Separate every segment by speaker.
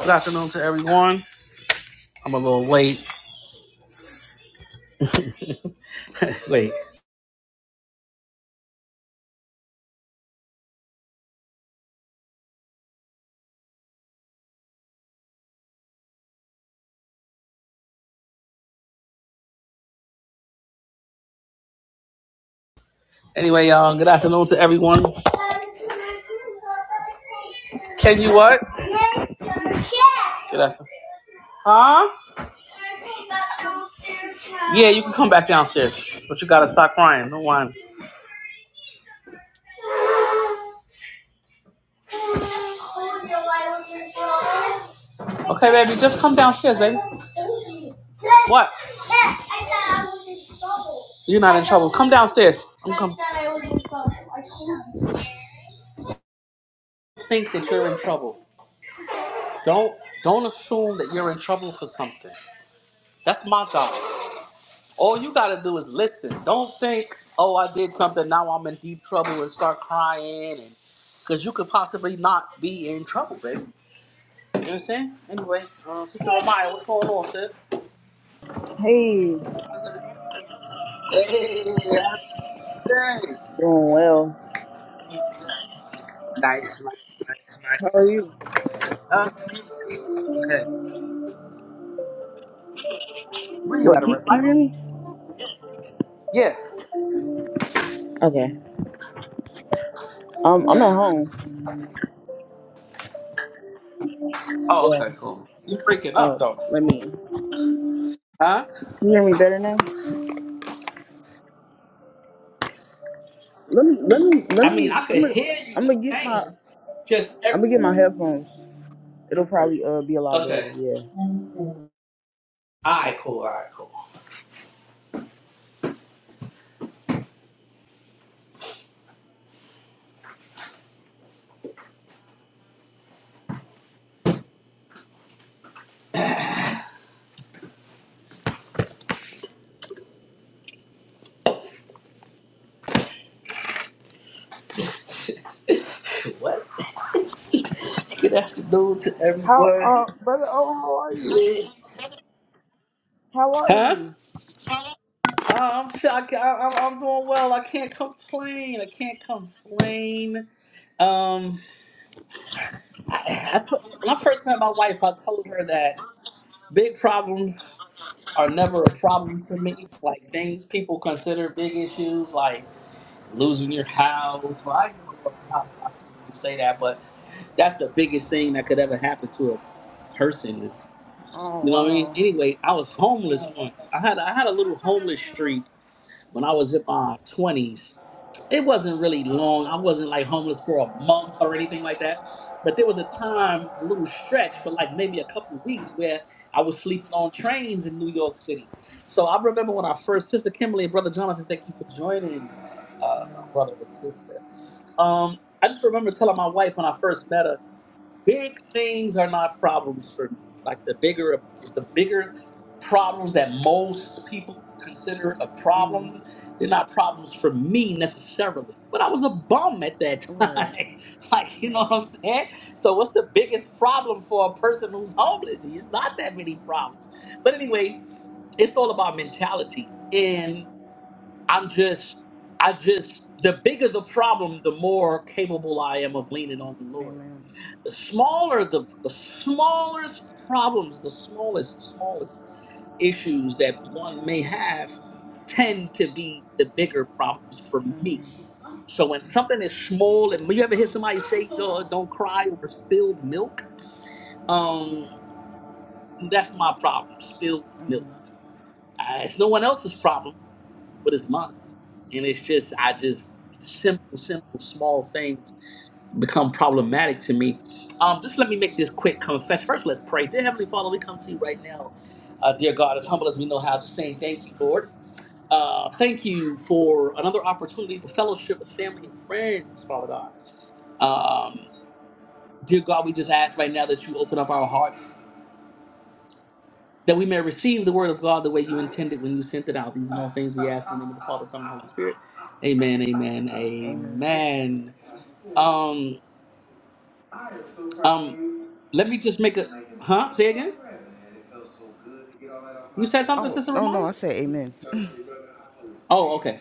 Speaker 1: Good afternoon to everyone. I'm a little late. It's late. Anyway, y'all, good afternoon to everyone. Can you what? Good afternoon. Huh? Yeah, you can come back downstairs. But you gotta stop crying. No whine. Okay, baby, just come downstairs, baby. What? You're not in trouble. Come downstairs. I'm coming. Think that you're in trouble. Don't don't assume that you're in trouble for something. That's my job. All you gotta do is listen. Don't think, oh, I did something. Now I'm in deep trouble and start crying, and because you could possibly not be in trouble, baby. You understand? Anyway, uh, Sister Ramaya, what's going on, sis?
Speaker 2: Hey,
Speaker 1: Hey, how's everything?
Speaker 2: doing well.
Speaker 1: Nice, nice, nice,
Speaker 2: How are
Speaker 1: nice.
Speaker 2: you?
Speaker 1: Uh, go ahead. Were you
Speaker 2: Wait,
Speaker 1: at a
Speaker 2: can, can you
Speaker 1: recital?
Speaker 2: hear me?
Speaker 1: Yeah.
Speaker 2: Okay. Um, I'm at home.
Speaker 1: Oh,
Speaker 2: Yeah.
Speaker 1: okay, cool. You breaking up
Speaker 2: Oh,
Speaker 1: though?
Speaker 2: let me. Can
Speaker 1: Huh?
Speaker 2: you hear me better now? Let me, let me, let
Speaker 1: I mean,
Speaker 2: me.
Speaker 1: I
Speaker 2: I'm
Speaker 1: could
Speaker 2: gonna,
Speaker 1: hear you
Speaker 2: I'm
Speaker 1: the
Speaker 2: gonna get my,
Speaker 1: same. Just
Speaker 2: I'm
Speaker 1: every-
Speaker 2: gonna get my headphones. It'll probably uh be a lot
Speaker 1: okay.
Speaker 2: better. Yeah.
Speaker 1: All right, cool. All right, cool. What? Good afternoon to
Speaker 2: How,
Speaker 1: everyone.
Speaker 2: uh, brother? Oh, how are you? How are
Speaker 1: Huh?
Speaker 2: you?
Speaker 1: Oh, I'm, I, I, I'm I'm doing well. I can't complain. I can't complain. Um. I, I told, when I first met my wife, I told her that big problems are never a problem to me. Like things people consider big issues, like losing your house. Well, I never lost a house, so I can't really say that. But that's the biggest thing that could ever happen to a person. Is
Speaker 2: Oh
Speaker 1: you know what I mean?
Speaker 2: wow.
Speaker 1: Anyway, I was homeless once. I had I had a little homeless streak when I was in my twenties it wasn't really long. I wasn't like homeless for a month or anything like that. But there was a time, a little stretch for like maybe a couple weeks where I was sleeping on trains in New York City. So I remember when I first, Sister Kimberly and Brother Jonathan, thank you for joining, uh, brother and sister. Um, I just remember telling my wife when I first met her. Big things are not problems for me. Like the bigger the bigger problems that most people consider a problem, they're not problems for me necessarily. But I was a bum at that
Speaker 2: Word.
Speaker 1: time. like, you know what I'm saying? So what's the biggest problem for a person who's homeless? It's not that many problems. But anyway, it's all about mentality and i'm just i just the bigger the problem the more capable i am of leaning on the lord
Speaker 2: Amen.
Speaker 1: the smaller the, the smallest problems the smallest smallest issues that one may have tend to be the bigger problems for me so when something is small and you ever hear somebody say oh, don't cry over spilled milk um that's my problem spilled milk Uh, it's no one else's problem but it's mine and it's just i just simple simple small things become problematic to me. Um, just let me make this quick confession. First, let's pray. Dear Heavenly Father, we come to you right now, uh, dear God, as humble as we know how, just saying thank you, Lord. Uh, thank you for another opportunity to fellowship with family and friends, Father God. Um, dear God, we just ask right now that you open up our hearts, that we may receive the word of God the way you intended when you sent it out. These and all things we ask in the name of the Father, Son, and Holy Spirit. Amen, amen,
Speaker 2: Amen.
Speaker 1: amen. Um, um, let me just make a, huh? Say again? You said something,
Speaker 2: Oh,
Speaker 1: Sister
Speaker 2: oh no,
Speaker 1: Ramaya?
Speaker 2: I said amen.
Speaker 1: Oh, okay.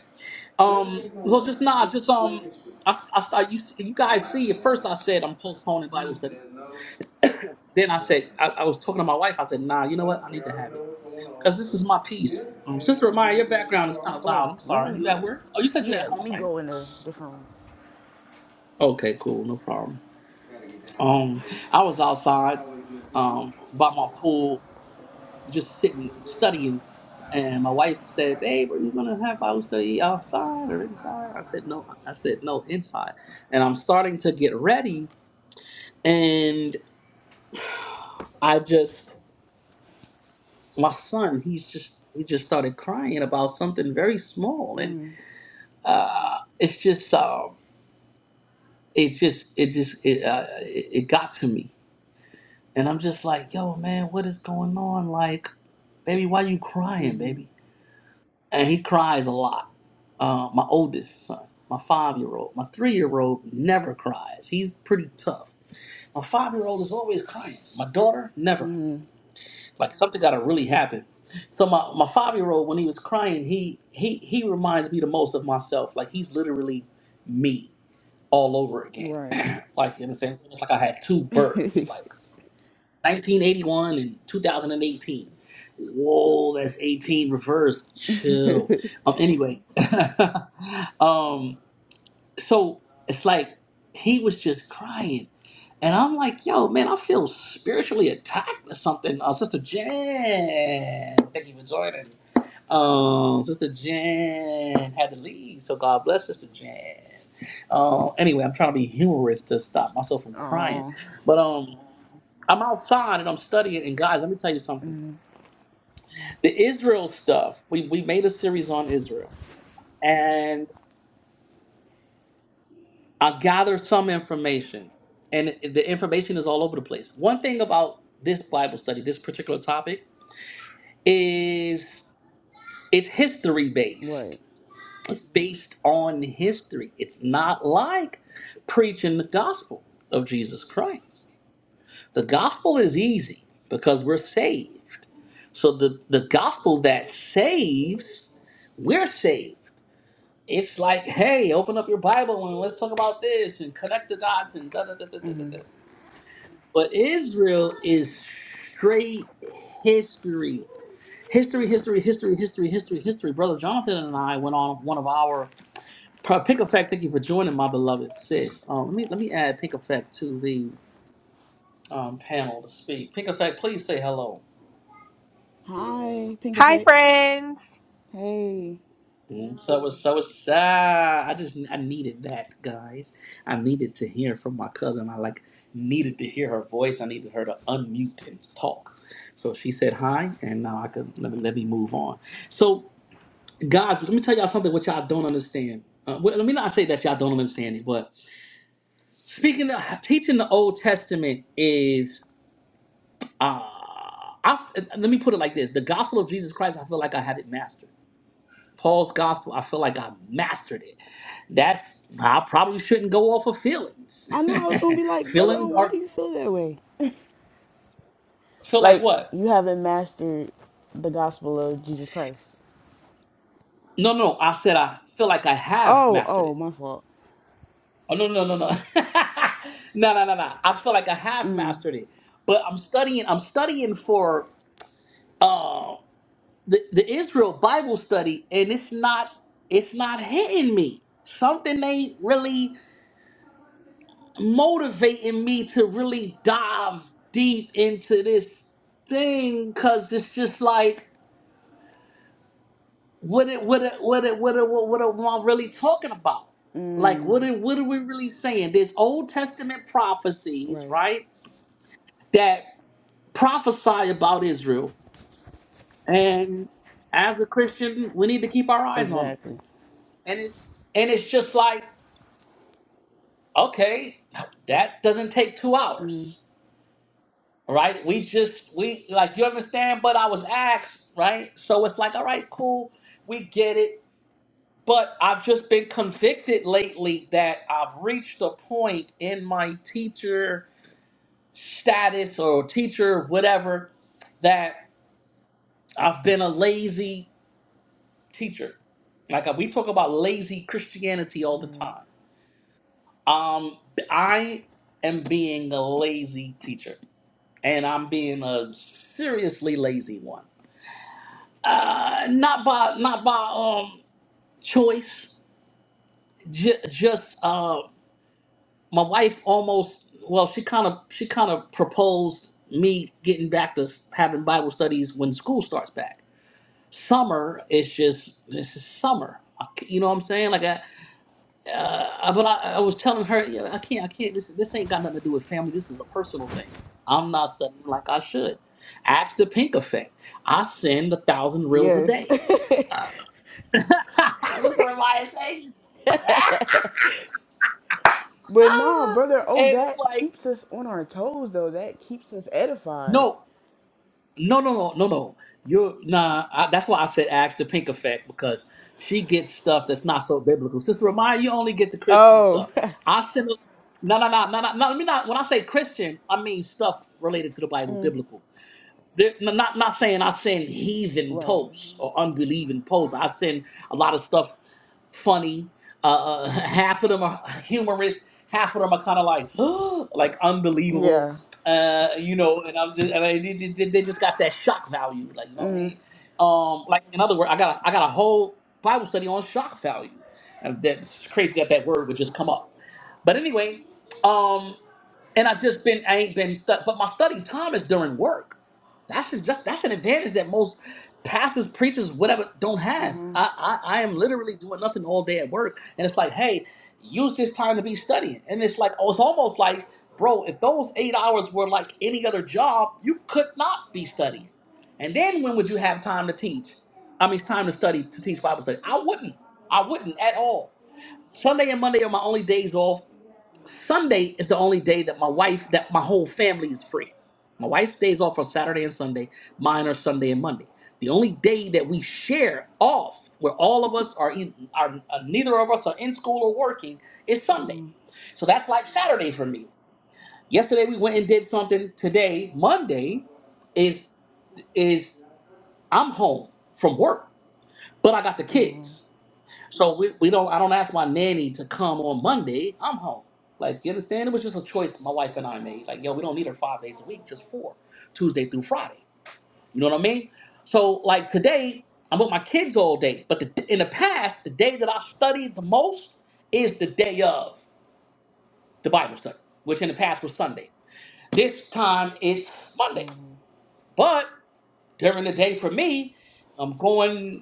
Speaker 1: Um, so just nah, just um, I, I thought you you guys see. At first, I said I'm postponing Bible study. Then I said I, I was talking to my wife. I said, nah, you know what? I need to have it because this is my piece. Um, Sister Ramaya, your background is kind of
Speaker 2: Oh,
Speaker 1: loud. I'm
Speaker 2: let me.
Speaker 1: sorry. You at work? Oh, you said you're at
Speaker 2: Yeah, let
Speaker 1: home,
Speaker 2: me
Speaker 1: right?
Speaker 2: go in a different
Speaker 1: Okay, cool, no problem. Um, I was outside, um, by my pool just sitting studying. And my wife said, "Babe, are you gonna have Bible study outside or inside?" I said, "No." I said, "No, inside." And I'm starting to get ready, and I just my son, he's just he just started crying about something very small, and uh, it's just um, it just it just it, uh, it it got to me, and I'm just like, "Yo, man, what is going on?" Like. Baby, why you crying, baby? and he cries a lot. Uh, my oldest son, my five year old, my three year old never cries. He's pretty tough. My five year old is always crying. My daughter never. Like something gotta really happen. So my, my five year old when he was crying, he he he reminds me the most of myself. Like he's literally me all over again.
Speaker 2: room.
Speaker 1: Like in the same it's like I had two births.
Speaker 2: Right.
Speaker 1: Like 1981 and 2018. Whoa, that's 18 reverse. Chill. Um, anyway, um, so it's like he was just crying. And I'm like, yo, man, I feel spiritually attacked or something. Uh, Sister Jen, thank you for joining. Um, Sister Jen had to leave, so God bless Sister Jen. Uh, anyway, I'm trying to be humorous to stop myself from crying.
Speaker 2: Oh,
Speaker 1: But um, I'm outside and I'm studying. And guys, let me tell you something. The Israel stuff, we, we made a series on Israel. I gather some information, and the information is all over the place. One thing about this Bible study, this particular topic, is it's history based.
Speaker 2: right.
Speaker 1: It's based on history. It's not like preaching the gospel of Jesus Christ. The gospel is easy because we're saved. So the, the gospel that saves, we're saved. It's like, hey, open up your Bible and let's talk about this and connect the dots and da da da da da da. da. But Israel is straight history. History, history, history, history, history, history. Brother Jonathan and I went on one of our Pick Effect. Thank you for joining, my beloved sis. Um, let me let me add Pick Effect to the um, panel to speak. Pick Effect, please say hello.
Speaker 2: Hi, Pink
Speaker 3: Hi
Speaker 2: Effect.
Speaker 3: friends.
Speaker 2: Hey.
Speaker 1: And so it was so was ah, I just I needed that, guys. I needed to hear from my cousin. I like needed to hear her voice. I needed her to unmute and talk. So she said hi, and now I could let me let me move on. So Guys, let me tell y'all something what y'all don't understand. Uh, well, let me not say that y'all don't understand it, but speaking of teaching the Old Testament is, uh, I, let me put it like this the gospel of Jesus Christ, I feel like I have it mastered. Paul's gospel, I feel like I mastered it. That's, I probably shouldn't go off of feelings.
Speaker 2: I know I was gonna be like, brother, oh,
Speaker 1: feelings
Speaker 2: why
Speaker 1: are,
Speaker 2: do you feel that way?
Speaker 1: feel like
Speaker 2: Like
Speaker 1: what?
Speaker 2: you haven't mastered the gospel of Jesus Christ.
Speaker 1: No, no, I said I feel like I have
Speaker 2: Oh,
Speaker 1: mastered it.
Speaker 2: oh, my fault.
Speaker 1: Oh no no no no no no no no! I feel like I have mastered it, but I'm studying. I'm studying for uh, the the Israel Bible study, and it's not it's not hitting me. Something ain't really motivating me to really dive deep into this thing because it's just like what it what it what it what it what, what am I really talking about? Like what are, what are we really saying? There's Old Testament prophecies,
Speaker 2: Right.
Speaker 1: right? That prophesy about Israel. And as a Christian, we need to keep our eyes on them.
Speaker 2: Exactly.
Speaker 1: And it, and it's just like, okay, that doesn't take two hours, right? We just we like you understand. But I was asked, right? So it's like, all right, cool, we get it. But I've just been convicted lately that I've reached a point in my teacher status or teacher whatever that I've been a lazy teacher. Like uh, we talk about lazy Christianity all the
Speaker 2: Right.
Speaker 1: time. Um, I am being a lazy teacher, and I'm being a seriously lazy one. Uh, not by not by um choice. J- just uh, my wife almost well, she kind of she kind of proposed me getting back to having Bible studies when school starts back. Summer is just this is summer. You know what I'm saying? Like I. uh, but I, I was telling her, you I can't, I can't. This this ain't got nothing to do with family. This is a personal thing. I'm not studying like I should. Ask the pink effect. I send a thousand reels a
Speaker 2: Yes.
Speaker 1: day. That's what everybody say. "Ah!"
Speaker 2: But nah, brother. Oh,
Speaker 1: and it's
Speaker 2: that
Speaker 1: like,
Speaker 2: keeps us on our toes, though. That keeps us edified.
Speaker 1: no, no, no, no, no, no. You're nah. I, that's why I said ask the pink effect because she gets stuff that's not so biblical. Sister Ramaya, you only get the Christian
Speaker 2: Oh,
Speaker 1: stuff. I send. a- No, no, no, no, no, no. Let me not. When I say Christian, I mean stuff related to the Bible, biblical. There, n- not not saying I send heathen
Speaker 2: right.
Speaker 1: posts or unbelieving posts. I send a lot of stuff funny. Uh, uh, half of them are humorous. Half of them are kind of like like unbelievable.
Speaker 2: Yeah.
Speaker 1: Uh, you know, and I'm just and I, they, they they just got that shock value. Like you know what I mean? Um, like in other words, I got a, I got a whole Bible study on shock value. And that's crazy that that word would just come up. But anyway, um, and I just been I ain't been stu- but my study time is during work. That's a- just that's that's an advantage that most pastors, preachers, whatever don't have. I, I I am literally doing nothing all day at work, and it's like, hey, use this time to be studying. And it's like, oh, it's almost like, bro, if those eight hours were like any other job, you could not be studying. And then when would you have time to teach? I mean, time to study to teach Bible study. I wouldn't. I wouldn't at all. Sunday and Monday are my only days off Sunday is the only day that my wife, that my whole family is free. My wife stays off on Saturday and Sunday. Mine are Sunday and Monday. The only day that we share off, where all of us are, in, are uh, neither of us are in school or working, is Sunday. So that's like Saturday for me. Yesterday we went and did something. Today, Monday, is is I'm home from work, but I got the kids. So we, we don't I don't ask my nanny to come on Monday. I'm home. Like you understand? It was just a choice my wife and I made. Like, yo, we don't need her five days a week, just four. Tuesday through Friday. You know what I mean? So like today, I'm with my kids all day. But the, in the past, the day that I studied the most is the day of the Bible study, which in the past was Sunday. This time it's Monday. But during the day for me, I'm going.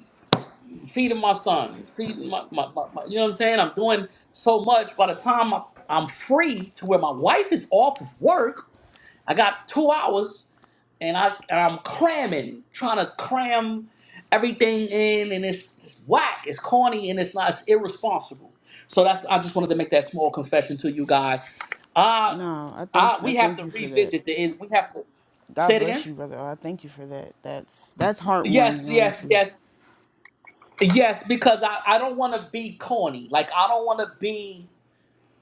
Speaker 1: feeding my son, feeding my, my, my, my- you know what I'm saying? I'm doing so much. By the time I, I'm free to where my wife is off of work, I got two hours and, I, and I'm cramming, trying to cram everything in and it's, it's whack, it's corny and it's not, it's irresponsible. So that's, I just wanted to make that small confession to you guys. Uh,
Speaker 2: No, I thank
Speaker 1: I,
Speaker 2: I
Speaker 1: we have
Speaker 2: thank
Speaker 1: to
Speaker 2: you for that.
Speaker 1: revisit the is we have to say
Speaker 2: God
Speaker 1: it
Speaker 2: bless
Speaker 1: again.
Speaker 2: you, brother. Oh, I thank you for that. That's that's
Speaker 1: Yes,
Speaker 2: heartwarming,
Speaker 1: yes,
Speaker 2: honestly.
Speaker 1: yes, yes. Because I, I don't want to be corny. Like I don't want to be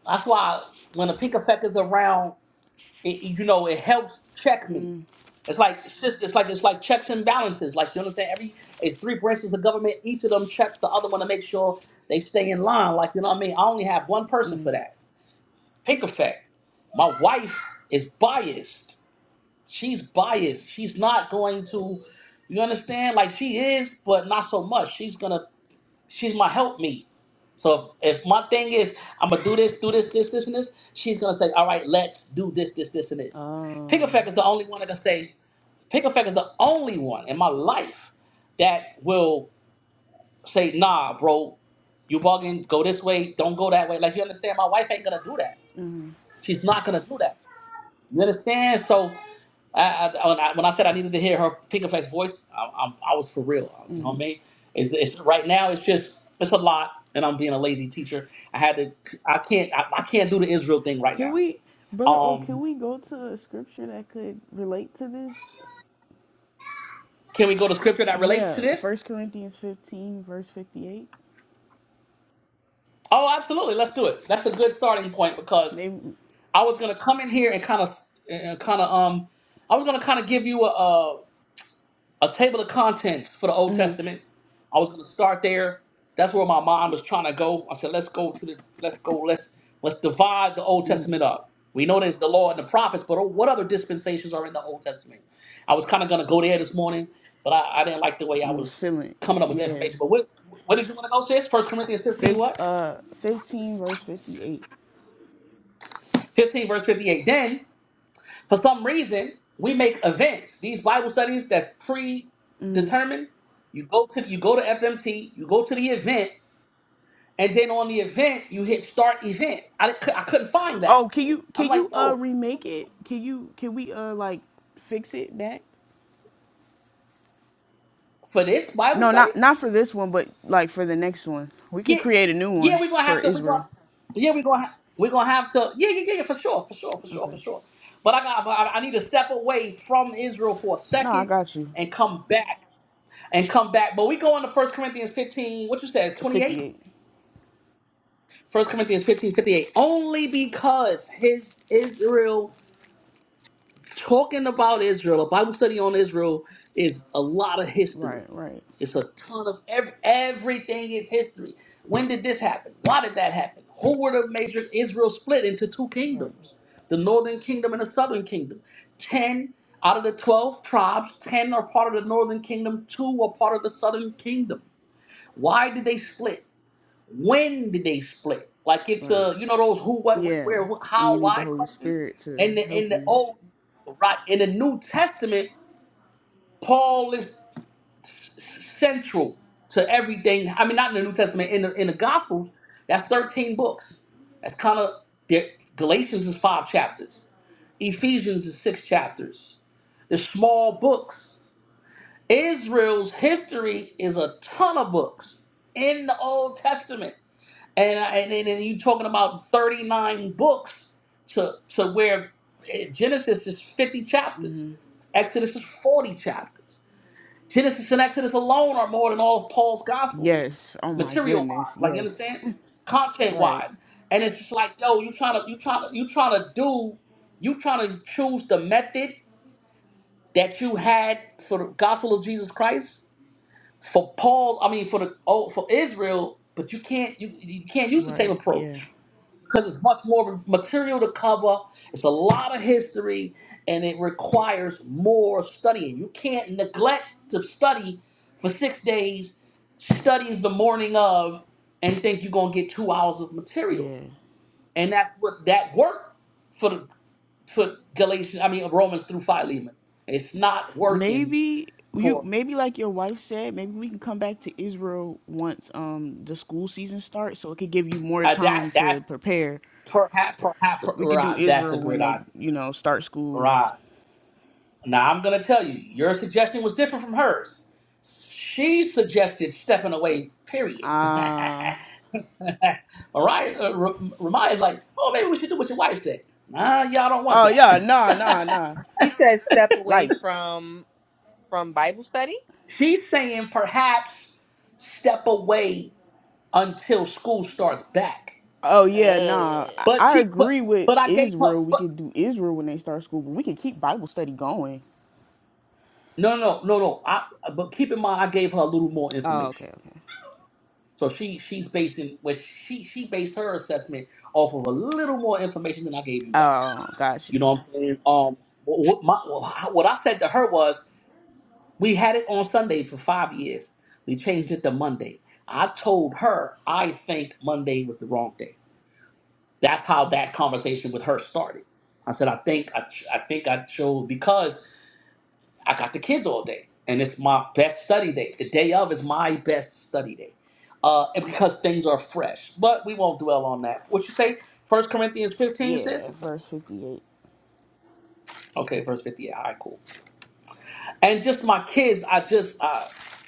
Speaker 1: That's why when a pink effect is around, it, it- you know, it helps check me. It's like it's just it's like it's like checks and balances. Like you understand, every it's three branches of government. Each of them check the other one to make sure they stay in line. Like you know what I mean. I only have one person for that. Pink effect. My wife is biased. She's biased. She's not going to. You understand? Like she is, but not so much. She's gonna She's my helpmeet. So if, if my thing is I'm gonna do this, do this, this, this, and this, she's gonna say, all right, let's do this, this, this, and this. Pick
Speaker 2: Uh,
Speaker 1: Effect is the only one that can say. Pick Effect is the only one in my life that will say, nah, bro, you bugging. Go this way. Don't go that way. Like you understand, my wife ain't gonna do that. She's not gonna do that. You understand? So I, I, when, I, when I said I needed to hear her pink effects voice, I, I, I was for real. You know what I mean? It's, it's right now. It's just it's a lot, and I'm being a lazy teacher. I had to. I can't. I, I can't do the Israel thing right
Speaker 2: can
Speaker 1: now.
Speaker 2: we, brother? Oh, can
Speaker 1: Um,
Speaker 2: we go to a scripture that could relate to this?
Speaker 1: can we go to scripture that relates to
Speaker 2: Yeah,
Speaker 1: this?
Speaker 2: First Corinthians fifteen, verse fifty-eight.
Speaker 1: Oh, absolutely. Let's do it. That's a good starting point because
Speaker 2: They you
Speaker 1: I was gonna come in here and kind of, kind of um, I was gonna kind of give you a, a table of contents for the Old Testament. I was going to start there. That's where my mind was trying to go. I said, let's go to the, let's go, let's let's divide the Old Testament up. We know there's the law and the prophets, but what other dispensations are in the Old Testament? I was kind of going to go there this morning, but I, I didn't like the way I
Speaker 2: was
Speaker 1: was
Speaker 2: feeling,
Speaker 1: coming up with the
Speaker 2: yeah.
Speaker 1: information. But what what did you want to know, sis? First Corinthians 15,
Speaker 2: Fif,
Speaker 1: what?
Speaker 2: uh, fifteen, verse fifty-eight.
Speaker 1: 15 verse 58. Then For some reason, we make events. These Bible studies that's predetermined. You go to you go to FMT. You go to the event, and then on the event you hit start event. I didn't- I couldn't find
Speaker 2: Oh,
Speaker 1: that.
Speaker 2: can you
Speaker 1: I'm
Speaker 2: can
Speaker 1: like,
Speaker 2: you uh
Speaker 1: yo,
Speaker 2: remake it? Can you can we uh like fix it back?
Speaker 1: for this Bible
Speaker 2: No,
Speaker 1: study,
Speaker 2: not not for this one, but like for the next one. We could
Speaker 1: yeah,
Speaker 2: create a new
Speaker 1: yeah,
Speaker 2: one
Speaker 1: we're gonna
Speaker 2: for
Speaker 1: have to. we
Speaker 2: Israel.
Speaker 1: gonna, yeah, we're gonna ha- we're gonna have to. Yeah, yeah, yeah, yeah, for sure, for sure, for sure, for
Speaker 2: Okay.
Speaker 1: sure. But I got. but I I need to step away from Israel for a
Speaker 2: No, I
Speaker 1: second
Speaker 2: got you.
Speaker 1: and come back and come back. But we go into First Corinthians 15. What you said?
Speaker 2: F-
Speaker 1: 28.
Speaker 2: 58.
Speaker 1: First Corinthians 15 58 Only because his Israel, talking about Israel, a Bible study on Israel is a lot of history.
Speaker 2: Right, right,
Speaker 1: It's a ton of ev- everything is history. When did this happen? Why did that happen? Who were the major Israel split into two
Speaker 2: Right.
Speaker 1: kingdoms? The northern kingdom and the southern kingdom. Ten out of the twelve tribes, ten are part of the northern kingdom, two are part of the southern kingdom. Why did they split? When did they split? Like it's
Speaker 2: right.
Speaker 1: uh, you know those who, what, when,
Speaker 2: Yeah.
Speaker 1: where, who,
Speaker 2: And you
Speaker 1: how,
Speaker 2: need the
Speaker 1: why
Speaker 2: Holy
Speaker 1: questions.
Speaker 2: Spirit to
Speaker 1: And the, in
Speaker 2: help
Speaker 1: the
Speaker 2: you.
Speaker 1: old, right in the New Testament, Paul is central to everything. I mean, not in the New Testament, in the in the Gospels, that's thirteen books. That's kind of Galatians is five chapters, Ephesians is six chapters. The small books. Israel's history is a ton of books in the Old Testament and I- and then and you talking about 39 books to to where eh, Genesis is 50 chapters, Exodus is 40 chapters. Genesis and Exodus alone are more than all of Paul's gospels,
Speaker 2: Yes. Oh my
Speaker 1: material wise.
Speaker 2: goodness.
Speaker 1: Like you
Speaker 2: Yes.
Speaker 1: understand, content
Speaker 2: right.
Speaker 1: wise, and it's just like yo, you trying to you trying to you trying to do you trying to choose the method that you had for the gospel of Jesus Christ for Paul. I mean for the oh for Israel, but you can't you you can't use the same
Speaker 2: Right. Yeah.
Speaker 1: approach because it's much more material to cover. It's a lot of history, and it requires more studying. You can't neglect to study for six days, study the morning of, and think you're gonna get two hours of material.
Speaker 2: Yeah.
Speaker 1: And that's what that worked for the for Galatians. I mean Romans through Philemon. It's not working
Speaker 2: maybe you
Speaker 1: for
Speaker 2: maybe like your wife said maybe we can come back to israel once um the school season starts so it could give you more
Speaker 1: uh,
Speaker 2: time
Speaker 1: that.
Speaker 2: to
Speaker 1: That's
Speaker 2: prepare
Speaker 1: perhaps perhaps
Speaker 2: we could do
Speaker 1: right. That's a
Speaker 2: israel when
Speaker 1: great
Speaker 2: they
Speaker 1: idea.
Speaker 2: you know start school
Speaker 1: Right. Now I'm gonna tell you, your suggestion was different from hers. She suggested stepping away, period.
Speaker 2: uh
Speaker 1: Mariah, uh, R- Ramiah is like, oh, maybe we should do what your wife said. Nah, y'all don't want
Speaker 2: oh
Speaker 1: that.
Speaker 2: yeah nah nah nah
Speaker 3: You said step away
Speaker 2: like
Speaker 3: from from Bible study?
Speaker 1: She's saying perhaps step away until school starts back.
Speaker 2: oh yeah nah
Speaker 3: Uh.
Speaker 2: i,
Speaker 1: But
Speaker 2: I
Speaker 1: she, but,
Speaker 2: agree with
Speaker 1: but I gave her,
Speaker 2: israel we
Speaker 1: but
Speaker 2: could do israel when they start school but we could keep bible study going
Speaker 1: no, no, no, no. I, but keep in mind, I gave her a little more
Speaker 2: oh okay
Speaker 1: information.
Speaker 2: okay
Speaker 1: So she she's basing well, she she based her assessment off of a little more information than I gave you guys.
Speaker 2: oh got
Speaker 1: You
Speaker 2: you.
Speaker 1: know what I'm saying? Um, what, my, what I said to her was, we had it on Sunday for five years. We changed it to Monday. I told her I think Monday was the wrong day. That's how that conversation with her started. I said I think I, I think I chose because I got the kids all day, and it's my best study day. The day of is my best study day, uh, and because things are fresh. But we won't dwell on that. What you say? First Corinthians fifteen
Speaker 2: yeah
Speaker 1: says,
Speaker 2: verse 58
Speaker 1: okay, verse fifty-eight. All right, cool. And just my kids, I just uh,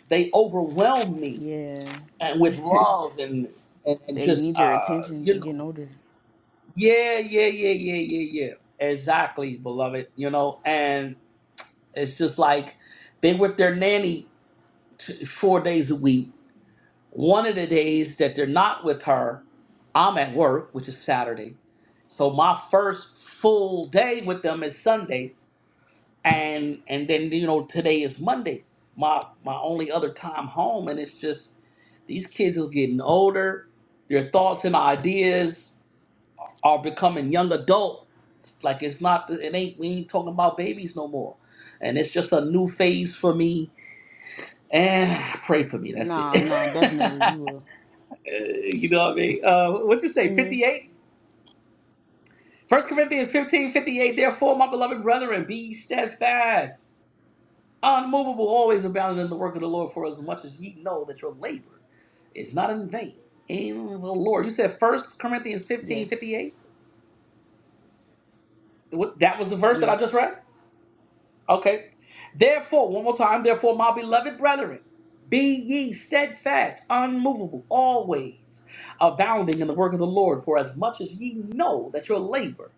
Speaker 1: they overwhelm me and
Speaker 2: yeah
Speaker 1: with love and and, and
Speaker 2: They
Speaker 1: just
Speaker 2: need your
Speaker 1: uh,
Speaker 2: attention. They
Speaker 1: you know,
Speaker 2: getting older.
Speaker 1: yeah, yeah, yeah, yeah, yeah, yeah. Exactly, beloved. You know, and it's just like they with their nanny t- four days a week One of the days that they're not with her, I'm at work, which is Saturday. So my first full day with them is Sunday, and and then you know today is Monday. My my only other time home, and it's just these kids is getting older. Their thoughts and ideas are becoming young adult. It's Like it's not the- it ain't we ain't talking about babies no more, and it's just a new phase for me. And pray for me. That's
Speaker 2: No, no,
Speaker 1: it.
Speaker 2: definitely we will.
Speaker 1: Uh, you know what I mean? Uh, what you say,
Speaker 2: hmm
Speaker 1: 58? First Corinthians 15 58. Therefore, my beloved brethren, be ye steadfast, unmovable, always abounding in the work of the Lord, for as much as ye know that your labor is not in vain in the Lord. You said First Corinthians 15
Speaker 2: Yes,
Speaker 1: 58. What, that was the verse that I
Speaker 2: yes.
Speaker 1: just read? Okay. Therefore, one more time, therefore, my beloved brethren, be ye steadfast, unmovable, always abounding in the work of the Lord, for as much as ye know that your labor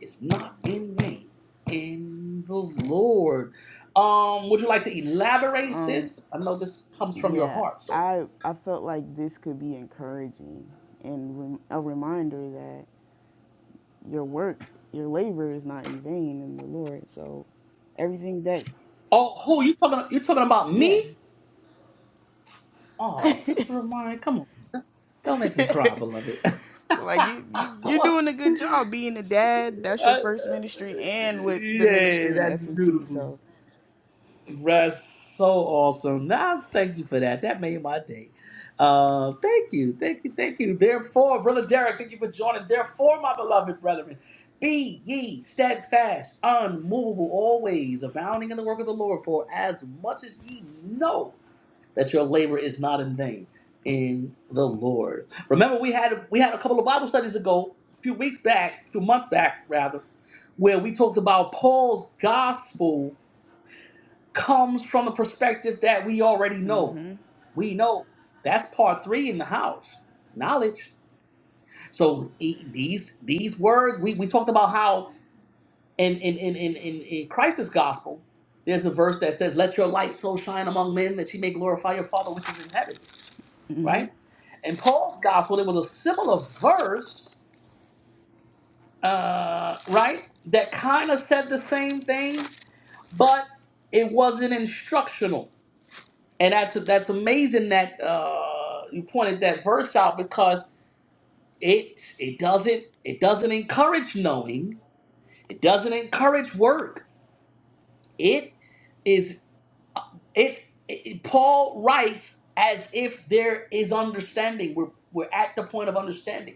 Speaker 1: is not in vain in the Lord. Um, would you like to elaborate,
Speaker 2: Um,
Speaker 1: sis? I know this comes from your
Speaker 2: yeah.
Speaker 1: heart, so
Speaker 2: I I felt like this could be encouraging and rem- a reminder that your work, your labor is not in vain in the Lord. So everything that,
Speaker 1: oh who you talking you talking about
Speaker 2: yeah.
Speaker 1: me? Oh, sister of mine, come on. Don't make me cry, beloved.
Speaker 2: So like you, you
Speaker 1: Come
Speaker 2: you're
Speaker 1: on.
Speaker 2: doing a good job being a dad. That's
Speaker 1: Uh,
Speaker 2: your
Speaker 1: uh,
Speaker 2: first ministry, and with the
Speaker 1: yeah,
Speaker 2: ministry and
Speaker 1: that's
Speaker 2: FMT.
Speaker 1: beautiful.
Speaker 2: So
Speaker 1: That's so awesome. Now, thank you for that. That made my day. Uh, thank you, thank you, thank you. Therefore, brother Derek, thank you for joining. Therefore, my beloved brethren, be ye steadfast, unmovable, always abounding in the work of the Lord. For as much as ye know that your labor is not in vain in the Lord. Remember, we had we had a couple of Bible studies ago, a few weeks back, a few months back rather, where we talked about Paul's gospel comes from the perspective that we already know. We know that's part three in the house knowledge. So e- these these words we, we talked about how in in in in in, in Christ's gospel there's a verse that says, "Let your light so shine among men that ye may glorify your Father which is in heaven." Right. In Paul's gospel, there was a similar verse, uh, right, that kind of said the same thing, but it wasn't instructional And that's that's amazing that uh, you pointed that verse out because it it doesn't it doesn't encourage knowing. It doesn't encourage work. It is it, it Paul writes as if there is understanding. We're we're at the point of understanding.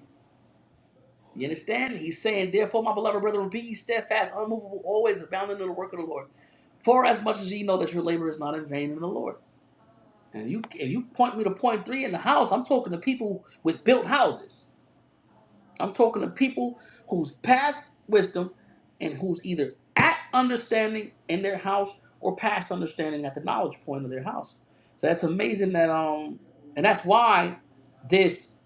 Speaker 1: You understand? He's saying, therefore, my beloved brethren, be ye steadfast, unmovable, always abounding in the work of the Lord. For as much as ye know that your labor is not in vain in the Lord. And you, if you point me to point three in the house, I'm talking to people with built houses. I'm talking to people who's past wisdom and who's either at understanding in their house or past understanding at the knowledge point of their house. So that's amazing that um, and that's why this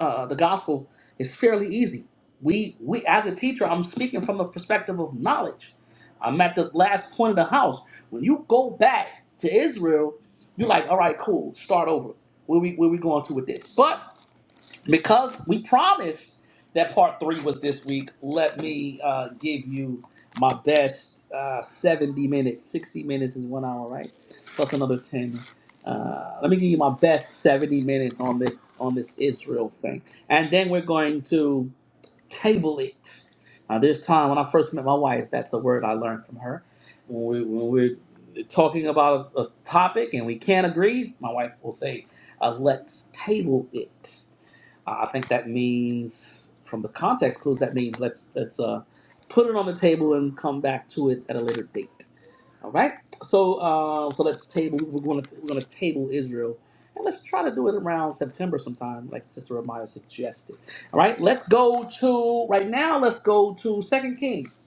Speaker 1: uh, the gospel is fairly easy. We we as a teacher, I'm speaking from the perspective of knowledge. I'm at the last point of the house. When you go back to Israel, you're like, all right, cool, start over. Where we where we going to with this? But because we promised that part three was this week, let me uh, give you my best uh, 70 minutes. 60 minutes is one hour, right? Plus another 10. Uh, let me give you my best 70 minutes on this on this Israel thing, and then we're going to table it. Uh, this time, when I first met my wife, that's a word I learned from her. When, we, when we're talking about a, a topic and we can't agree, my wife will say, uh, "Let's table it." I think that means, from the context clues, that means let's let's uh, put it on the table and come back to it at a later date. All right. So uh, so let's table. We're going to we're going to table Israel, and let's try to do it around September sometime, like Sister Amaya suggested. All right. Let's go to right now. Let's go to Second Kings.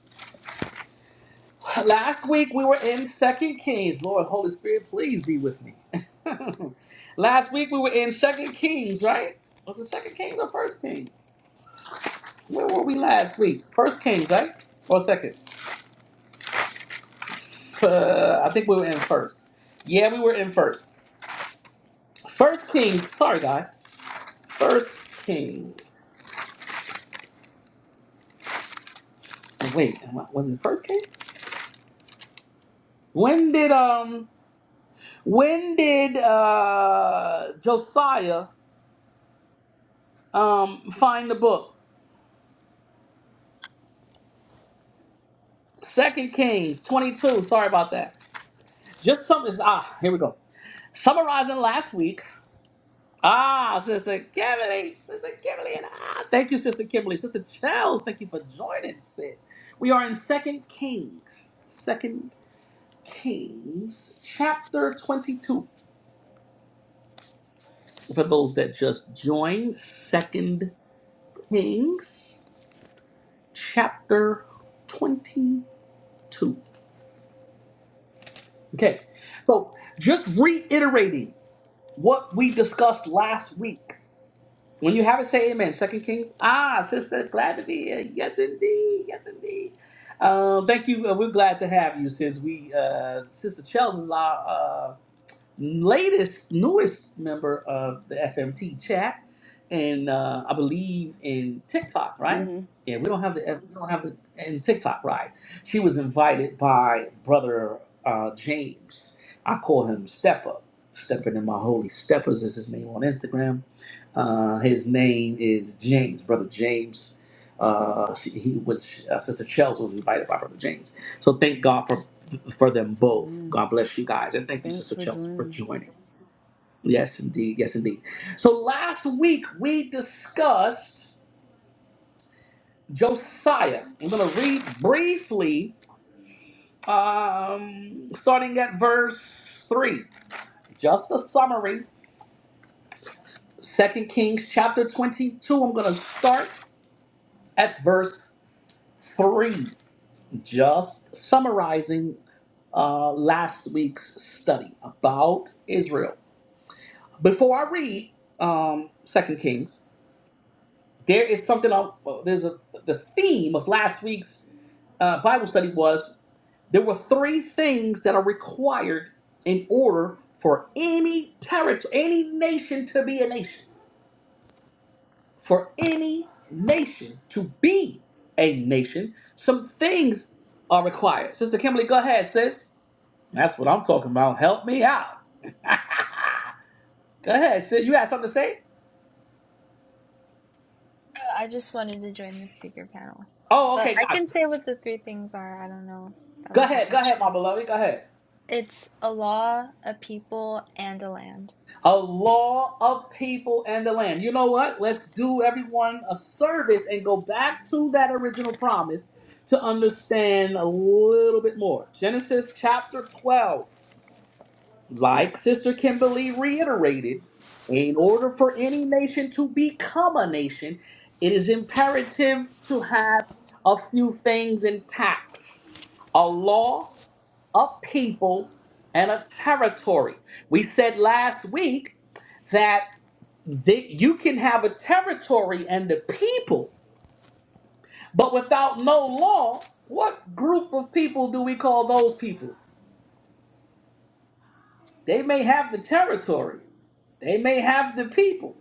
Speaker 1: Last week we were in Second Kings. Lord, Holy Spirit, please be with me. Last week we were in Second Kings, right? Was it Second Kings or First Kings? Where were we last week? First Kings, right? Or second? Uh, I think we were in first. Yeah, we were in first. First Kings. Sorry, guys. First Kings. Wait, am I- was it First Kings? When did um? When did uh Josiah um find the book? Second Kings twenty two. Sorry about that. Just something. Ah, here we go. Summarizing last week. Ah, Sister Kimberly, Sister Kimberly, and ah, thank you, Sister Kimberly, Sister Chels, thank you for joining, sis. We are in Second Kings, Second Kings, chapter twenty-two. For those that just joined, Second Kings, chapter twenty-two. Okay, so just reiterating what we discussed last week. When you have it, say amen. Second Kings. Ah, sister, glad to be here. Yes, indeed. Yes, indeed. Um, thank you. Uh, We're glad to have you, sis. We, uh, sister Chels is our. uh, latest, newest member of the FMT chat, and uh, I believe in TikTok, right? Yeah, we don't have the we don't have the in TikTok, right? She was invited by brother uh, James. I call him Stepper. Stepping in my holy steppers is his name on Instagram. Uh, his name is James, brother James. Uh, she- he was uh, Sister Chels was invited by brother James. So thank God for for them both. God bless you guys. And thank you,
Speaker 2: thanks
Speaker 1: Sister
Speaker 2: for
Speaker 1: Chelsea, for
Speaker 2: joining.
Speaker 1: joining. Yes, indeed. Yes, indeed. So last week we discussed Josiah. I'm going to read briefly, um, starting at verse 3. Just a summary. Second Kings chapter 22. I'm going to start at verse 3. Just summarizing uh, last week's study about Israel. Before I read um, Second Kings, there is something on. well, There's a the theme of last week's uh, Bible study was there were three things that are required in order for any territory, any nation to be a nation, for any nation to be a nation. Some things are required. Sister Kimberly, go ahead, sis. That's what I'm talking about. Help me out. Go ahead, sis. You had something to say?
Speaker 4: I just wanted to join the speaker panel.
Speaker 1: Oh,
Speaker 4: But
Speaker 1: okay,
Speaker 4: I
Speaker 1: gotcha.
Speaker 4: can say what the three things are. I don't know if that
Speaker 1: Go
Speaker 4: was a
Speaker 1: ahead, go ahead,
Speaker 4: question.
Speaker 1: my beloved. Go ahead.
Speaker 4: It's a law, a people, and a land.
Speaker 1: A law of people and the land. You know what? Let's do everyone a service and go back to that original promise to understand a little bit more. Genesis chapter 12, like Sister Kimberly reiterated, in order for any nation to become a nation, it is imperative to have a few things intact a law, a people, and a territory. We said last week. that they, you can have a territory and the people, but without no law, what group of people do we call those people? They may have the territory, they may have the people,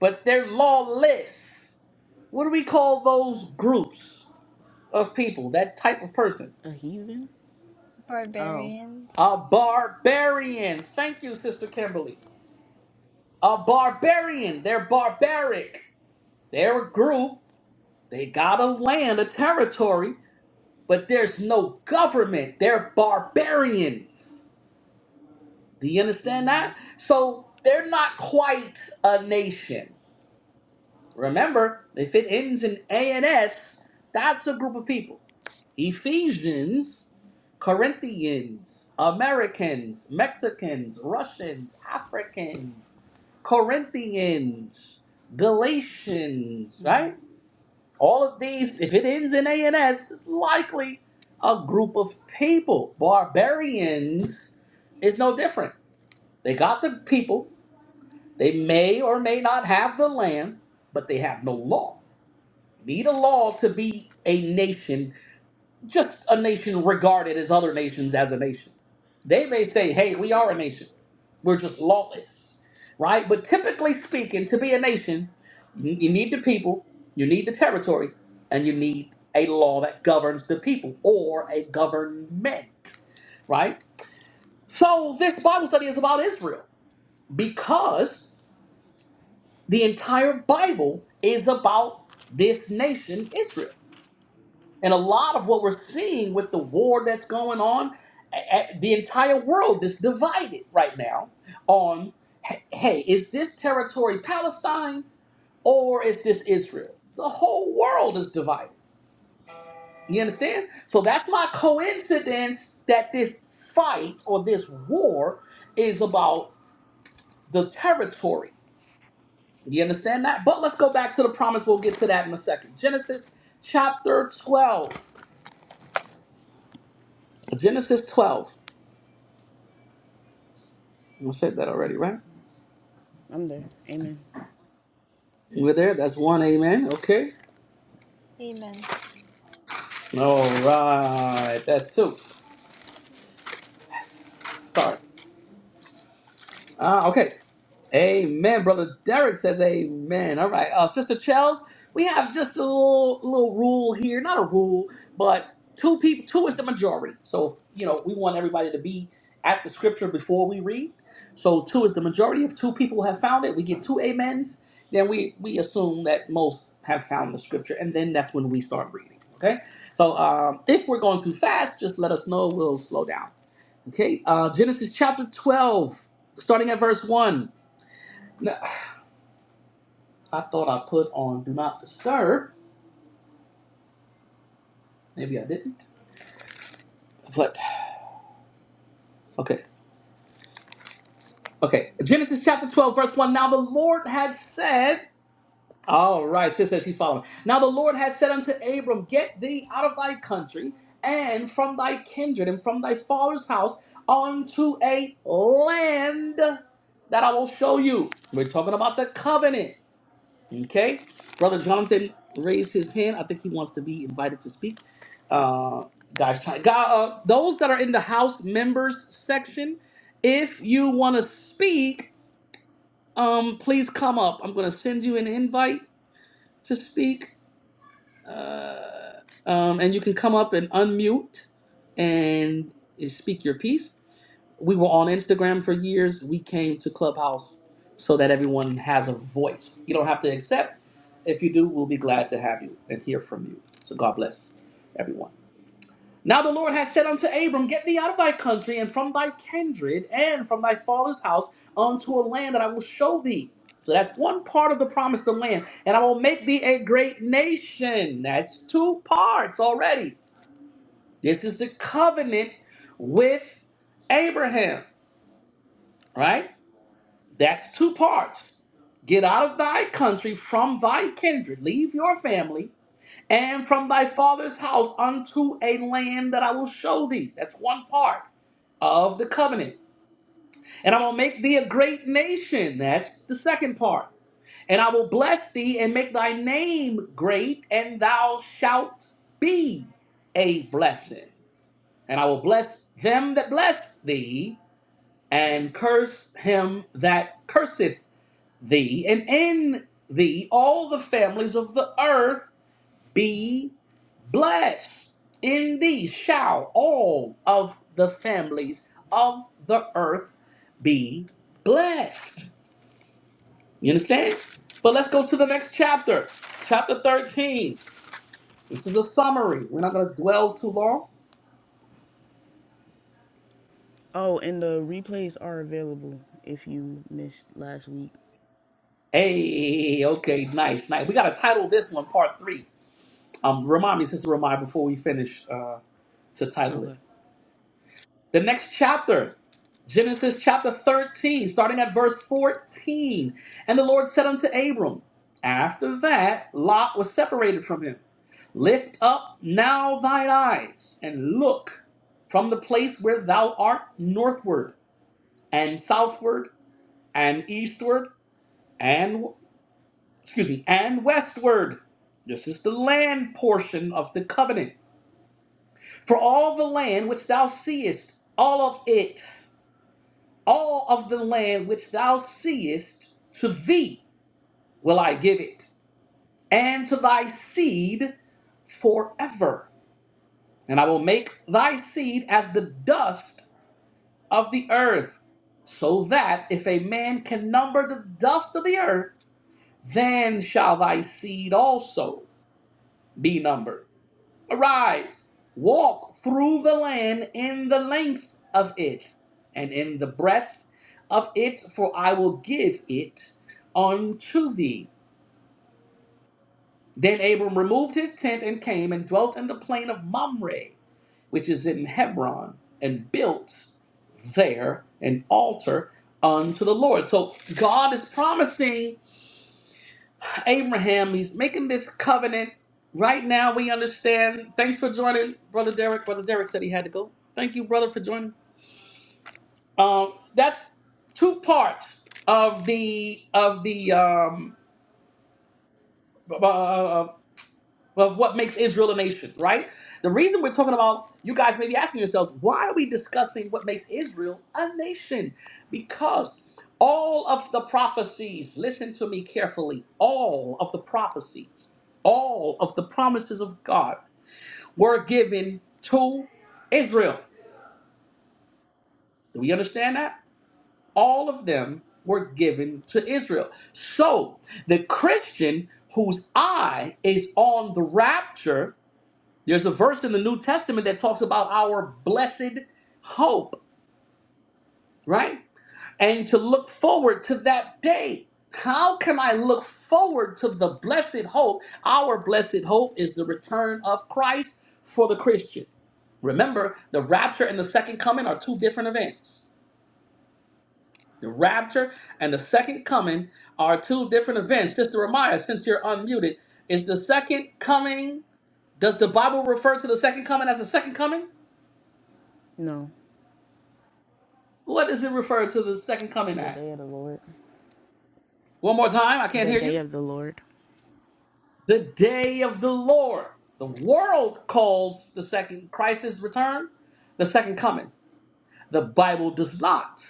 Speaker 1: but they're lawless. What do we call those groups of people, that type of person?
Speaker 2: A heathen? Oh.
Speaker 4: Barbarians.
Speaker 1: A barbarian. Thank you, Sister Kimberly. A barbarian. They're barbaric. They're a group. They got a land, a territory, but there's no government. They're barbarians. Do you understand that? So they're not quite a nation. Remember, if it ends in ANS, that's a group of people. Ephesians, Corinthians, Americans, Mexicans, Russians, Africans, Corinthians, Galatians, right? All of these, if it ends in ANS, is likely a group of people. Barbarians is no different. They got the people. They may or may not have the land, but they have no law. Need a law to be a nation just a nation regarded as other nations as a nation. They may say, hey, we are a nation. We're just lawless, right? But typically speaking, to be a nation, you you need the people, you need the territory, and you need a law that governs the people or a government, right? So this Bible study is about Israel because the entire Bible is about this nation, Israel. And a lot of what we're seeing with the war that's going on, a- a- the entire world is divided right now on h- hey, is this territory Palestine or is this Israel? The whole world is divided. You understand? So that's my coincidence that this fight or this war is about the territory. You understand that? But let's go back to the promise. We'll get to that in a second. Genesis chapter 12. Genesis 12. I said that already, right?
Speaker 2: I'm there. Amen.
Speaker 1: We're there. That's one. Amen. Okay.
Speaker 4: Amen.
Speaker 1: All right. That's two. Sorry. Uh, okay. Amen. Brother Derek says amen. All right. Uh, Sister Chels, we have just a little, little rule here. Not a rule, but two people, two is the majority. So, you know, we want everybody to be at the scripture before we read. So two is the majority. If two people have found it, we get two amens. Then we, we assume that most have found the scripture. And then that's when we start reading. Okay. So um, if we're going too fast, just let us know. We'll slow down. Okay, uh, Genesis chapter 12, starting at verse 1. Now, I thought I put on do not disturb. Maybe I didn't. But, okay. Okay, Genesis chapter 12, verse 1. Now the Lord had said, all right, sis says she's following. Now the Lord had said unto Abram, Get thee out of thy country and from thy kindred and from thy father's house unto a land that I will show you. We're talking about the covenant. Okay. Brother Jonathan raised his hand. I think he wants to be invited to speak. Uh, guys, time. Gu- Uh, those that are in the house members section, if you want to speak, um, please come up. I'm going to send you an invite to speak, uh, um, and you can come up and unmute and speak your piece. we were on Instagram for years. We came to Clubhouse so that everyone has a voice. You don't have to accept. If you do, we'll be glad to have you and hear from you. So God bless everyone. Now the Lord has said unto Abram, Get thee out of thy country and from thy kindred and from thy father's house unto a land that I will show thee. So that's one part of the promise, the land. And I will make thee a great nation. That's two parts already. This is the covenant with Abraham, right? That's two parts. Get out of thy country from thy kindred, leave your family, and from thy father's house unto a land that I will show thee. That's one part of the covenant. And I will make thee a great nation. That's the second part. And I will bless thee and make thy name great, and thou shalt be a blessing. And I will bless them that bless thee, and curse him that curseth thee, and in thee all the families of the earth be blessed. In thee shall all of the families of the earth be blessed. You understand? But let's go to the next chapter, chapter 13. This is a summary. We're not going to dwell too long.
Speaker 2: Oh, and the replays are available if you missed last week.
Speaker 1: Hey, okay, nice, nice. We got to title this one part three. Um, remind me, sister, remind before we finish uh, to title it.
Speaker 2: Okay.
Speaker 1: The next chapter, Genesis chapter 13, starting at verse 14. And the Lord said unto Abram, After that, Lot was separated from him. Lift up now thine eyes and look from the place where thou art northward and southward and eastward and excuse me and westward. This is the land portion of the covenant. For all the land which thou seest, all of it all of the land which thou seest, to thee will I give it, and to thy seed forever. And I will make thy seed as the dust of the earth, so that if a man can number the dust of the earth, then shall thy seed also be numbered. Arise, walk through the land in the length of it, and in the breadth of it, for I will give it unto thee. Then Abram removed his tent and came and dwelt in the plain of Mamre, which is in Hebron, and built there an altar unto the Lord. So God is promising Abraham. He's making this covenant. Right now, we understand. Thanks for joining, Brother Derek. Brother Derek said he had to go. Thank you, brother, for joining. Um, that's two parts of the of the um, uh, uh, of what makes Israel a nation, right? The reason we're talking about, you guys may be asking yourselves, why are we discussing what makes Israel a nation? Because all of the prophecies, listen to me carefully, all of the prophecies, all of the promises of God were given to Israel. Do we understand that? All of them were given to Israel. So the Christian whose eye is on the rapture There's a verse in the New Testament that talks about our blessed hope, right? And to look forward to that day. How can I look forward to the blessed hope? Our blessed hope is the return of Christ for the Christian. Remember, the rapture and the second coming are two different events. The rapture and the second coming are two different events. Sister Amaya, since you're unmuted, is the second coming, does the Bible refer to the second coming as the second coming?
Speaker 2: No,
Speaker 1: What does it refer to the second coming
Speaker 2: the day
Speaker 1: as?
Speaker 2: of the Lord.
Speaker 1: One more time, I can't
Speaker 2: The
Speaker 1: hear
Speaker 2: day
Speaker 1: you.
Speaker 2: of the Lord.
Speaker 1: The day of the Lord. The world calls the second Christ's return the second coming. The Bible does not.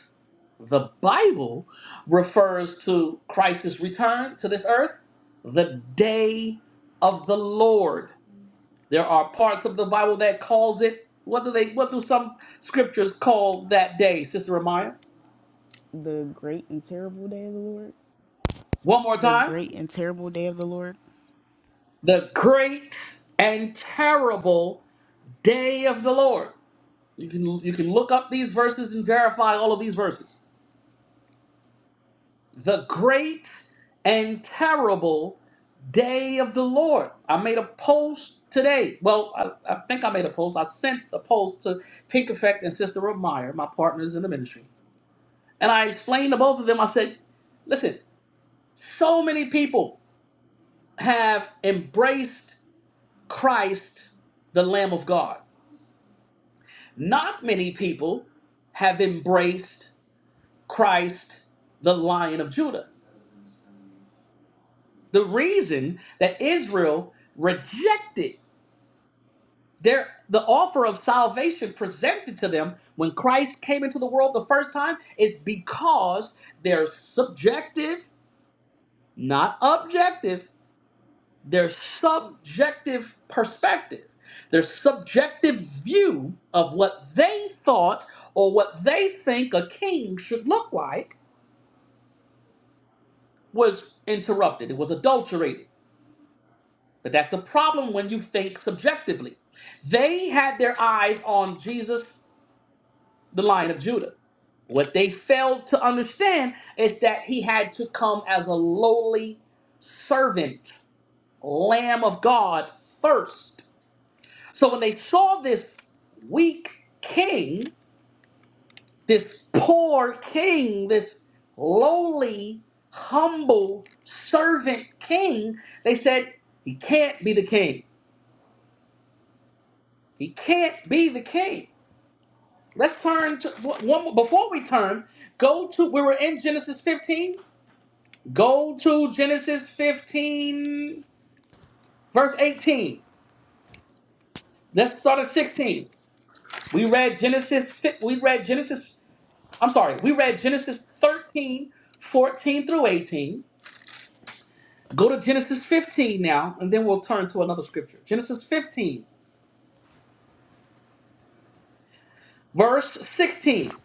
Speaker 1: The Bible refers to Christ's return to this earth, the day of the Lord. There are parts of the Bible that calls it what do they what do some scriptures call that day, Sister Amaya?
Speaker 2: The great and terrible day of the Lord.
Speaker 1: One more
Speaker 2: The
Speaker 1: time.
Speaker 2: great and terrible day of the Lord.
Speaker 1: the great and terrible day of the Lord. You can you can look up these verses and verify all of these verses. The great and terrible day of the Lord. I made a post today. Well, I, I think I made a post. I sent a post to Pink Effect and Sister Rob Meyer, my partners in the ministry. And I explained to both of them, I said, listen, so many people have embraced Christ, the Lamb of God Not many people have embraced Christ, the Lion of Judah. The reason that Israel rejected their the offer of salvation presented to them when Christ came into the world the first time is because their subjective, not objective, their subjective perspective, their subjective view of what they thought or what they think a king should look like was interrupted, it was adulterated. But that's the problem when you think subjectively. They had their eyes on Jesus, the Lion of Judah. What they failed to understand is that he had to come as a lowly servant, Lamb of God first. So when they saw this weak king, this poor king, this lowly, humble servant king, they said, he can't be the king. He can't be the king. Let's turn to one more- before we turn, go to we were in Genesis 15. Go to Genesis 15, verse 18. Let's start at 16. We read Genesis fi- we read Genesis, I'm sorry, we read Genesis 13 14 through 18. Go to Genesis 15 now, and then we'll turn to another scripture. Genesis 15, verse 16.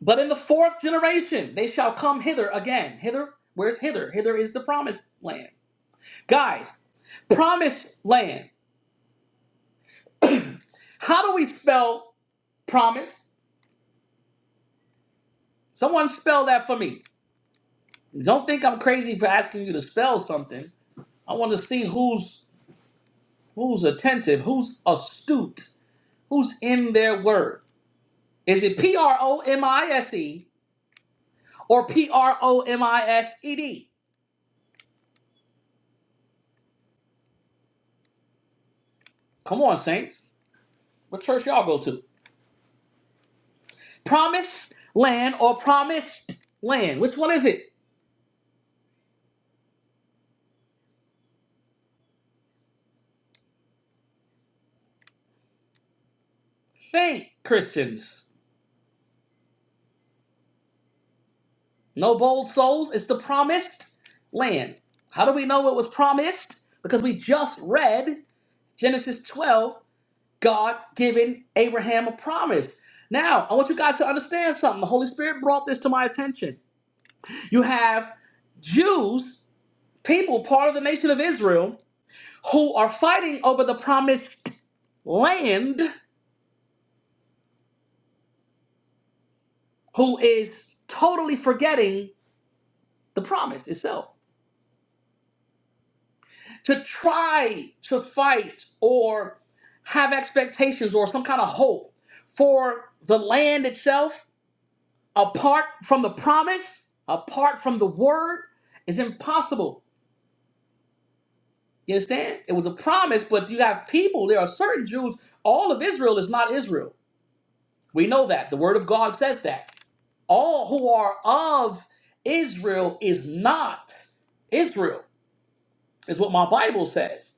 Speaker 1: But in the fourth generation they shall come hither again. Hither, where's hither? Hither is the promised land. Guys, promised land. How do we spell promise? Someone spell that for me. Don't think I'm crazy for asking you to spell something. I want to see who's who's attentive, who's astute, who's in their word. Is it P R O M I S E? or P R O M I S E D. Come on, saints. What church y'all go to? Promised land or promised land? Which one is it? Think, Christians. No bold souls. It's the promised land. How do we know it was promised? Because we just read Genesis 12, God giving Abraham a promise. Now, I want you guys to understand something. The Holy Spirit brought this to my attention. You have Jews, people, part of the nation of Israel, who are fighting over the promised land who is totally forgetting the promise itself. To try to fight or have expectations or some kind of hope for the land itself apart from the promise, apart from the word, is impossible. You understand? It was a promise, but you have people, there are certain Jews, all of Israel is not Israel. We know that. The word of God says that. all who are of Israel is not Israel, is what my Bible says.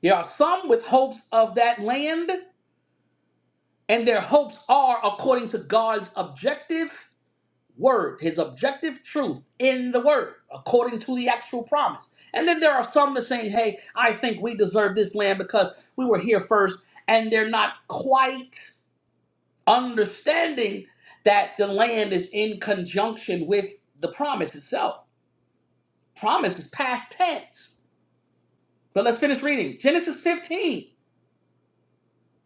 Speaker 1: There are some with hopes of that land, and their hopes are according to God's objective word, his objective truth in the word, according to the actual promise. And then there are some that saying, hey, I think we deserve this land because we were here first, and they're not quite understanding that the land is in conjunction with the promise itself. Promise is past tense. But let's finish reading. Genesis 15,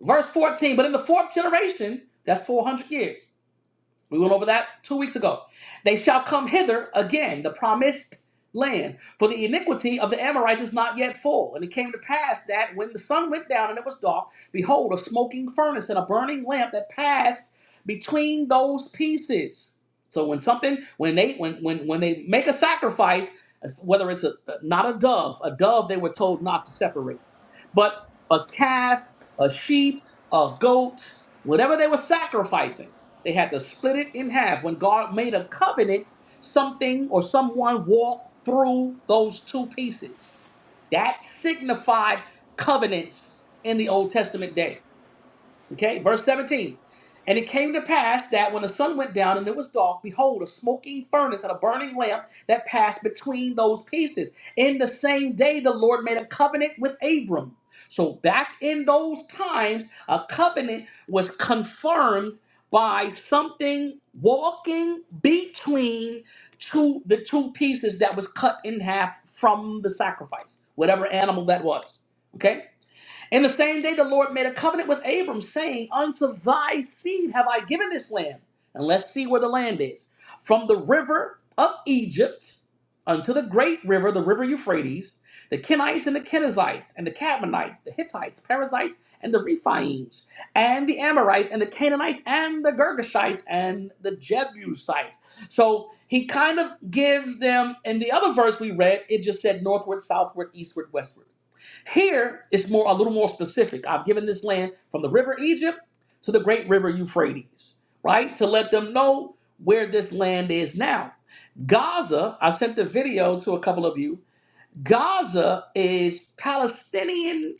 Speaker 1: verse 14. But in the fourth generation, that's 400 years, we went over that two weeks ago. They shall come hither again, the promised land, for the iniquity of the Amorites is not yet full. And it came to pass that when the sun went down and it was dark, behold, a smoking furnace and a burning lamp that passed between those pieces. So when something, when they, when when when they make a sacrifice, whether it's a not a dove, a dove they were told not to separate, but a calf, a sheep, a goat, whatever they were sacrificing they had to split it in half. When God made a covenant, something or someone walked through those two pieces. That signified covenants in the Old Testament day. Okay, verse 17. And it came to pass that when the sun went down and it was dark, behold, a smoking furnace and a burning lamp that passed between those pieces. In the same day, the Lord made a covenant with Abram. So back in those times, a covenant was confirmed by something walking between two the two pieces that was cut in half from the sacrifice, whatever animal that was. Okay? And the same day the Lord made a covenant with Abram, saying, Unto thy seed have I given this land. And let's see where the land is. From the river of Egypt unto the great river, the river Euphrates, the Kenites and the Kenizzites, and the Cadmonites, the Hittites, Perizzites, and the Rephaims, and the Amorites, and the Canaanites, and the Girgashites, and the Jebusites. So he kind of gives them, in the other verse we read, it just said northward, southward, eastward, westward. Here it's more a little more specific. I've given this land from the river Egypt to the great river Euphrates, right? To let them know where this land is now. Gaza, I sent the video to a couple of you. Gaza is Palestinian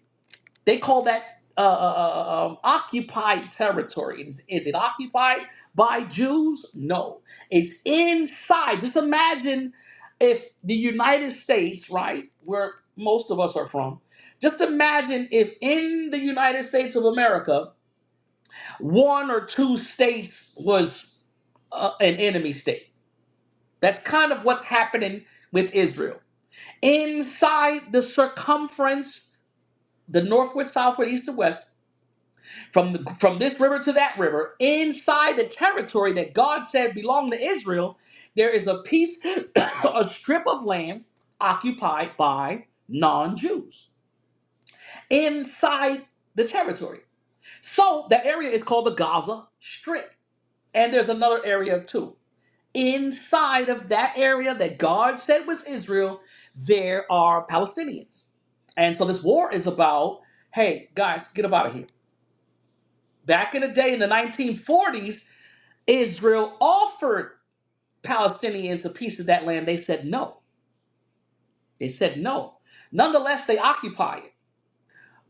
Speaker 1: they call that uh, uh, uh, uh, um, occupied territory. Is, is it occupied by Jews? No. It's inside. Just imagine if the United States, right, where most of us are from, just imagine if in the United States of America, one or two states was uh, an enemy state. That's kind of what's happening with Israel. Inside the circumference, the northward, southward, east, and west from the, from this river to that river inside the territory that God said belonged to Israel there is a piece a strip of land occupied by non-Jews inside the territory so that area is called the Gaza Strip and there's another area too inside of that area that God said was Israel there are Palestinians and so this war is about hey guys get up out of here back in the day in the 1940s Israel offered Palestinians a piece of that land. They said no. They said no. Nonetheless, they occupy it.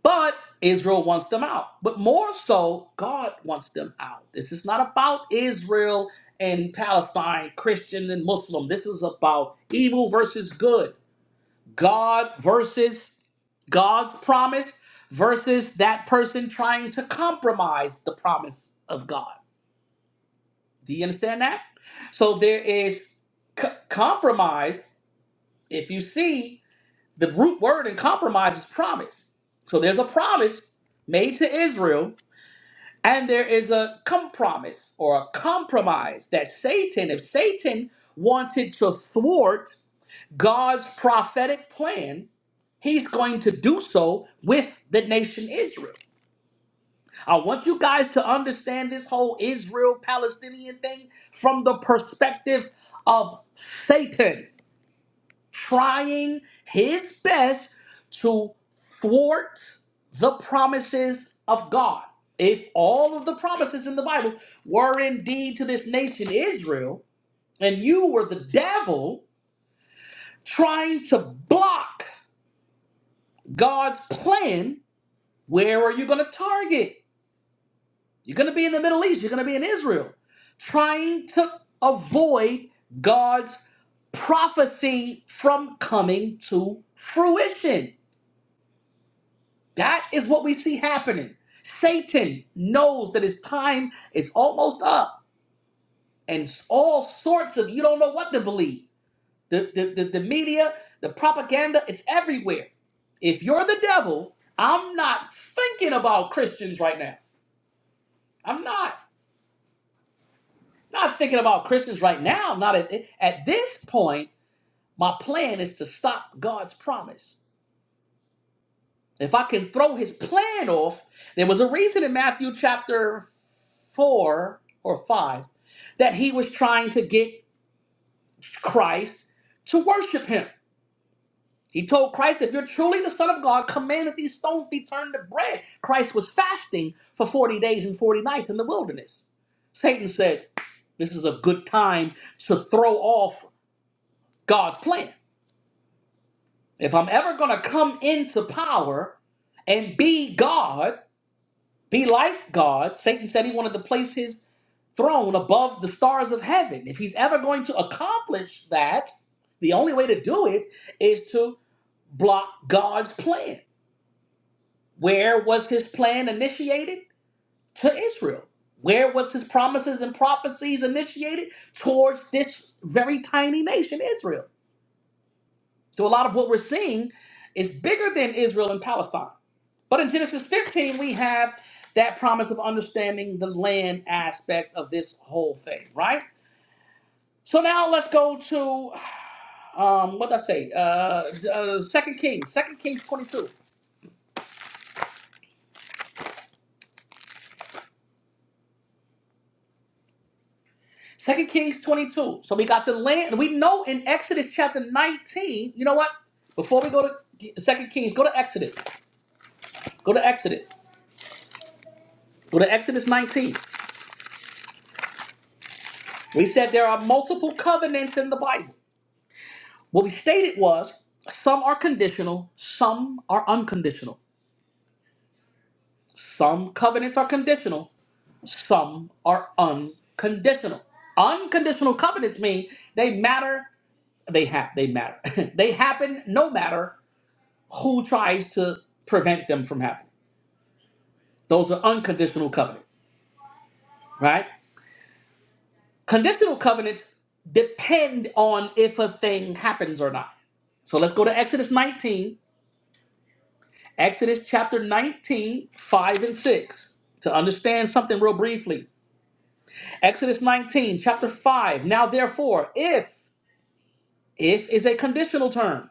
Speaker 1: But Israel wants them out. But more so, God wants them out. This is not about Israel and Palestine, Christian and Muslim. This is about evil versus good, God versus God's promise versus that person trying to compromise the promise of God. Do you understand that? So there is c- compromise. If you see the root word in compromise is promise. So there's a promise made to Israel, and there is a compromise or a compromise that Satan, if Satan wanted to thwart God's prophetic plan, he's going to do so with the nation Israel. I want you guys to understand this whole Israel Palestinian thing from the perspective of Satan trying his best to thwart the promises of God. If all of the promises in the Bible were indeed to this nation Israel, and you were the devil trying to block God's plan, where are you going to target? You're going to be in the Middle East. You're going to be in Israel, trying to avoid God's prophecy from coming to fruition. That is what we see happening. Satan knows that his time is almost up, and s- all sorts of you don't know what to believe. The, the, the, the media, the propaganda, it's everywhere. If you're the devil, I'm not thinking about Christians right now. I'm not. Not thinking about Christians right now. Not at at this point. My plan is to stop God's promise. If I can throw His plan off, there was a reason in Matthew chapter four or five that He was trying to get Christ to worship Him. He told Christ, "If you're truly the Son of God, command that these stones be turned to bread." Christ was fasting for forty days and forty nights in the wilderness. Satan said, "This is a good time to throw off God's plan." If I'm ever going to come into power and be God, be like God, Satan said he wanted to place his throne above the stars of heaven. If he's ever going to accomplish that, the only way to do it is to block God's plan. Where was his plan initiated? To Israel. Where was his promises and prophecies initiated? Towards this very tiny nation, Israel. So a lot of what we're seeing is bigger than Israel and Palestine. But in Genesis 15, we have that promise of understanding the land aspect of this whole thing, right? So now let's go to um, what did I say? Uh, uh, Second Kings, Second Kings 22. Second Kings 22. So we got the land, and we know in Exodus chapter 19. You know what? Before we go to Second Kings, go to Exodus. Go to Exodus. Go to Exodus 19. We said there are multiple covenants in the Bible. What we stated was some are conditional, some are unconditional. Some covenants are conditional, some are unconditional. Unconditional covenants mean they matter, they have they matter. they happen no matter who tries to prevent them from happening. Those are unconditional covenants, right? Conditional covenants depend on if a thing happens or not. So let's go to Exodus 19 Exodus chapter 19, 5 and 6. To understand something real briefly. Exodus 19, chapter 5. Now therefore, if, if is a conditional term.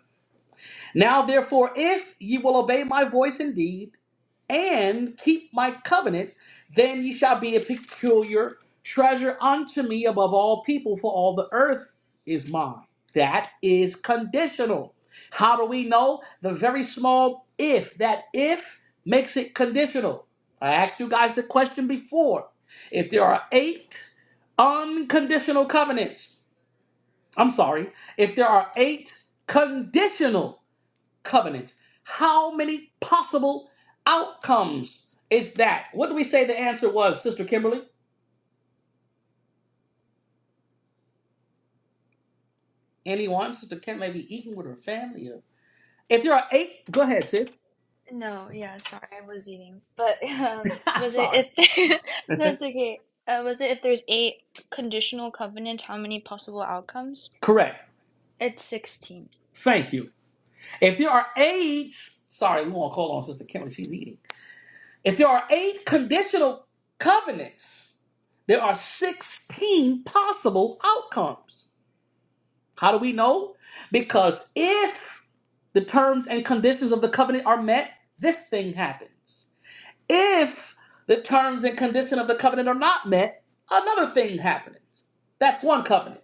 Speaker 1: Now therefore, if ye will obey my voice indeed, and keep my covenant, then ye shall be a peculiar treasure unto me above all people, for all the earth is mine. That is conditional. How do we know? The very small if. That if makes it conditional. I asked you guys the question before. If there are eight unconditional covenants, I'm sorry, if there are eight conditional covenant. How many possible outcomes is that? What do we say the answer was, Sister Kimberly? Anyone? Sister Kim may be eating with her family. Or... If there are eight, go ahead, sis.
Speaker 4: No, yeah, sorry, I was eating. But um, was it
Speaker 1: sorry.
Speaker 4: if there, no, it's okay. Uh, was it if there's eight conditional covenants, how many possible outcomes?
Speaker 1: Correct.
Speaker 4: It's 16.
Speaker 1: Thank you. If there are eight, sorry, we won't call on Sister Kimberly. She's eating. If there are eight conditional covenants, there are 16 possible outcomes. How do we know? Because if the terms and conditions of the covenant are met, this thing happens. If the terms and condition of the covenant are not met, another thing happens. That's one covenant.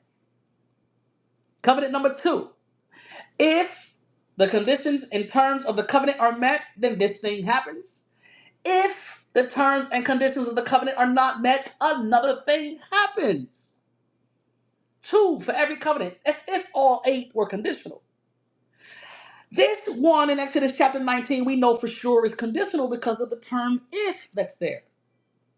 Speaker 1: Covenant number two. If the conditions and terms of the covenant are met, then this thing happens. If the terms and conditions of the covenant are not met, another thing happens. Two for every covenant. As if all eight were conditional. This one in Exodus chapter 19, we know for sure is conditional because of the term if that's there.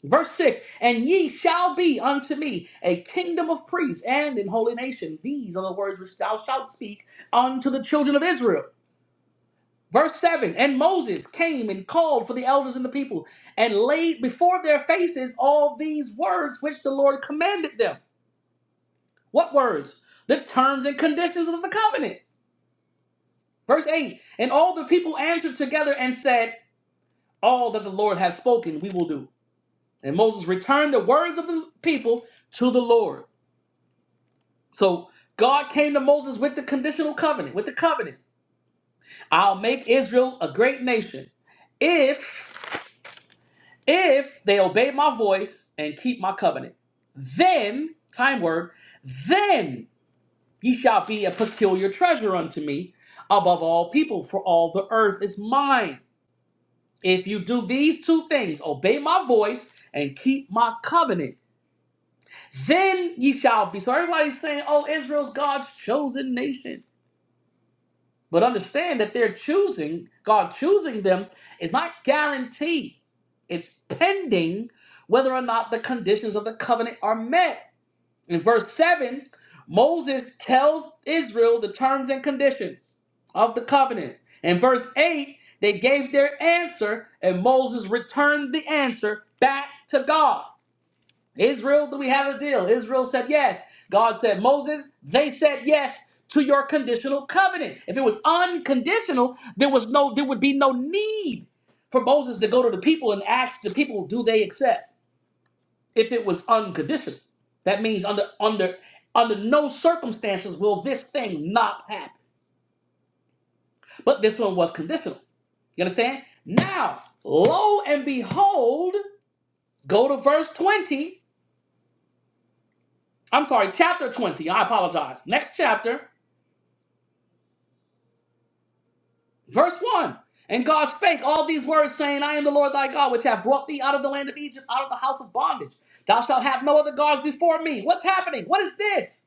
Speaker 1: Verse 6 And ye shall be unto me a kingdom of priests and an holy nation. These are the words which thou shalt speak unto the children of Israel. Verse 7 And Moses came and called for the elders and the people and laid before their faces all these words which the Lord commanded them. What words? The terms and conditions of the covenant. Verse 8 And all the people answered together and said, all that the Lord has spoken, we will do. And Moses returned the words of the people to the Lord. So God came to Moses with the conditional covenant, with the covenant. I'll make Israel a great nation if if they obey my voice and keep my covenant. Then, time word, then ye shall be a peculiar treasure unto me above all people, for all the earth is mine. If you do these two things, obey my voice and keep my covenant then ye shall be. So everybody's saying, oh, Israel's God's chosen nation. But understand that they're choosing, God choosing them is not guaranteed. It's pending whether or not the conditions of the covenant are met. In verse 7, Moses tells Israel the terms and conditions of the covenant. In verse 8, they gave their answer, and Moses returned the answer back to God. Israel, do we have a deal? Israel said yes. God said, Moses, they said yes to your conditional covenant. If it was unconditional, there was no there would be no need for Moses to go to the people and ask the people, do they accept? If it was unconditional. That means under under under no circumstances will this thing not happen. But this one was conditional. You understand? Now, lo and behold, go to verse 20. I'm sorry, chapter 20. I apologize. Next chapter, verse 1. And God spake all these words, saying, I am the Lord thy God, which have brought thee out of the land of Egypt, out of the house of bondage. Thou shalt have no other gods before me. What's happening? What is this?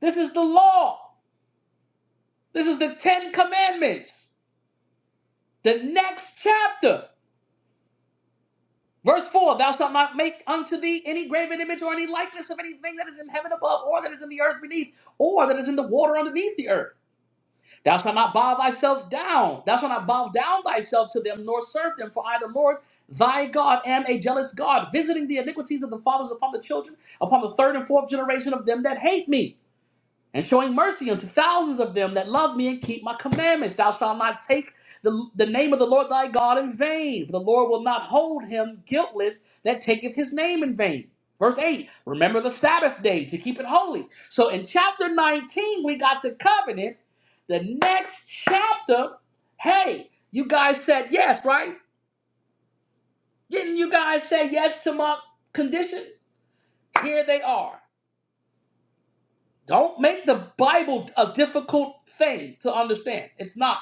Speaker 1: This is the law. This is the Ten Commandments. The next chapter, verse 4 Thou shalt not make unto thee any graven image or any likeness of anything that is in heaven above, or that is in the earth beneath, or that is in the water underneath the earth. Thou shalt not bow thyself down. Thou shalt not bow down thyself to them, nor serve them. For I, the Lord thy God, am a jealous God, visiting the iniquities of the fathers upon the children, upon the third and fourth generation of them that hate me and showing mercy unto thousands of them that love me and keep my commandments. Thou shalt not take the, the name of the Lord thy God in vain, for the Lord will not hold him guiltless that taketh his name in vain. Verse 8, remember the Sabbath day to keep it holy. So in chapter 19, we got the covenant. The next chapter, hey, you guys said yes, right? Didn't you guys say yes to my condition? Here they are. Don't make the Bible a difficult thing to understand. It's not.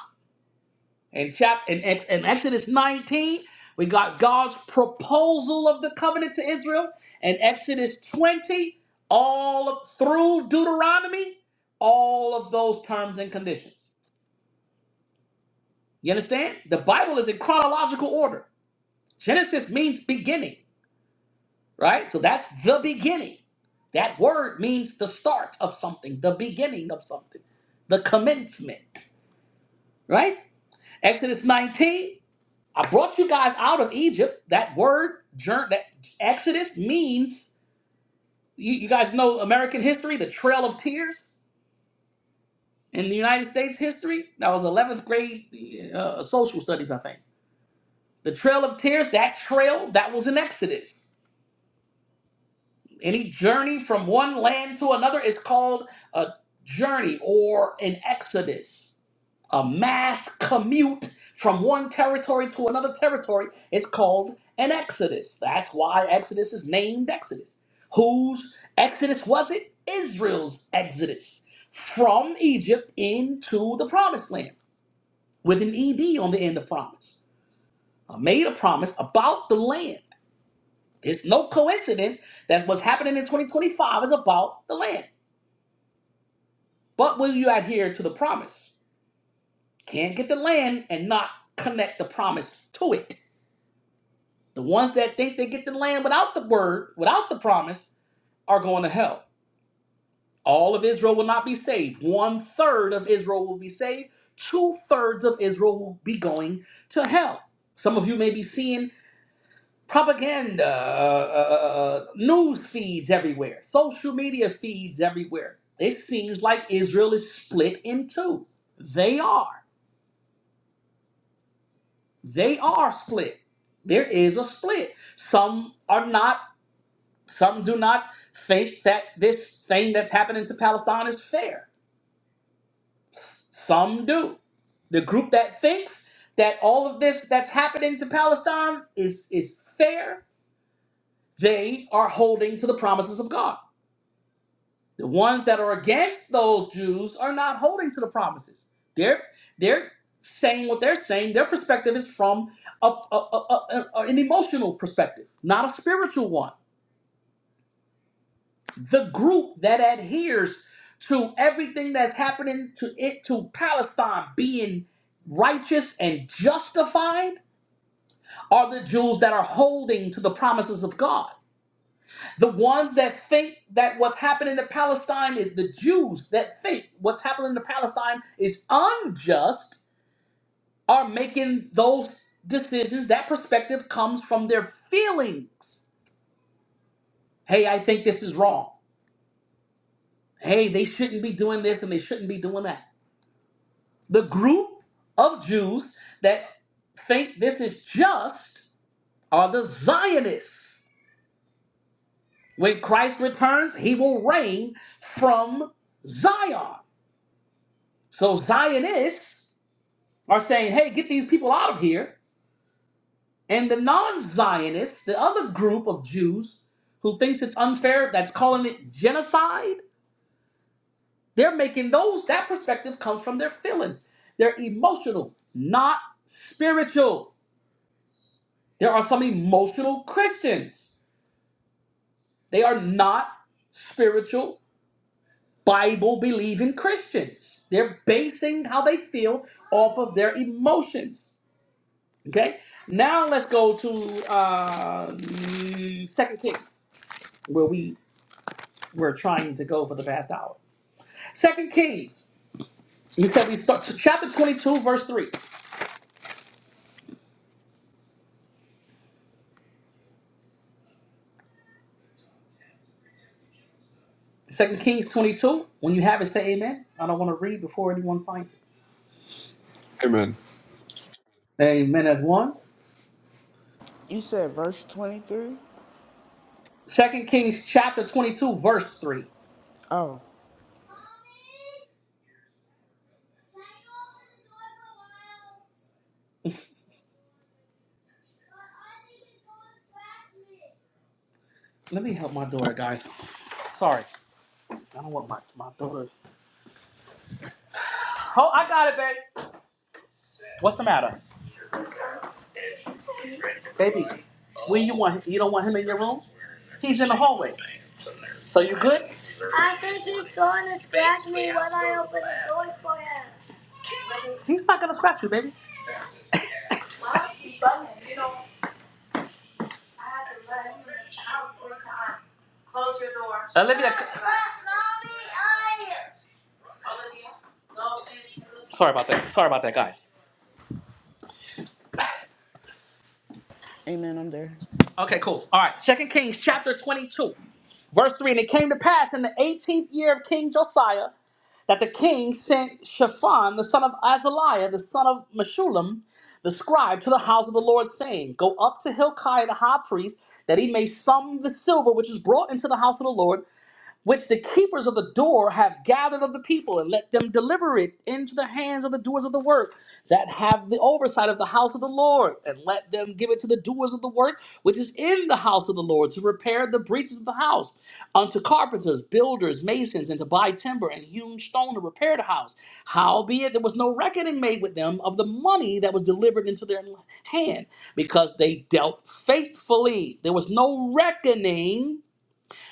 Speaker 1: In chapter in, Ex- in Exodus 19, we got God's proposal of the covenant to Israel. In Exodus 20, all of, through Deuteronomy, all of those terms and conditions. You understand? The Bible is in chronological order. Genesis means beginning, right? So that's the beginning. That word means the start of something, the beginning of something, the commencement right? Exodus 19, I brought you guys out of Egypt. That word, jour- that Exodus means, you, you guys know American history, the Trail of Tears in the United States history. That was 11th grade uh, social studies, I think. The Trail of Tears, that trail, that was an Exodus. Any journey from one land to another is called a journey or an exodus. A mass commute from one territory to another territory is called an exodus. That's why Exodus is named Exodus. Whose exodus was it? Israel's exodus from Egypt into the promised land with an ED on the end of promise. I made a promise about the land it's no coincidence that what's happening in 2025 is about the land. But will you adhere to the promise? Can't get the land and not connect the promise to it. The ones that think they get the land without the word, without the promise, are going to hell. All of Israel will not be saved. One third of Israel will be saved. Two thirds of Israel will be going to hell. Some of you may be seeing propaganda, uh, uh, uh, uh, uh, news feeds everywhere, social media feeds everywhere. It seems like Israel is split in two. They are. They are split. There is a split. Some are not, some do not think that this thing that's happening to Palestine is fair. Some do. The group that thinks that all of this that's happening to Palestine is, is fair, they are holding to the promises of God The ones that are against those Jews are not holding to the promises. They're they're saying what they're saying. Their perspective is from a, a, a- a- an emotional perspective, not a spiritual one. The group that adheres to everything that's happening to it to Palestine being righteous and justified are the Jews that are holding to the promises of God. The ones that think that what's happening to Palestine is the Jews that think what's happening to Palestine is unjust are making those decisions. That perspective comes from their feelings. Hey, I think this is wrong. Hey, they shouldn't be doing this and they shouldn't be doing that. The group of Jews that think this is just are the Zionists. When Christ returns, he will reign from Zion. So Zionists are saying, hey, get these people out of here. And the non Zionists, the other group of Jews who thinks it's unfair, that's calling it genocide, they're making those, that perspective comes from their feelings. They're emotional, not spiritual. There are some emotional Christians. They are not spiritual, Bible believing Christians. They're basing how they feel off of their emotions. Okay. Now let's go to uh, Second Kings, where we were trying to go for the past hour. Second Kings. We said we start so chapter 22, verse 3. Second Kings 22. When you have it, say amen. I don't want to read before anyone finds it.
Speaker 5: Amen.
Speaker 1: Amen as one.
Speaker 2: You said verse 23?
Speaker 1: Second Kings chapter 22, verse 3.
Speaker 2: Oh,
Speaker 1: Let me help my daughter, guys. Sorry. I don't want my, my daughter. Oh, I got it, babe. What's the matter, baby? When you want, you don't want him in your room. He's in the hallway. So you good? I'm going for him. He's not gonna scratch you, baby. Why don't you bum him? You know, I had to let him in the house three times. Close your door. Olivia. Olivia, go in. Sorry about that. Sorry about that, guys.
Speaker 2: amen. I'm there.
Speaker 1: Okay, cool. All right. Second Kings chapter 22, verse 3. And it came to pass in the 18th year of King Josiah. that the king sent Shaphan, the son of Azaliah, the son of Meshullam, the scribe, to the house of the Lord, saying, Go up to Hilkiah the high priest, that he may sum the silver which is brought into the house of the Lord, which the keepers of the door have gathered of the people, and let them deliver it into the hands of the doers of the work that have the oversight of the house of the Lord, and let them give it to the doers of the work which is in the house of the Lord to repair the breaches of the house, unto carpenters, builders, masons, and to buy timber and hewn stone to repair the house. Howbeit, there was no reckoning made with them of the money that was delivered into their hand, because they dealt faithfully. There was no reckoning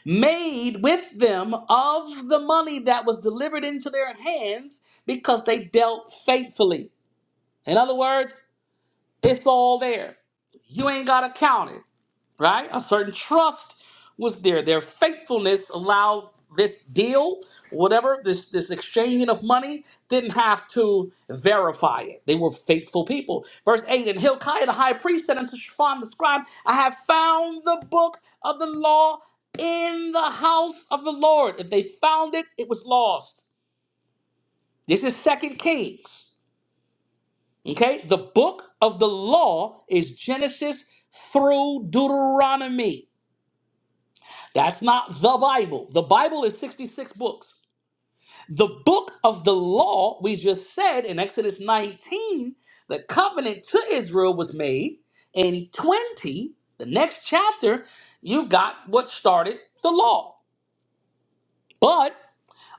Speaker 1: made with them of the money that was delivered into their hands because they dealt faithfully. In other words, it's all there. You ain't got to count it right? A certain trust was there. Their faithfulness allowed this deal, whatever, this, this exchanging of money, didn't have to verify it. They were faithful people. Verse 8 And Hilkiah the high priest said unto Shaphan the scribe, I have found the book of the law in the house of the Lord. If they found it, it was lost. This is Second Kings. Okay, the book of the law is Genesis through Deuteronomy. That's not the Bible. The Bible is 66 books. The book of the law, we just said in Exodus 19, the covenant to Israel was made. In 20, the next chapter, you got what started the law. but.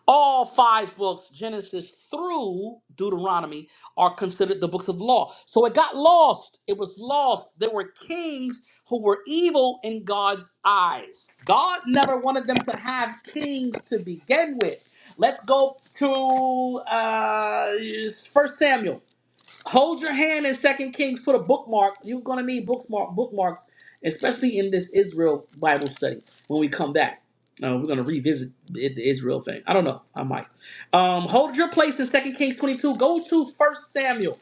Speaker 1: All five books, Genesis through Deuteronomy, are considered the books of law. So it got lost. It was lost. There were kings who were evil in God's eyes. God never wanted them to have kings to begin with. Let's go to uh, 1 Samuel. Hold your hand in Second Kings. Put a bookmark. You're gonna need bookmark bookmarks, especially in this Israel Bible study when we come back. Uh, we're gonna revisit the the Israel thing. I don't know. I might. Um, hold your place in Second Kings 22. Go to First Samuel.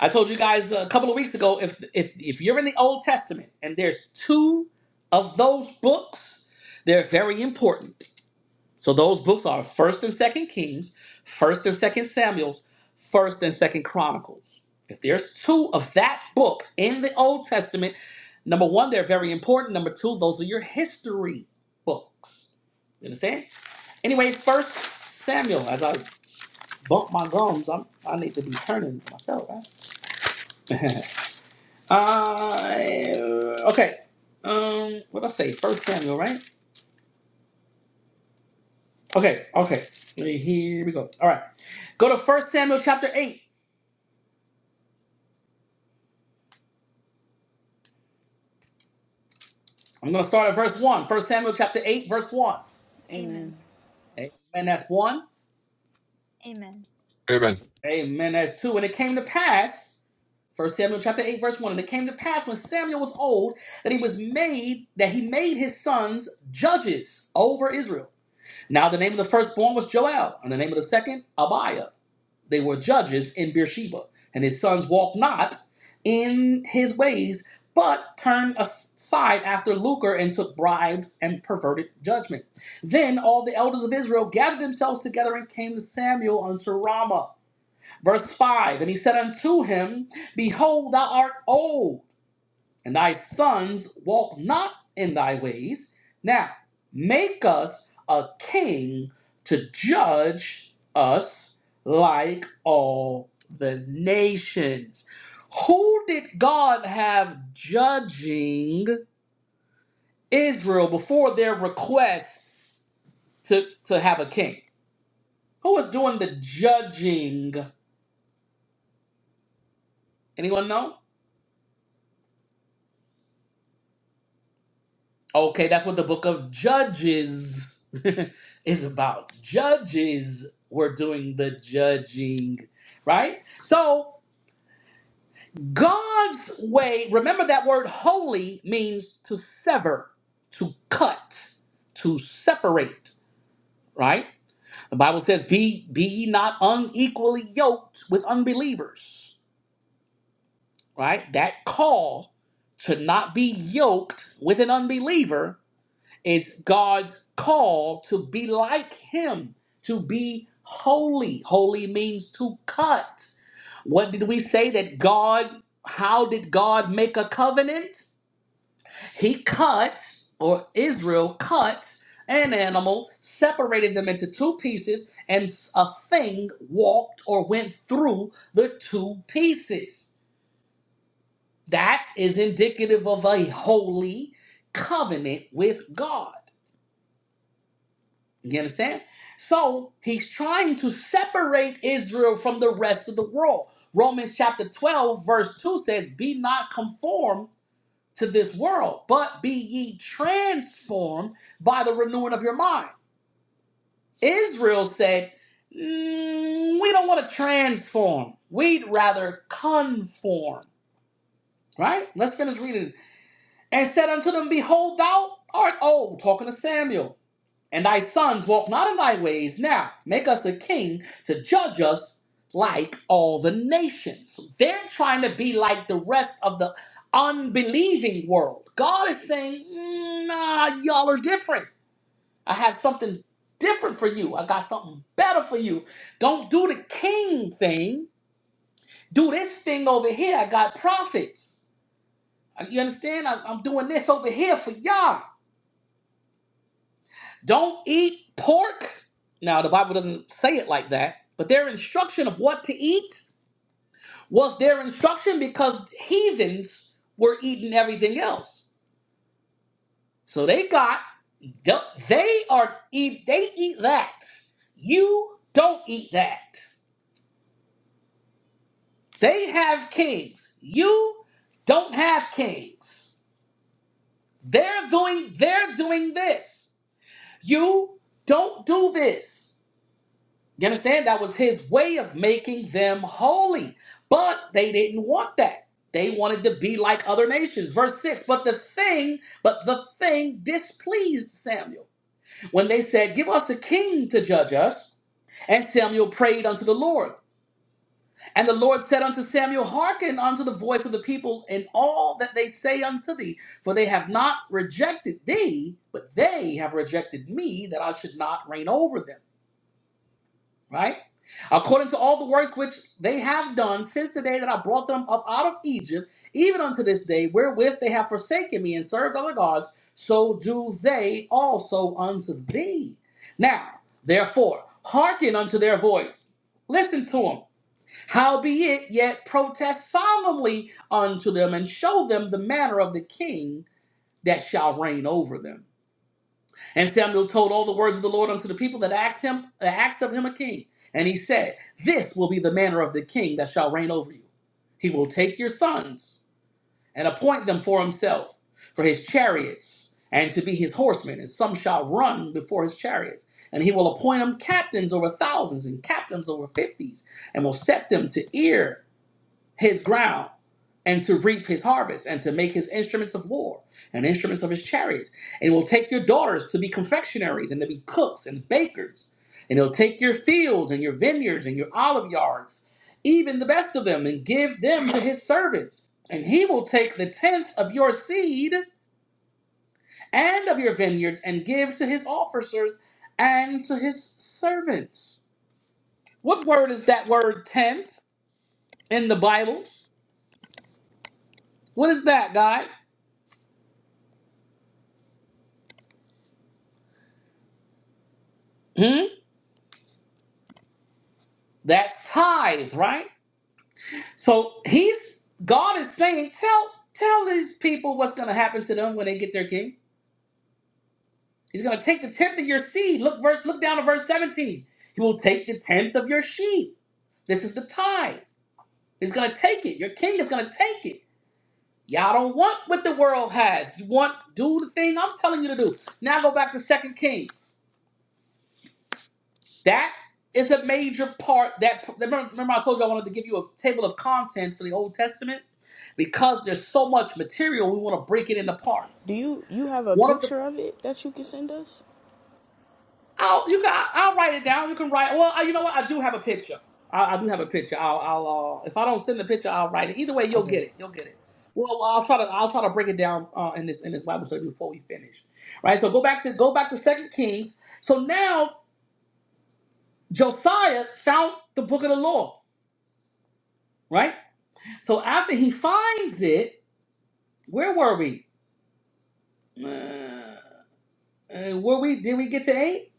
Speaker 1: I told you guys a couple of weeks ago. If if if you're in the Old Testament and there's two of those books, they're very important. So those books are First and Second Kings, First and Second Samuel's, First and Second Chronicles. If there's two of that book in the Old Testament, number one, they're very important. Number two, those are your history books. You understand? Anyway, First Samuel. As I bump my gums, I'm, I need to be turning myself. Right? uh, okay. Um, what I say? First Samuel, right? Okay, okay. Hey, Here we go. All right. Go to First Samuel chapter 8. I'm going to start at verse 1. First Samuel chapter 8, verse 1.
Speaker 4: Amen.
Speaker 2: Amen.
Speaker 1: Amen. That's 1.
Speaker 4: Amen.
Speaker 5: Amen.
Speaker 1: Amen. That's 2. And it came to pass, First Samuel chapter 8, verse 1. And it came to pass when Samuel was old that he was made, that he made his sons judges over Israel. Now the name of the firstborn was Joel, and the name of the second, Abiah. They were judges in Beersheba, and his sons walked not in his ways, but turned aside after lucre and took bribes and perverted judgment. Then all the elders of Israel gathered themselves together and came to Samuel unto Ramah. Verse 5 And he said unto him, Behold, thou art old and thy sons walk not in thy ways. Now make us a king to judge us like all the nations. Who did God have judging Israel before their request to, to have a king? Who was doing the judging? Anyone know? Okay, that's what the book of Judges is about. Judges were doing the judging, right? So, God's way, remember that word holy means to sever, to cut, to separate, right? The Bible says, be, be ye not unequally yoked with unbelievers, right? That call to not be yoked with an unbeliever It's God's call to be like Him, to be holy. Holy means to cut. What did we say that God, how did God make a covenant? He cut, or Israel cut, an animal, separated them into two pieces, and a thing walked or went through the two pieces. That is indicative of a holy covenant with God. You understand? So he's trying to separate Israel from the rest of the world. Romans chapter 12, verse 2 says, Be not conformed to this world, but be ye transformed by the renewing of your mind. Israel said, "Mm, We don't want to transform. We'd rather conform. Right? Let's finish reading. And said unto them, Behold, thou art old, talking to Samuel And thy sons walk not in thy ways. Now make us a king to judge us like all the nations. They're trying to be like the rest of the unbelieving world. God is saying, "Mm, nah, y'all are different. I have something different for you. I got something better for you. Don't do the king thing. Do this thing over here. I got prophets. You understand? I- I'm doing this over here for y'all. Don't eat pork. Now, the Bible doesn't say it like that, but their instruction of what to eat was their instruction because heathens were eating everything else. So they got they are eat they eat that. You don't eat that. They have kings. You don't have kings. They're doing they're doing this. You don't do this. You understand? That was his way of making them holy. But they didn't want that. They wanted to be like other nations. Verse 6, but the thing, but the thing displeased Samuel. When they said, "Give us a king to judge us." And Samuel prayed unto the Lord. And the Lord said unto Samuel, Hearken unto the voice of the people in all that they say unto thee, for they have not rejected thee, but they have rejected me, that I should not reign over them right? According to all the works which they have done since the day that I brought them up out of Egypt, even unto this day, wherewith they have forsaken me and served other gods, so do they also unto thee. Now, therefore, hearken unto their voice. Listen to them. Howbeit, yet protest solemnly unto them and show them the manner of the king that shall reign over them and Samuel told all the words of the Lord unto the people that asked him, that asked of him a king. And he said, This will be the manner of the king that shall reign over you. He will take your sons and appoint them for himself, for his chariots, and to be his horsemen, and some shall run before his chariots. And he will appoint them captains over thousands and captains over fifties, and will set them to ear his ground and to reap his harvest and to make his instruments of war and instruments of his chariots. And he will take your daughters to be confectionaries and to be cooks and bakers. And he'll take your fields and your vineyards and your olive yards, even the best of them, and give them to his servants. And he will take the tenth of your seed and of your vineyards and give to his officers and to his servants. What word is that word tenth in the Bible? What is that, guys? Hmm. That's tithes, right? So he's God is saying, tell tell these people what's going to happen to them when they get their king. He's going to take the tenth of your seed. Look verse, look down to verse seventeen. He will take the tenth of your sheep. This is the tithe. He's going to take it. Your king is going to take it. Y'all don't want what the world has. You want do the thing I'm telling you to do. Now go back to Second Kings. That is a major part. That remember, remember I told you I wanted to give you a table of contents for the Old Testament because there's so much material. We want to break it into
Speaker 2: Do
Speaker 1: parts.
Speaker 2: you you have a
Speaker 1: One of the
Speaker 2: picture of it that you can send us?
Speaker 1: I'll you can I'll write it down. You can write. Well, you know what? I do have a picture. I, I do have a picture. I'll, I'll uh, if I don't send the picture, I'll write it. Either way, you'll get
Speaker 2: Okay.
Speaker 1: it. You'll get it. Well, well, I'll try to I'll try to break it down uh, in this in this Bible study before we finish. Right. So go back to go back to Second Kings. So now Josiah found the book of the law. Right So after he finds it, where were we? Uh, uh, were we? Did we get to eight?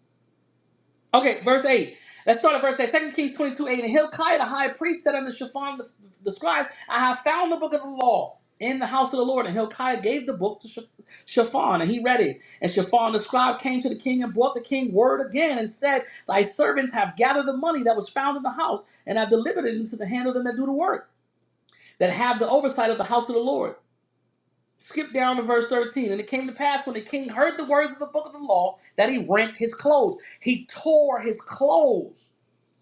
Speaker 1: Okay, verse eight. Let's start at verse eight. Second Kings twenty-two eight. And Hilkiah the high priest said unto Shaphan the, the scribe, I have found the book of the law in the house of the Lord. And Hilkiah gave the book to Shap- Shaphan, and he read it. And Shaphan the scribe came to the king and brought the king word again and said, Thy servants have gathered the money that was found in the house and have delivered it into the hand of them that do the work, that have the oversight of the house of the Lord. Skip down to verse 13. And it came to pass when the king heard the words of the book of the law that he rent his clothes. He tore his clothes.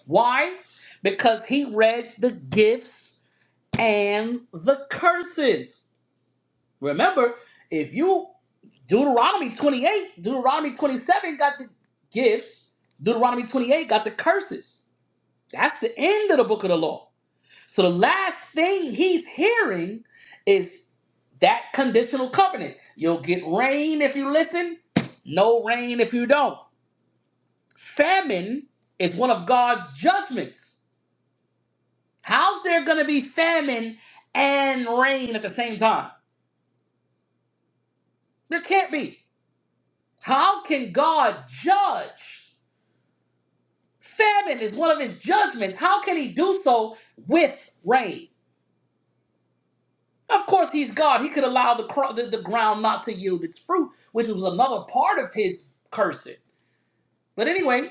Speaker 1: Why? Because he read the gifts and the curses. Remember, if you, Deuteronomy 28, Deuteronomy 27 got the gifts, Deuteronomy 28 got the curses. That's the end of the book of the law. So the last thing he's hearing is that conditional covenant. You'll get rain if you listen, no rain if you don't. Famine is one of God's judgments. How's there going to be famine and rain at the same time? There can't be. How can God judge? Famine is one of his judgments. How can he do so with rain? Of course, he's God. He could allow the, cro- the the ground not to yield its fruit, which was another part of his cursing. But anyway,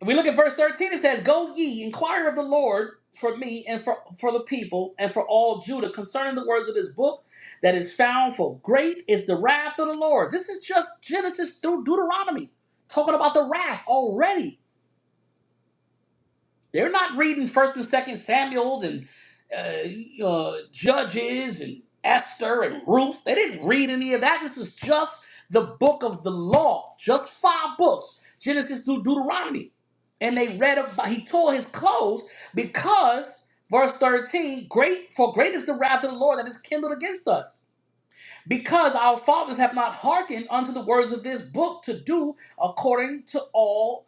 Speaker 1: if we look at verse 13. It says, Go ye, inquire of the Lord for me and for, for the people and for all Judah concerning the words of this book that is found, for great is the wrath of the Lord. This is just Genesis through Deuteronomy, talking about the wrath already. They're not reading First and Second Samuel and uh, uh, Judges and Esther and Ruth. They didn't read any of that. This is just the book of the law, just five books, Genesis through Deuteronomy. And they read about. He tore his clothes because verse thirteen. Great for great is the wrath of the Lord that is kindled against us. Because our fathers have not hearkened unto the words of this book to do according to all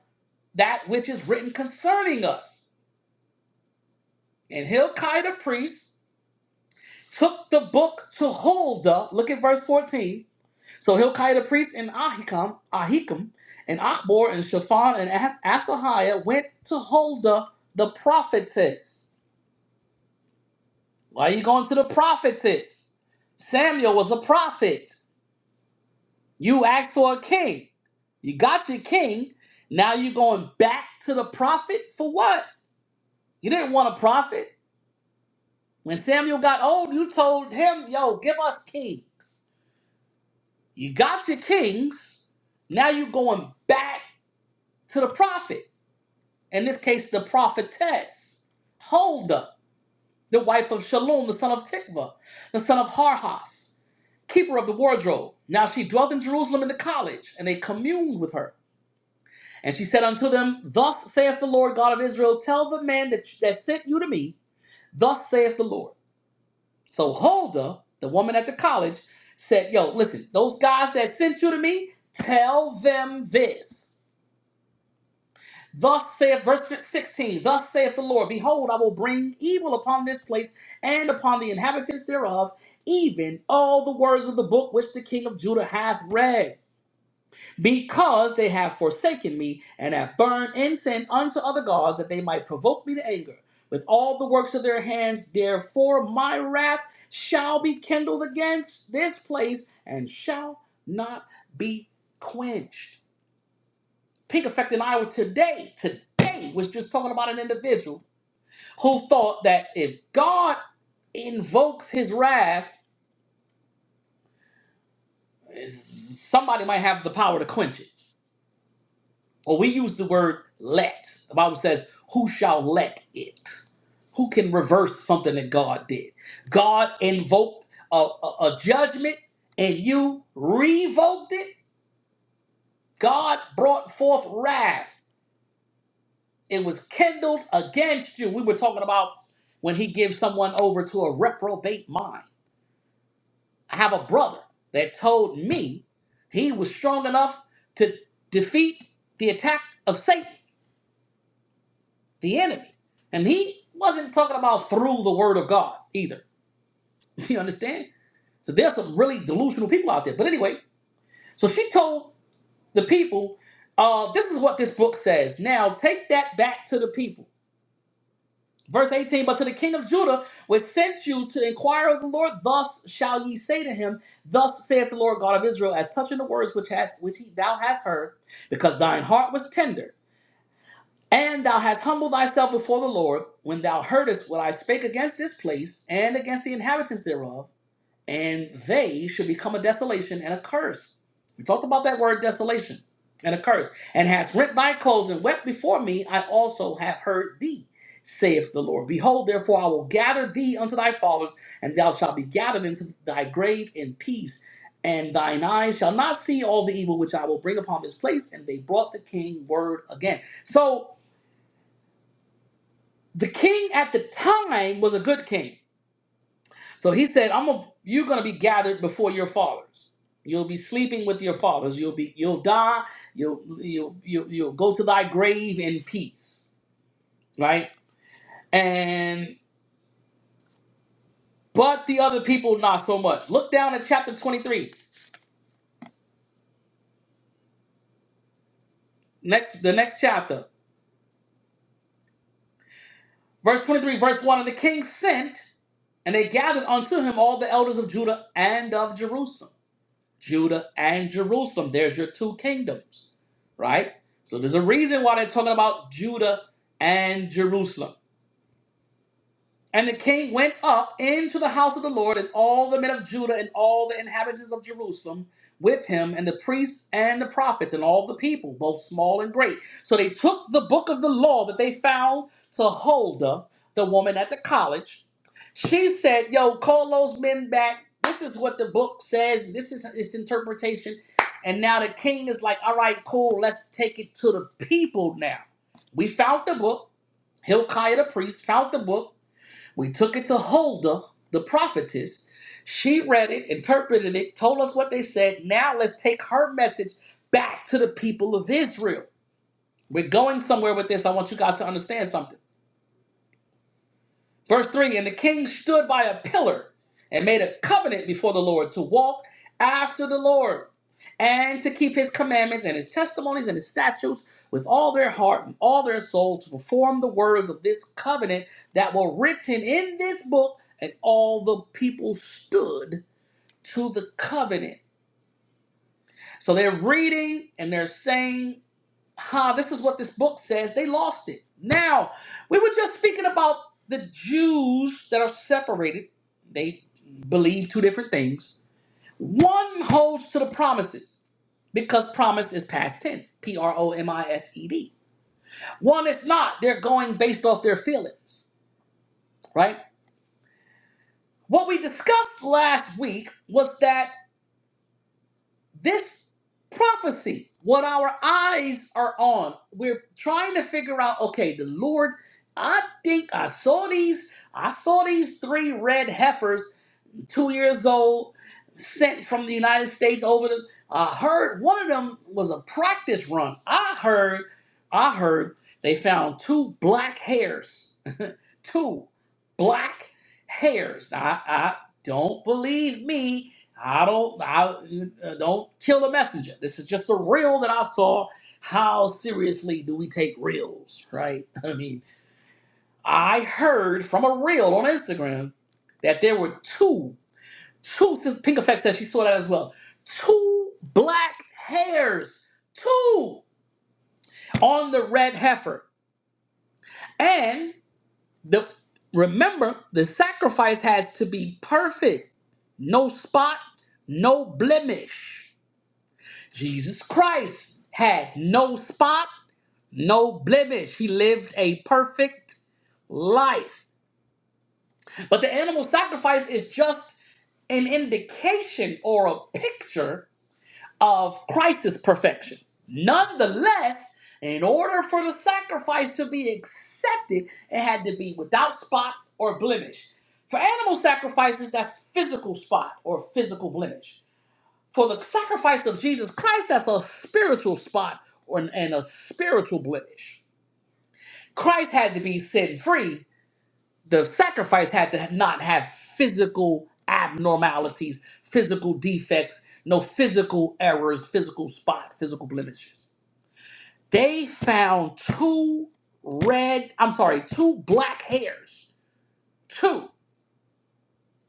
Speaker 1: that which is written concerning us. And Hilkiah the priest took the book to Huldah. Look at verse 14. So Hilkiah the priest and Ahikam, Ahikam, and Achbor and Shaphan and As- Asahiah went to Huldah the prophetess. Why are you going to the prophetess? Samuel was a prophet. You asked for a king. You got your king. Now you're going back to the prophet for what? You didn't want a prophet. When Samuel got old, you told him, yo, give us kings. You got your kings. Now you're going back to the prophet. In this case, the prophetess, Huldah, the wife of Shalom, the son of Tikva, the son of Harhas, keeper of the wardrobe. Now she dwelt in Jerusalem in the college, and they communed with her. And she said unto them, Thus saith the Lord God of Israel, tell the man that, that sent you to me, thus saith the Lord. So Huldah, the woman at the college, said, Yo, listen, those guys that sent you to me, tell them this. Thus saith, verse 16, thus saith the Lord, Behold, I will bring evil upon this place and upon the inhabitants thereof, even all the words of the book which the king of Judah hath read, because they have forsaken me and have burned incense unto other gods, that they might provoke me to anger. With all the works of their hands, therefore my wrath shall be kindled against this place and shall not be quenched. Pink effect in Iowa today, today was just talking about an individual who thought that if God invokes his wrath, somebody might have the power to quench it. Well, we use the word let. The Bible says, Who shall let it? Who can reverse something that God did? God invoked a, a a judgment and you revoked it. God brought forth wrath. It was kindled against you. We were talking about when he gives someone over to a reprobate mind. I have a brother that told me he was strong enough to defeat the attack of Satan, the enemy. And he wasn't talking about through the word of God either. You understand? So there's some really delusional people out there. But anyway, so she told the people, uh, this is what this book says. Now take that back to the people Verse 18, but to the king of Judah which sent you to inquire of the Lord, thus shall ye say to him, Thus saith the Lord God of Israel, as touching the words which has which he, thou hast heard, because thine heart was tender, and thou hast humbled thyself before the Lord, when thou heardest what I spake against this place and against the inhabitants thereof and they should become a desolation and a curse. We talked about that word desolation and a curse. And has rent thy clothes and wept before me, I also have heard thee, saith the Lord. Behold, therefore, I will gather thee unto thy fathers, and thou shalt be gathered into thy grave in peace. And thine eyes shall not see all the evil which I will bring upon this place. And they brought the king word again. So the king at the time was a good king. So he said, "I'm a, you're going to be gathered before your fathers. You'll be sleeping with your fathers. You'll be you'll die. You'll you'll you'll, you'll go to thy grave in peace." Right? And but the other people not so much. Look down at chapter 23. Next the next chapter. Verse 23, verse 1, and the king sent and they gathered unto him all the elders of Judah and of Jerusalem. Judah and Jerusalem. There's your two kingdoms, right? So there's a reason why they're talking about Judah and Jerusalem. And the king went up into the house of the Lord, and all the men of Judah and all the inhabitants of Jerusalem with him, and the priests and the prophets, and all the people, both small and great. So they took the book of the law that they found to Huldah, the woman at the college. She said, Yo, call those men back. This is what the book says, this is its interpretation. And now the king is like, All right, cool, let's take it to the people now. We found the book. Hilkiah the priest found the book we took it to Huldah, the prophetess. She read it, interpreted it, told us what they said. Now let's take her message back to the people of Israel. We're going somewhere with this. I want you guys to understand something. Verse 3 And the king stood by a pillar and made a covenant before the Lord to walk after the Lord and to keep his commandments and his testimonies and his statutes with all their heart and all their soul to perform the words of this covenant that were written in this book. And all the people stood to the covenant. So they're reading and they're saying ha, this is what this book says. They lost it. Now, we were just speaking about the Jews that are separated. They believe two different things. One holds to the promises because promise is past tense, P R O M I S E D. One is not. They're going based off their feelings, right? What we discussed last week was that this prophecy, what our eyes are on, we're trying to figure out okay, the Lord, I think I saw these, I saw these three red heifers, two years old, sent from the United States over to, I heard one of them was a practice run. I heard, I heard they found two black hairs two black hairs. I, I don't believe me. I don't. I uh, don't kill the messenger. This is just a reel that I saw. How seriously do we take reels, right? I mean, I heard from a reel on Instagram that there were two, two. This Pink Effect said she saw that as well. Two black hairs, two on the red heifer, and The, remember, the sacrifice has to be perfect, no spot, no blemish. Jesus Christ had no spot, no blemish. He lived a perfect life. But the animal sacrifice is just an indication or a picture of Christ's perfection. Nonetheless, in order for the sacrifice to be accepted, it had to be without spot or blemish. For animal sacrifices, that's physical spot or physical blemish. For the sacrifice of Jesus Christ, that's a spiritual spot or, and a spiritual blemish. Christ had to be sin free the sacrifice had to not have physical abnormalities, physical defects, no physical errors, physical spot, physical blemishes. They found two red, I'm sorry, two black hairs. Two.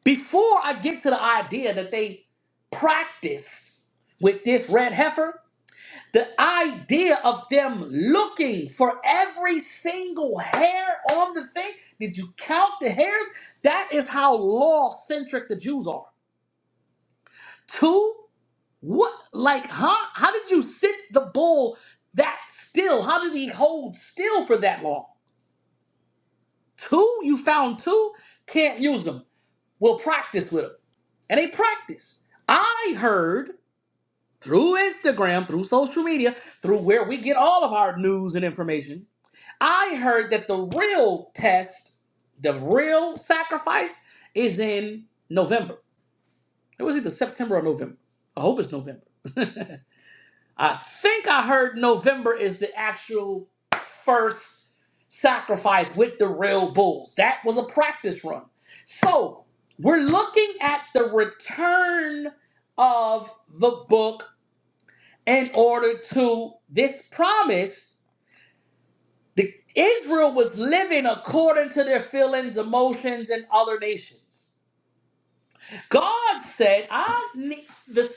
Speaker 1: Before I get to the idea that they practiced with this red heifer, The idea of them looking for every single hair on the thing, did you count the hairs? That is how law centric the Jews are. Two, what, like, huh? How did you sit the bull that still? How did he hold still for that long? Two, you found two, can't use them. We'll practice with them. And they practice. I heard through Instagram, through social media, through where we get all of our news and information I heard that the real test, the real sacrifice, is in November. It was either September or November. I hope it's November. I think I heard November is the actual first sacrifice with the real bulls. That was a practice run. So we're looking at the return of the book in order to this promise. The, Israel was living according to their feelings, emotions, and other nations. God said, I need the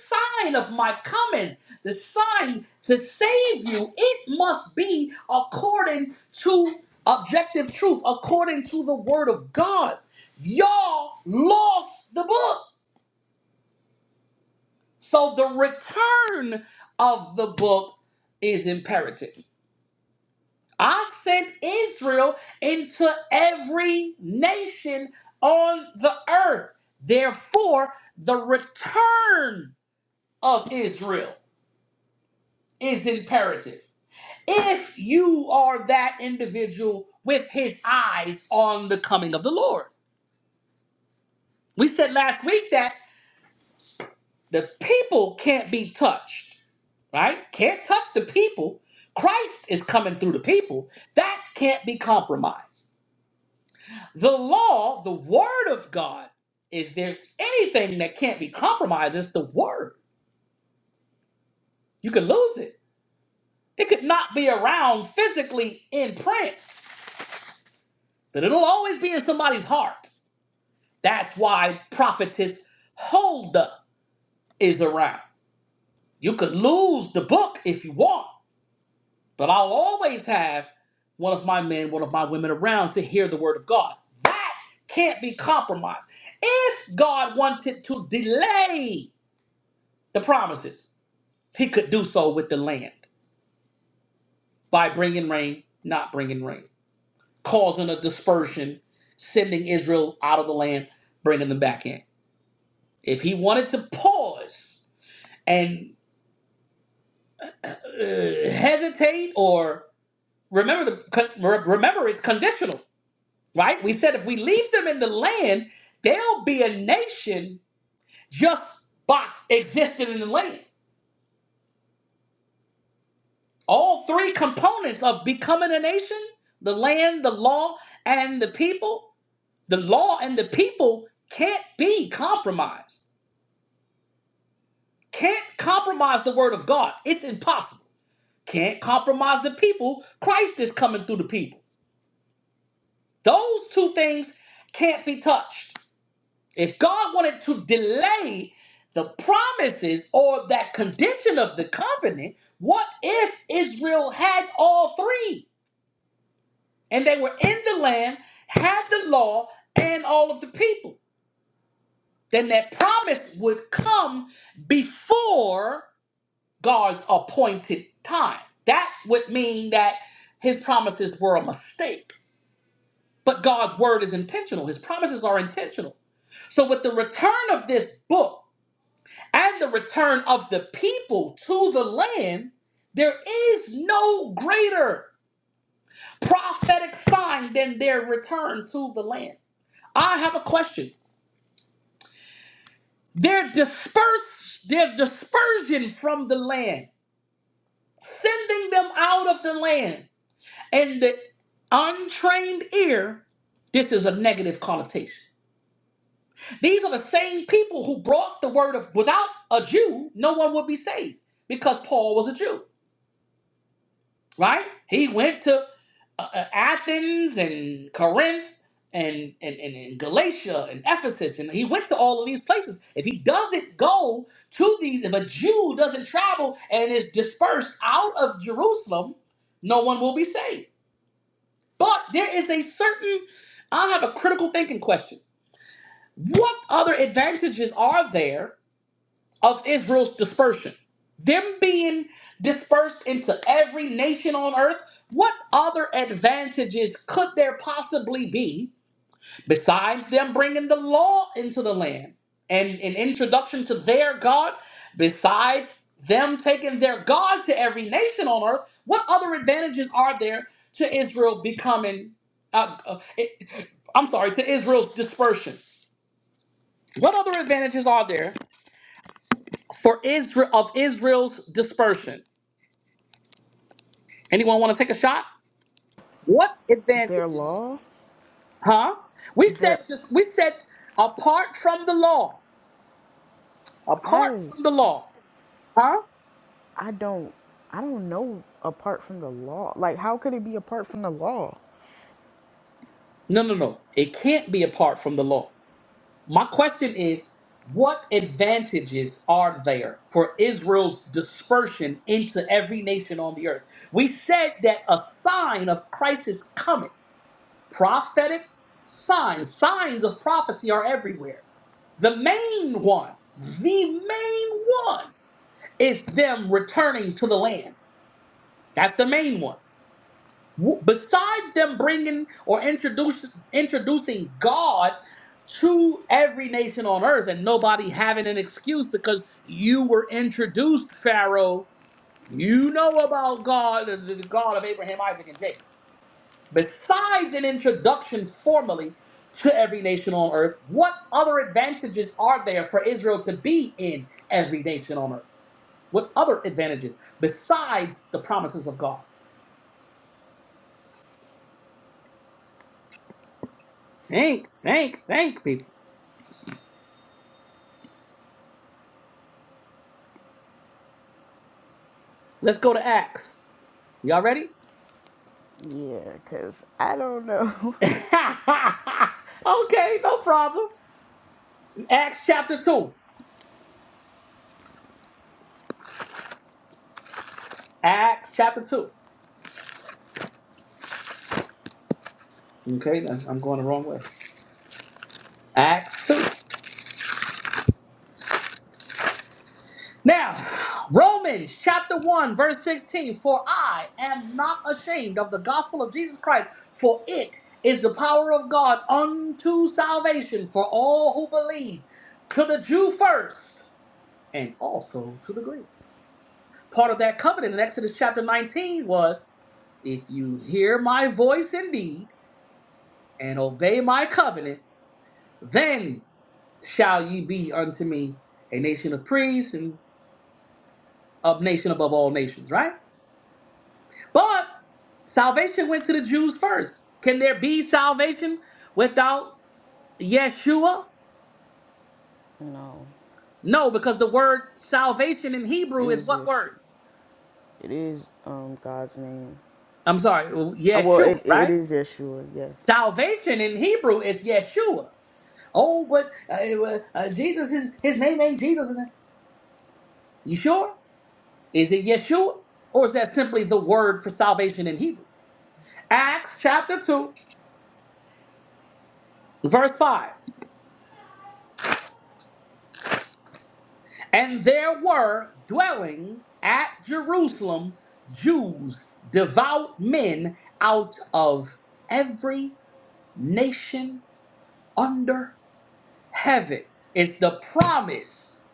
Speaker 1: sign of my coming, the sign to save you, it must be according to objective truth, according to the word of God. Y'all lost the book. So the return of the book is imperative. I sent Israel into every nation on the earth. Therefore, the return of Israel is imperative. If you are that individual with his eyes on the coming of the Lord, we said last week that the people can't be touched, right? Can't touch the people. Christ is coming through the people. That can't be compromised. The law, the word of God, if there's anything that can't be compromised, it's the word. You could lose it. It could not be around physically in print, but it'll always be in somebody's heart. That's why prophetess Holda is around. You could lose the book if you want, but I'll always have one of my men, one of my women around to hear the word of God. That can't be compromised. If God wanted to delay the promises, He could do so with the land by bringing rain, not bringing rain, causing a dispersion, sending Israel out of the land, bringing them back in. If he wanted to pause and uh, hesitate or remember the con- re- remember it's conditional, right? We said if we leave them in the land, they'll be a nation just by existing in the land. All three components of becoming a nation, the land, the law, and the people The law and the people can't be compromised. Can't compromise the word of God. It's impossible. Can't compromise the people. Christ is coming through the people. Those two things can't be touched. If God wanted to delay the promises or that condition of the covenant, what if Israel had all three and they were in the land, had the law, and all of the people? then that promise would come before God's appointed time. That would mean that his promises were a mistake. But God's word is intentional, his promises are intentional. So, with the return of this book and the return of the people to the land, there is no greater prophetic sign than their return to the land. I have a question. Their disperse, their dispersion from the land sending them out of the land. And the untrained ear, this is a negative connotation. These are the same people who brought the word of, without a Jew, no one would be saved because Paul was a Jew, right? He went to uh, uh, Athens and Corinth and, and, and, and Galatia and Ephesus, and he went to all of these places. If he doesn't go to these, if a Jew doesn't travel and is dispersed out of Jerusalem, no one will be saved. But there is a certain, I have a critical thinking question. What other advantages are there of Israel's dispersion? Them being dispersed into every nation on earth, what other advantages could there possibly be besides them bringing the law into the land and an introduction to their God, besides them taking their God to every nation on earth, what other advantages are there to Israel becoming, uh, uh, it- I'm sorry, to Israel's dispersion? What other advantages are there for Israel of Israel's dispersion? Anyone want to take a shot? What
Speaker 2: Their
Speaker 1: advantages?
Speaker 2: law,
Speaker 1: Huh? We said
Speaker 2: their
Speaker 1: this, we said apart from the law, apart
Speaker 2: I
Speaker 1: from the law. Huh?
Speaker 2: I don't I don't know apart from the law. Like how could it be apart from the law?
Speaker 1: No, no, no. It can't be apart from the law. My question is what advantages are there for Israel's dispersion into every nation on the earth? We said that a sign of Christ's coming, prophetic signs, signs of prophecy are everywhere. The main one, the main one is them returning to the land. That's the main one. W- Besides them bringing or introduce, introducing God to every nation on earth and nobody having an excuse because you were introduced, Pharaoh, you know about God, the the God of Abraham, Isaac, and Jacob. Besides an introduction formally to every nation on earth, what other advantages are there for Israel to be in every nation on earth? What other advantages besides the promises of God? Think, think, think, people. Let's go to Acts. Y'all ready?
Speaker 2: Yeah, cuz I don't know.
Speaker 1: okay, no problem. Acts chapter 2. Acts chapter 2. Okay, that's- I'm going the wrong way. Acts 2. Now, Romans chapter 1, verse 16. For I am not ashamed of the gospel of Jesus Christ, for it is the power of God unto salvation for all who believe, to the Jew first, and also to the Greek. Part of that covenant in Exodus chapter 19 was. If you hear my voice indeed and obey my covenant, then shall ye be unto me a nation of priests and a nation above all nations, right? But salvation went to the Jews first. Can there be salvation without Yeshua?
Speaker 2: no.
Speaker 1: No, because the word salvation in
Speaker 2: It
Speaker 1: Hebrew is
Speaker 2: is
Speaker 1: what word?
Speaker 2: Yeshua. It is um God's name.
Speaker 1: I'm sorry,
Speaker 2: Uh, Well,
Speaker 1: Yeshua,
Speaker 2: it it
Speaker 1: right?
Speaker 2: is Yeshua, yes.
Speaker 1: Salvation in Hebrew is Yeshua. Oh, but uh, uh, Jesus, his, his name ain't Jesus. You sure? Is it Yeshua? Or is that simply the word for salvation in Hebrew? Acts chapter 2, verse 5. And there were dwelling at Jerusalem Jews, devout men out of every nation under heaven. It's the promise.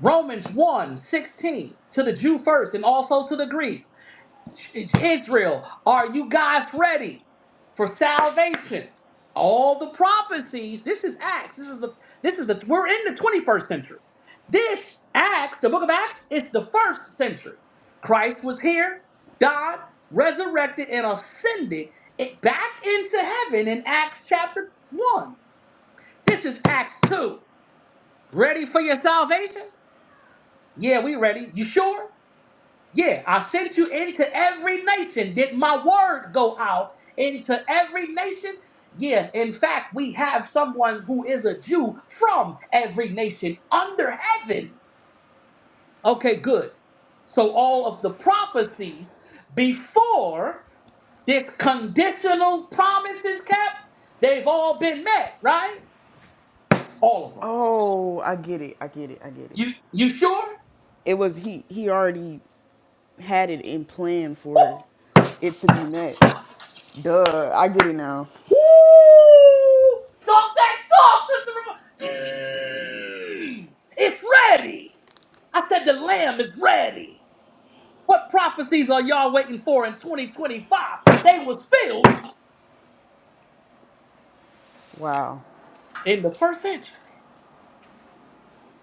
Speaker 1: Romans one 16 to the Jew first and also to the Greek Israel, are you guys ready for salvation? All the prophecies. This is Acts. This is the this is the we're in the 21st century. This Acts, the book of Acts, is the first century. Christ was here, died, resurrected, and ascended it back into heaven in Acts chapter 1. This is Acts 2. Ready for your salvation? Yeah, we ready. You sure? Yeah, I sent you into every nation. Did my word go out into every nation? Yeah, in fact, we have someone who is a Jew from every nation under heaven. Okay, good. So all of the prophecies before this conditional promise is kept, they've all been met, right? All of them.
Speaker 2: Oh, I get it. I get it. I get it.
Speaker 1: You you sure?
Speaker 2: It was he he already had it in plan for it to be met. Duh, I get it now.
Speaker 1: Woo! Talk that talk, Sister Ramona. Mm, it's ready. I said the lamb is ready. What prophecies are y'all waiting for in 2025? They was filled
Speaker 2: Wow.
Speaker 1: in the first century.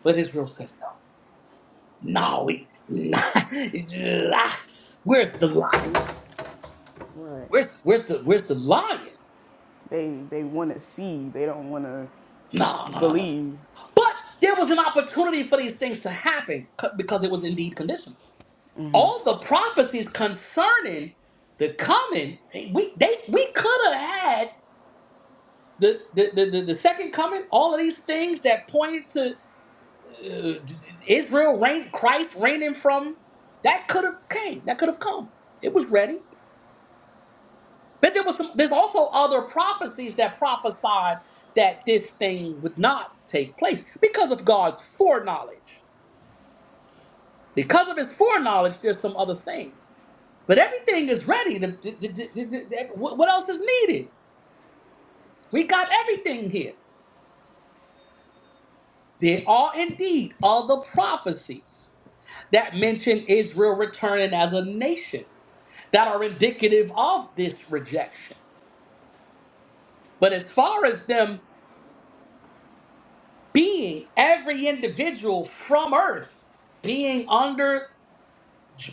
Speaker 1: But Israel said, no, no, we, nah, nah. where's the lion?
Speaker 2: Right.
Speaker 1: Where's, where's the where's the lion?
Speaker 2: They they want to see. They don't want to
Speaker 1: No, no, no, no. no.
Speaker 2: believe.
Speaker 1: But there was an opportunity for these things to happen c- because it was indeed conditional. all the prophecies concerning the coming, we they we could have had the the, the the the second coming. All of these things that pointed to uh, Israel reign, Christ reigning from that could have came. That could have come. It was ready. But there was some, there's also other prophecies that prophesied that this thing would not take place because of God's foreknowledge. Because of His foreknowledge, there's some other things. But everything is ready. The- the- the- the- the- the- what what else is needed? We got everything here. There are indeed other prophecies that mention Israel returning as a nation that are indicative of this rejection. But as far as them being every individual from earth, being under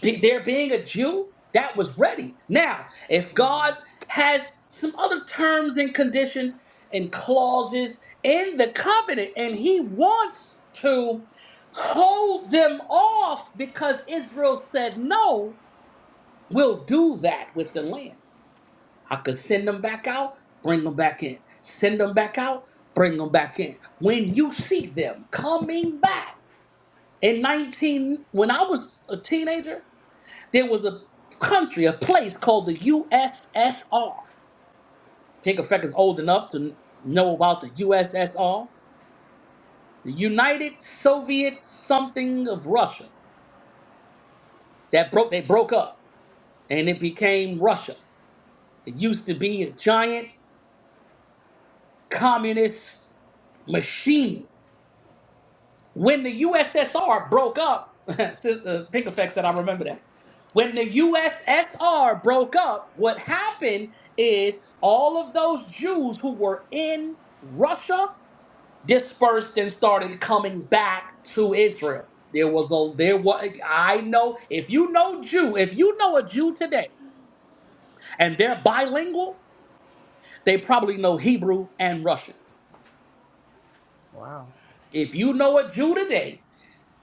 Speaker 1: Be- there being a Jew, that was ready. Now, if God has some other terms and conditions and clauses in the covenant, and He wants to hold them off because Israel said no, we'll do that with the land. I could send them back out, bring them back in. Send them back out, bring them back in. When you see them coming back in 19, when I was a teenager, there was a country, a place called the USSR. Pinkafeck is old enough to know about the USSR, the United Soviet something of Russia. That broke. They broke up, and it became Russia. It used to be a giant communist machine When the USSR broke up, Sister Pink Effect said, I remember that. When the USSR broke up, what happened is all of those Jews who were in Russia dispersed and started coming back to Israel. There was a there was I know if you know Jew, if you know a Jew today and they're bilingual, they probably know Hebrew and Russian.
Speaker 2: Wow.
Speaker 1: If you know a Jew today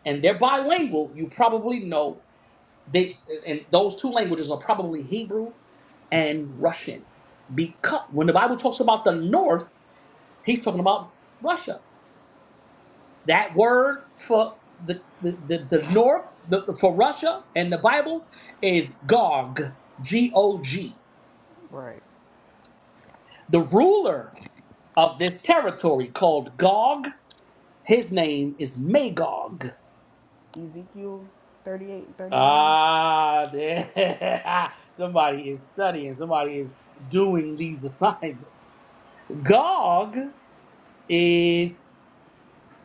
Speaker 1: and they're bilingual, you probably know They and those two languages are probably Hebrew and Russian. Because when the Bible talks about the north, he's talking about Russia. That word for the the, the, the north the, the- for Russia in the Bible is Gog, G O G.
Speaker 2: Right.
Speaker 1: The ruler of this territory called Gog, his name is Magog.
Speaker 2: Ezekiel 38, 39.
Speaker 1: Ah, there- somebody is studying. Somebody is doing these assignments. Gog is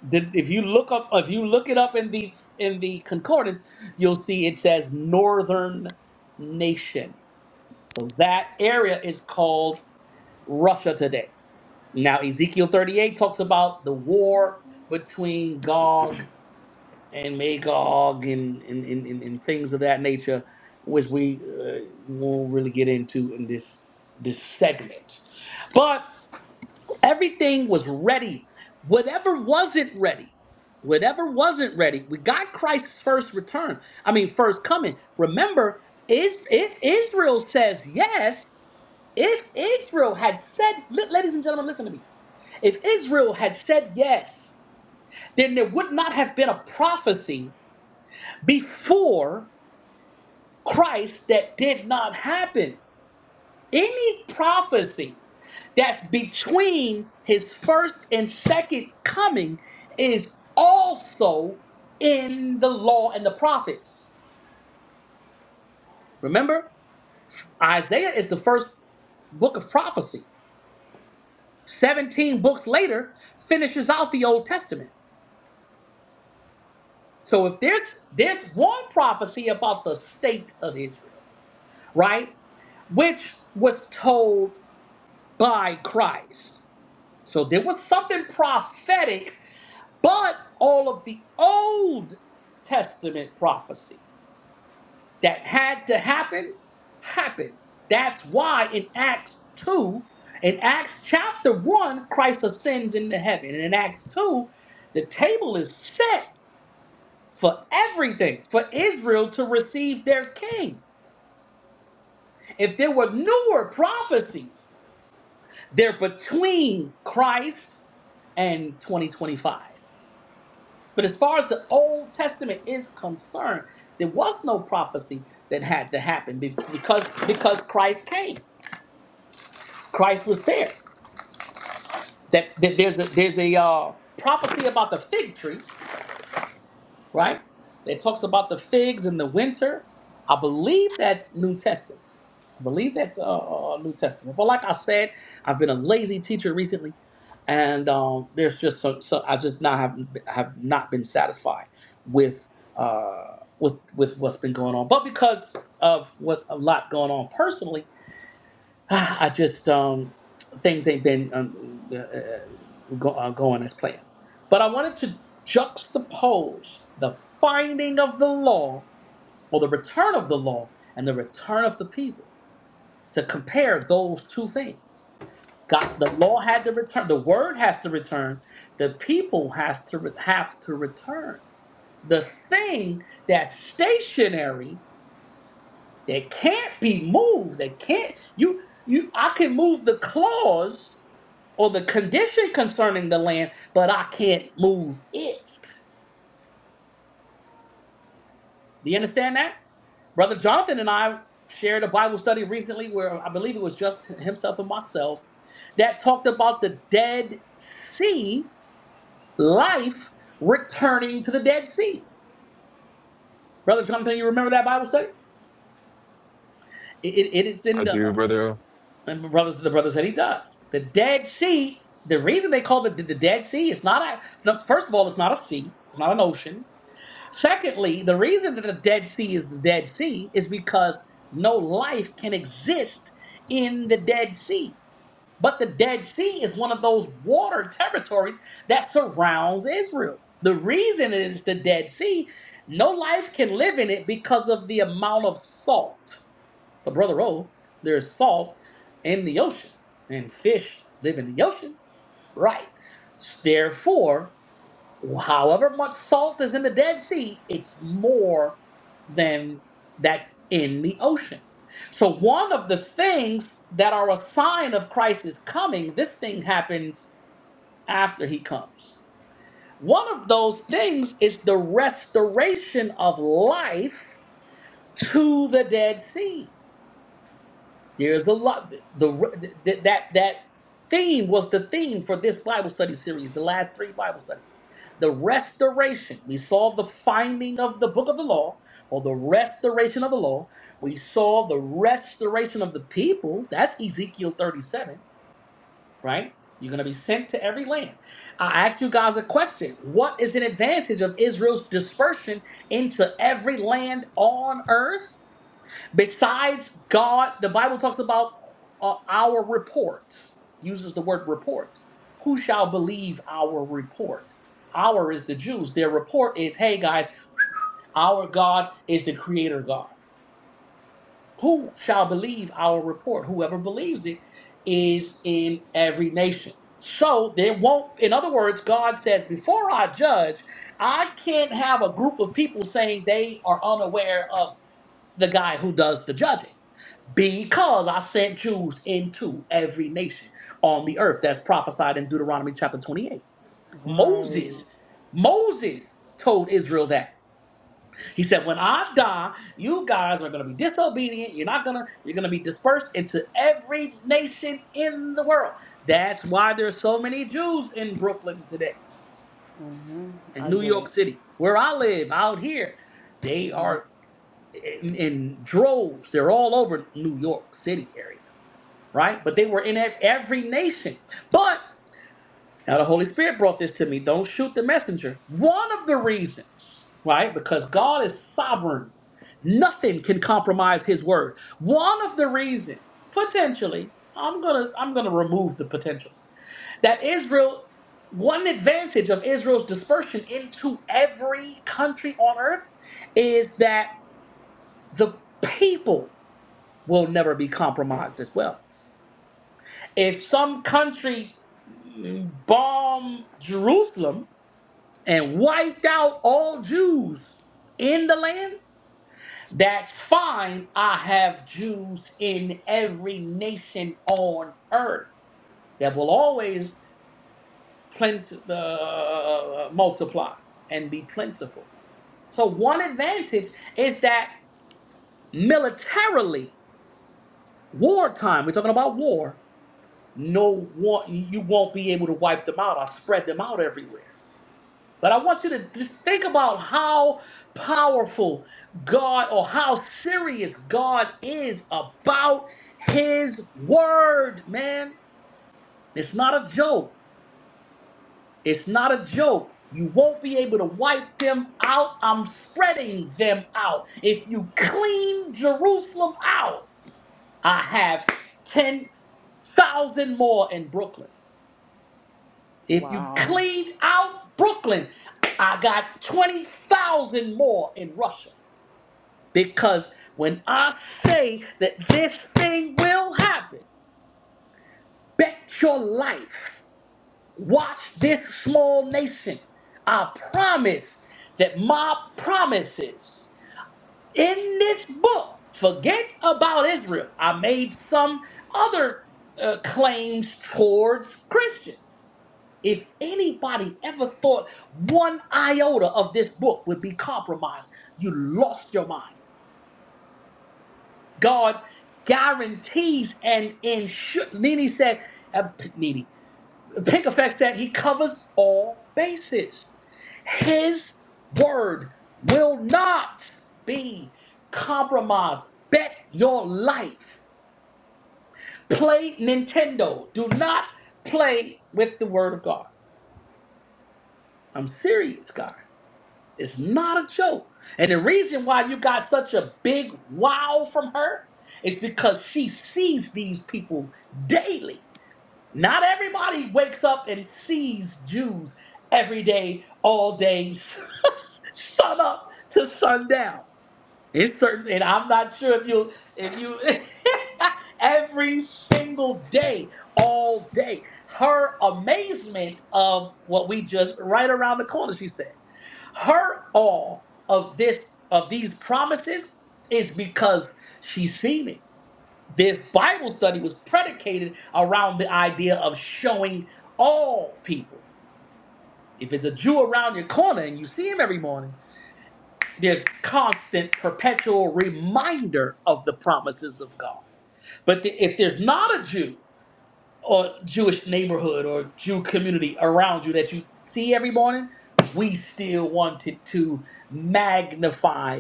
Speaker 1: that if you look up if you look it up in the in the concordance you'll see it says northern nation so that area is called russia today now ezekiel 38 talks about the war between gog and magog and and, and, and, and things of that nature which we uh, won't really get into in this this segment but. Everything was ready. Whatever wasn't ready, whatever wasn't ready, we got Christ's first return. I mean, first coming. Remember, is if Israel says yes, if Israel had said, li- ladies and gentlemen, listen to me. If Israel had said yes, then there would not have been a prophecy before Christ that did not happen. Any prophecy that's between his first and second coming is also in the law and the prophets. Remember, Isaiah is the first book of prophecy. 17 books later finishes out the Old Testament. So if there's there's one prophecy about the state of Israel, right? Which was told by Christ. So there was something prophetic But all of the Old Testament prophecy that had to happen, happened. That's why in Acts 2, in Acts chapter 1, Christ ascends into heaven. And in Acts 2, the table is set for everything, for Israel to receive their king. If there were newer prophecies, they're between Christ and 2025. But as far as the Old Testament is concerned, there was no prophecy that had to happen be- because because Christ came. Christ was there. That, that there's a there's a uh, prophecy about the fig tree, right? That talks about the figs in the winter. I believe that's New Testament. I believe that's uh, uh, New Testament. But like I said, I've been a lazy teacher recently, and um, there's just so, so I just not have have not been satisfied with uh, with with what's been going on. But because of what a lot going on personally, I just um, things ain't been um, uh, uh, go, uh, going as planned. But I wanted to juxtapose the finding of the law or the return of the law and the return of the people to compare those two things. God, the law had to return. The word has to return. The people has to re- have to return. The thing that's stationary that can't be moved. That can't you you. I can move the clause or the condition concerning the land, but I can't move it. Do you understand that? Brother Jonathan and I shared a Bible study recently where I believe it was just himself and myself that talked about the Dead Sea life returning to the Dead Sea. Brother Jonathan, you remember that Bible study? It, it it is in
Speaker 5: I
Speaker 1: the
Speaker 5: do,
Speaker 1: uh,
Speaker 5: brother.
Speaker 1: and my brothers. The brother said he does. The Dead Sea. The reason they call it the, the Dead Sea is not a. no, First of all, it's not a sea. It's not an ocean. Secondly, the reason that the Dead Sea is the Dead Sea is because no life can exist in the Dead Sea. But the Dead Sea is one of those water territories that surrounds Israel. The reason it is the Dead Sea, no life can live in it because of the amount of salt. But brother O, there is salt in the ocean, and fish live in the ocean, right? Therefore, however much salt is in the Dead Sea, it's more than that's in the ocean. So, one of the things that are a sign of Christ's coming, this thing happens after he comes. One of those things is the restoration of life to the Dead Sea there's a lot. The, the that that theme was the theme for this Bible study series, the last three Bible studies. The restoration. We saw the finding of the book of the law, or the restoration of the law. We saw the restoration of the people. That's Ezekiel 37, right? You're going to be sent to every land. I asked you guys a question. What is an advantage of Israel's dispersion into every land on earth? Besides God, the Bible talks about uh, our report, uses the word report. Who shall believe our report? Our is the Jews. Their report is, hey guys, our God is the creator God. Who shall believe our report? Whoever believes it is in every nation. So there won't, in other words, God says, before I judge, I can't have a group of people saying they are unaware of the guy who does the judging because I sent Jews into every nation on the earth. That's prophesied in Deuteronomy chapter 28.
Speaker 2: Right.
Speaker 1: Moses, Moses told Israel that. He said, When I die, you guys are gonna be disobedient. You're not gonna, you're gonna be dispersed into every nation in the world. That's why there's so many Jews in Brooklyn today, in
Speaker 2: I
Speaker 1: New
Speaker 2: get
Speaker 1: York
Speaker 2: it.
Speaker 1: City, where I live, out here. They are in, in droves. They're all over New York City area right? But they were in ev- every nation. But now the Holy Spirit brought this to me. Don't shoot the messenger. One of the reasons, right? Because God is sovereign. Nothing can compromise his word. One of the reasons, potentially, I'm gonna I'm gonna remove the potential. That Israel, one advantage of Israel's dispersion into every country on earth is that the people will never be compromised as well if some country bombed Jerusalem and wiped out all Jews in the land, that's fine. I have Jews in every nation on earth that will always plent- uh, multiply and be plentiful. So, one advantage is that militarily, wartime, we're talking about war, no one, you won't be able to wipe them out. I spread them out everywhere But I want you to just think about how powerful God or how serious God is about his word, man. It's not a joke. It's not a joke. You won't be able to wipe them out. I'm spreading them out. If you clean Jerusalem out, I have 10,000 more in Brooklyn. If you
Speaker 2: Wow.
Speaker 1: cleaned out Brooklyn, I got 20,000 more in Russia. Because when I say that this thing will happen, bet your life. Watch this small nation. I promise that my promises in this book, forget about Israel. I made some other uh, claims towards Christians. If anybody ever thought one iota of this book would be compromised, you lost your mind. God guarantees and ensures. Nene said, uh, P- Nene, Pink Effect said he covers all bases. His word will not be compromised. Bet your life. Play Nintendo. Do not play with the word of God. I'm serious, guys." It's not a joke. And the reason why you got such a big wow from her is because she sees these people daily. Not everybody wakes up and sees Jews every day, all day, sun up to sundown. It's certain, and I'm not sure if you, if you, every single day, all day. Her amazement of what we just right around the corner, she said. Her all of this of these promises is because she's seen it. This Bible study was predicated around the idea of showing all people. If it's a Jew around your corner and you see him every morning, there's constant, perpetual reminder of the promises of God. But the, if there's not a Jew or Jewish neighborhood or Jew community around you that you see every morning, we still wanted to magnify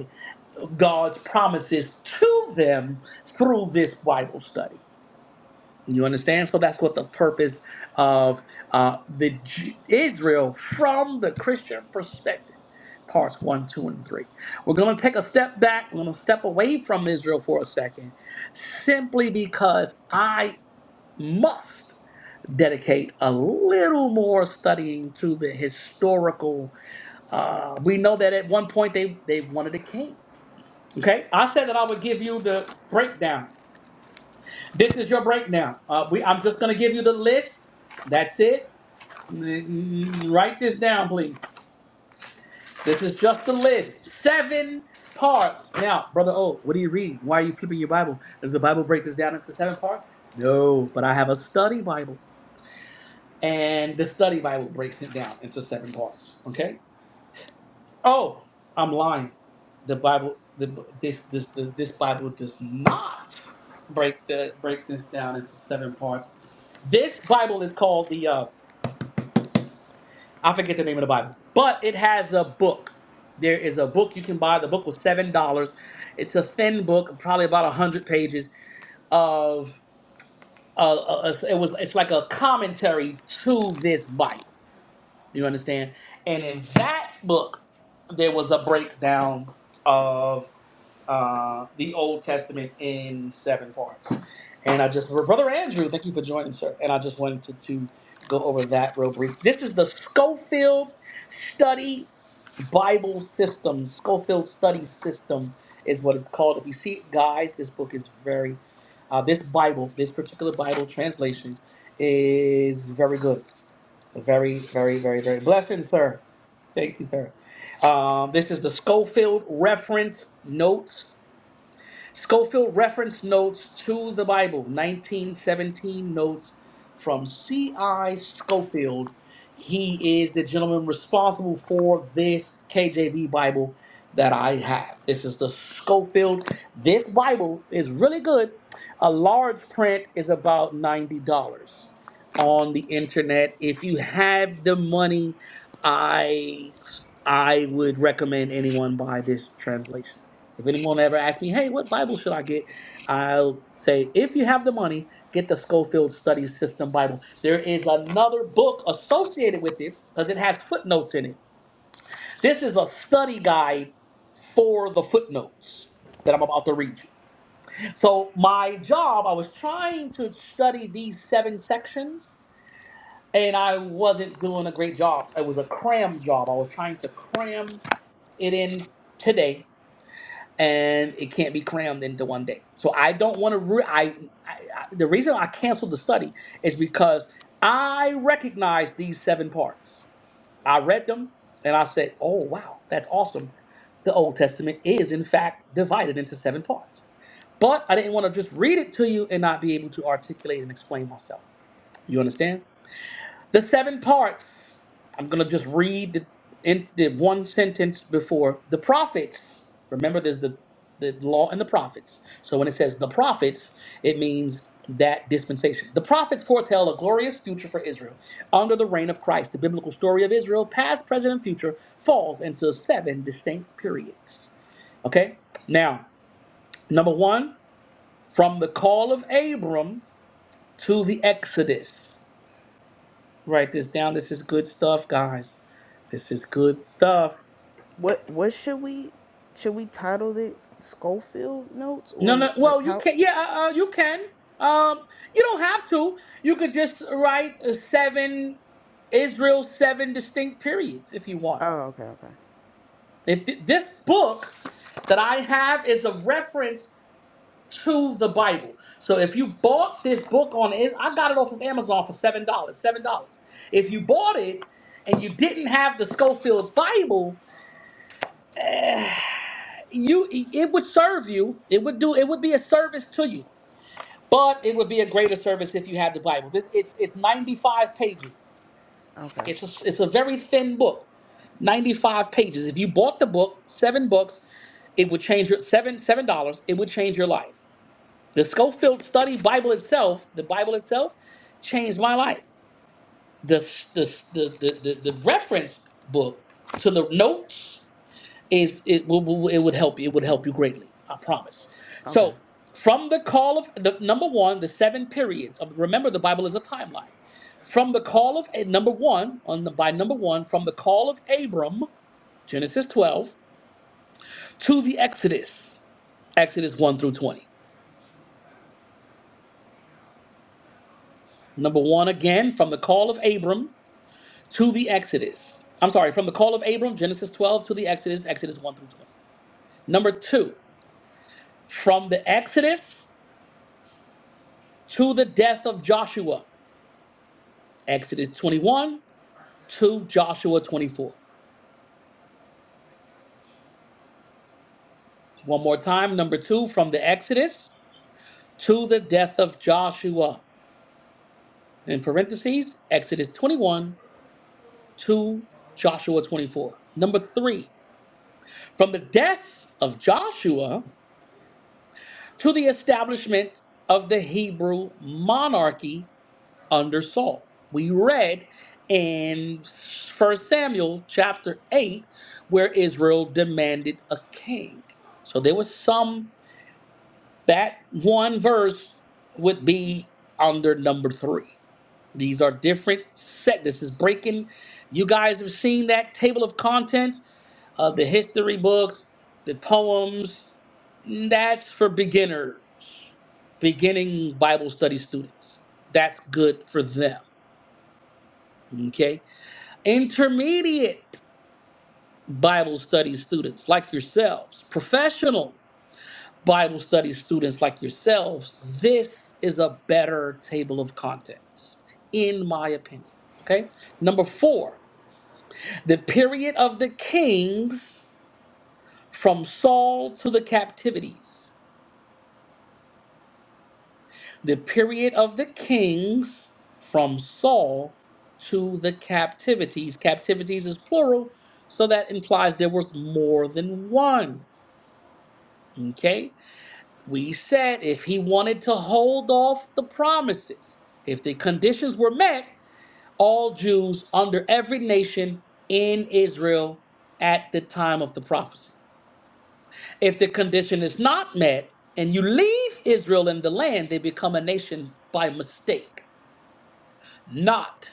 Speaker 1: God's promises to them through this Bible study. You understand? So that's what the purpose of uh, the J- Israel from the Christian perspective. Parts one, two, and three. We're going to take a step back. We're going to step away from Israel for a second, simply because I must dedicate a little more studying to the historical. Uh, we know that at one point they they wanted a king Okay, I said that I would give you the breakdown. This is your breakdown. Uh, we, I'm just gonna give you the list. That's it. Mm, mm, Write this down, please. This is just the list. Seven parts. Now, brother O, what are you reading? Why are you flipping your Bible? Does the Bible break this down into seven parts? No, but I have a study Bible, and the study Bible breaks it down into seven parts. Okay. Oh, I'm lying. The Bible, the this this the, this Bible does not break the break this down into seven parts. This Bible is called the uh, I forget the name of the Bible, but it has a book. There is a book you can buy. The book was seven dollars. It's a thin book, probably about a hundred pages of. Uh, uh, it was. It's like a commentary to this Bible. You understand? And in that book, there was a breakdown of uh, the Old Testament in seven parts. And I just, Brother Andrew, thank you for joining, sir. And I just wanted to, to go over that real brief. This is the Schofield Study Bible System. Schofield Study System is what it's called. If you see it, guys, this book is very, uh, this Bible, this particular Bible translation is very good. Very, very, very, very blessing, sir. Thank you, sir. Um, this is the Schofield Reference Notes Schofield reference notes to the Bible, 1917 notes from C.I. Schofield. He is the gentleman responsible for this KJV Bible that I have. This is the Schofield. This Bible is really good. A large print is about $90 on the internet. If you have the money, I I would recommend anyone buy this translation. If anyone ever asks me, hey, what Bible should I get? I'll say, if you have the money, get the Schofield Study System Bible. There is another book associated with it because it has footnotes in it. This is a study guide for the footnotes that I'm about to read you. So, my job, I was trying to study these seven sections and I wasn't doing a great job. It was a cram job. I was trying to cram it in today and it can't be crammed into one day. So I don't want to. Re- I, I, I the reason I canceled the study is because I recognize these seven parts. I read them and I said, "Oh wow, that's awesome." The Old Testament is in fact divided into seven parts. But I didn't want to just read it to you and not be able to articulate and explain myself. You understand? The seven parts, I'm going to just read the, in, the one sentence before. The prophets, remember there's the, the law and the prophets. So when it says the prophets, it means that dispensation. The prophets foretell a glorious future for Israel under the reign of Christ. The biblical story of Israel, past, present, and future, falls into seven distinct periods. Okay? Now, number one, from the call of Abram to the Exodus. Write this down. This is good stuff, guys. This is good stuff.
Speaker 2: What what should we should we title it Schofield notes
Speaker 1: No, no.
Speaker 2: or like
Speaker 1: Well, you
Speaker 2: how
Speaker 1: can. Yeah, uh, uh, you can. Um, you don't have to. You could just write uh, seven Israel seven distinct periods if you want.
Speaker 2: Oh, okay, okay.
Speaker 1: If th- this book that I have is a reference to the Bible. So if you bought this book on is I got it off of Amazon for seven dollars. Seven dollars. If you bought it and you didn't have the Schofield Bible, you it would serve you it would do it would be a service to you but it would be a greater service if you had the bible this it's it's 95 pages
Speaker 2: Okay.
Speaker 1: it's a, it's a very thin book 95 pages if you bought the book seven books it would change your seven seven dollars it would change your life the schofield study bible itself the bible itself changed my life the the the the, the, the reference book to the notes is it will, will- it would help you. It would help you greatly. I promise.
Speaker 2: Okay.
Speaker 1: So from the call of the number one, the seven periods of remember the Bible is a timeline. From the call of A- number one on the by number one from the call of Abram, Genesis 12 to the Exodus, Exodus 1 through 20. Number one again from the call of Abram to the Exodus. I'm sorry, from the call of Abram, Genesis 12 to the Exodus, Exodus 1 through 20. Number two, from the Exodus to the death of Joshua, Exodus 21 to Joshua 24. One more time, number two, from the Exodus to the death of Joshua. In parentheses, Exodus 21 to Joshua 24. Number three, from the death of Joshua to the establishment of the Hebrew monarchy under Saul. We read in First Samuel chapter 8 where Israel demanded a king. So there was some That one verse would be under number three. These are different set. This is breaking. You guys have seen that table of contents of the history books, the poems. That's for beginners, beginning Bible study students. That's good for them. Okay. Intermediate Bible study students like yourselves, professionals Bible study students like yourselves, this is a better table of contents, in my opinion. Okay. Number four, the period of the kings from Saul to the captivities. The period of the kings from Saul to the captivities. Captivities is plural, so that implies there was more than one. Okay. we said if he wanted to hold off the promises, if the conditions were met, all Jews under every nation in Israel at the time of the prophecy. If the condition is not met and you leave Israel in the land, they become a nation by mistake, not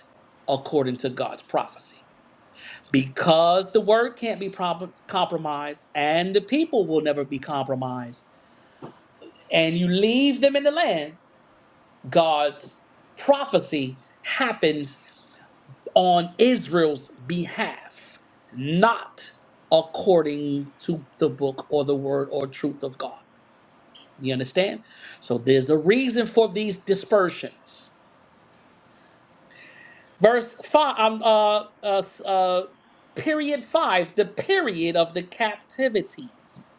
Speaker 1: according to God's prophecy. Because the word can't be prom- compromised and the people will never be compromised, and you leave them in the land God's prophecy happens on Israel's behalf, not according to the book or the word or truth of God. You understand? So there's a reason for these dispersions. Verse five, um, uh, uh, uh, period five, the period of the captivities.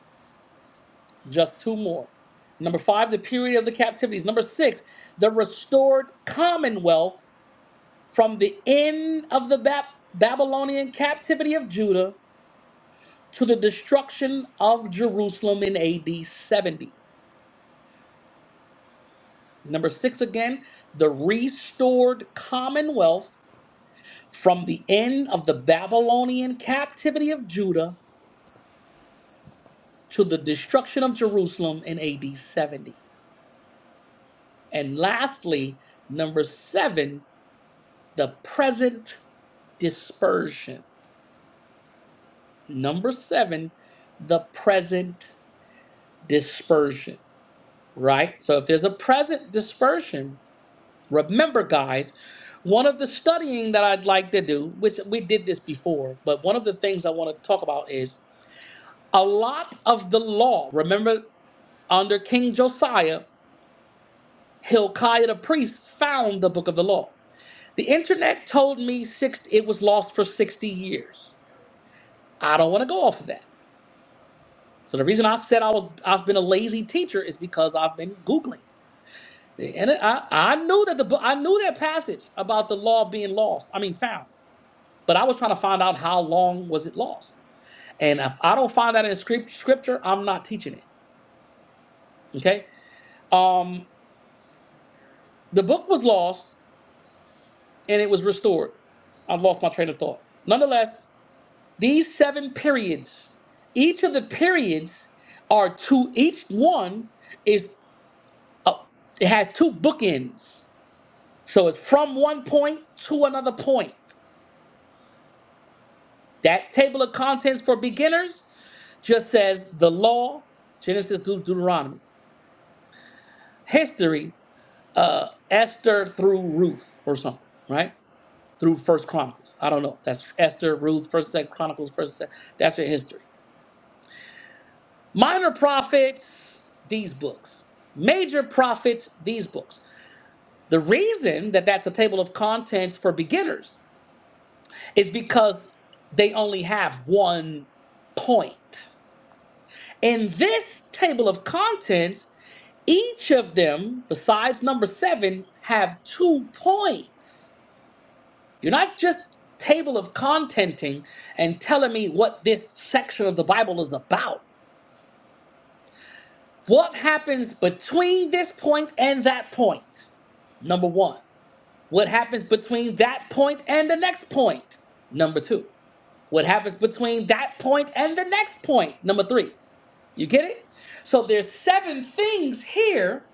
Speaker 1: Just two more. Number five, the period of the captivities. Number six, the restored commonwealth from the end of the Bab- Babylonian captivity of Judah to the destruction of Jerusalem in AD 70. Number six again, the restored commonwealth from the end of the Babylonian captivity of Judah to the destruction of Jerusalem in AD 70. And lastly, number seven, the present dispersion. Number seven, the present dispersion. right? So if there's a present dispersion, remember, guys, one of the studying that I'd like to do, which we did this before, but one of the things I want to talk about is a lot of the law. Remember, under King Josiah, Hilkiah the priest found the book of the law. The internet told me six, it was lost for 60 years. I don't want to go off of that. So the reason I said I was I've been a lazy teacher is because I've been Googling. And I, I knew that the book, I knew that passage about the law being lost. I mean, found. But I was trying to find out how long was it lost. And if I don't find that in scrip- scripture, I'm not teaching it. Okay. Um, the book was lost and it was restored. I've lost my train of thought. Nonetheless, these seven periods, each of the periods are two. Each one is uh, it has two bookends. So it's from one point to another point. That table of contents for beginners just says the law, Genesis through Deuteronomy, history, uh, Esther through Ruth or something, right? Through First Chronicles. I don't know. That's Esther, Ruth, First Second Chronicles, First Second. That's your history. Minor prophets, these books. Major prophets, these books. The reason that that's a table of contents for beginners is because they only have one point. In this table of contents, Each of them, besides number seven, have two points. You're not just table of contenting and telling me what this section of the Bible is about. What happens between this point and that point? Number one. What happens between that point and the next point? Number two. What happens between that point and the next point? Number three. You get it? So there's seven things here.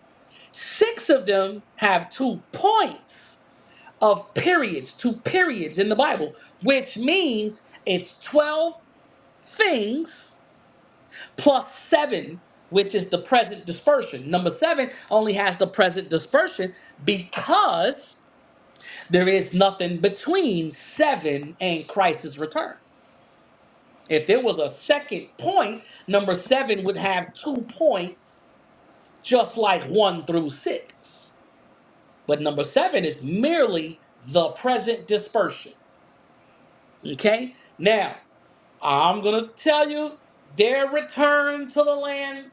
Speaker 1: Six of them have two points of periods to periods in the Bible, which means it's 12 things plus seven, which is the present dispersion. Number seven only has the present dispersion because there is nothing between seven and Christ's return. If there was a second point, number seven would have two points, just like one through six. But number seven is merely the present dispersion. Okay? Now, I'm gonna tell you their return to the land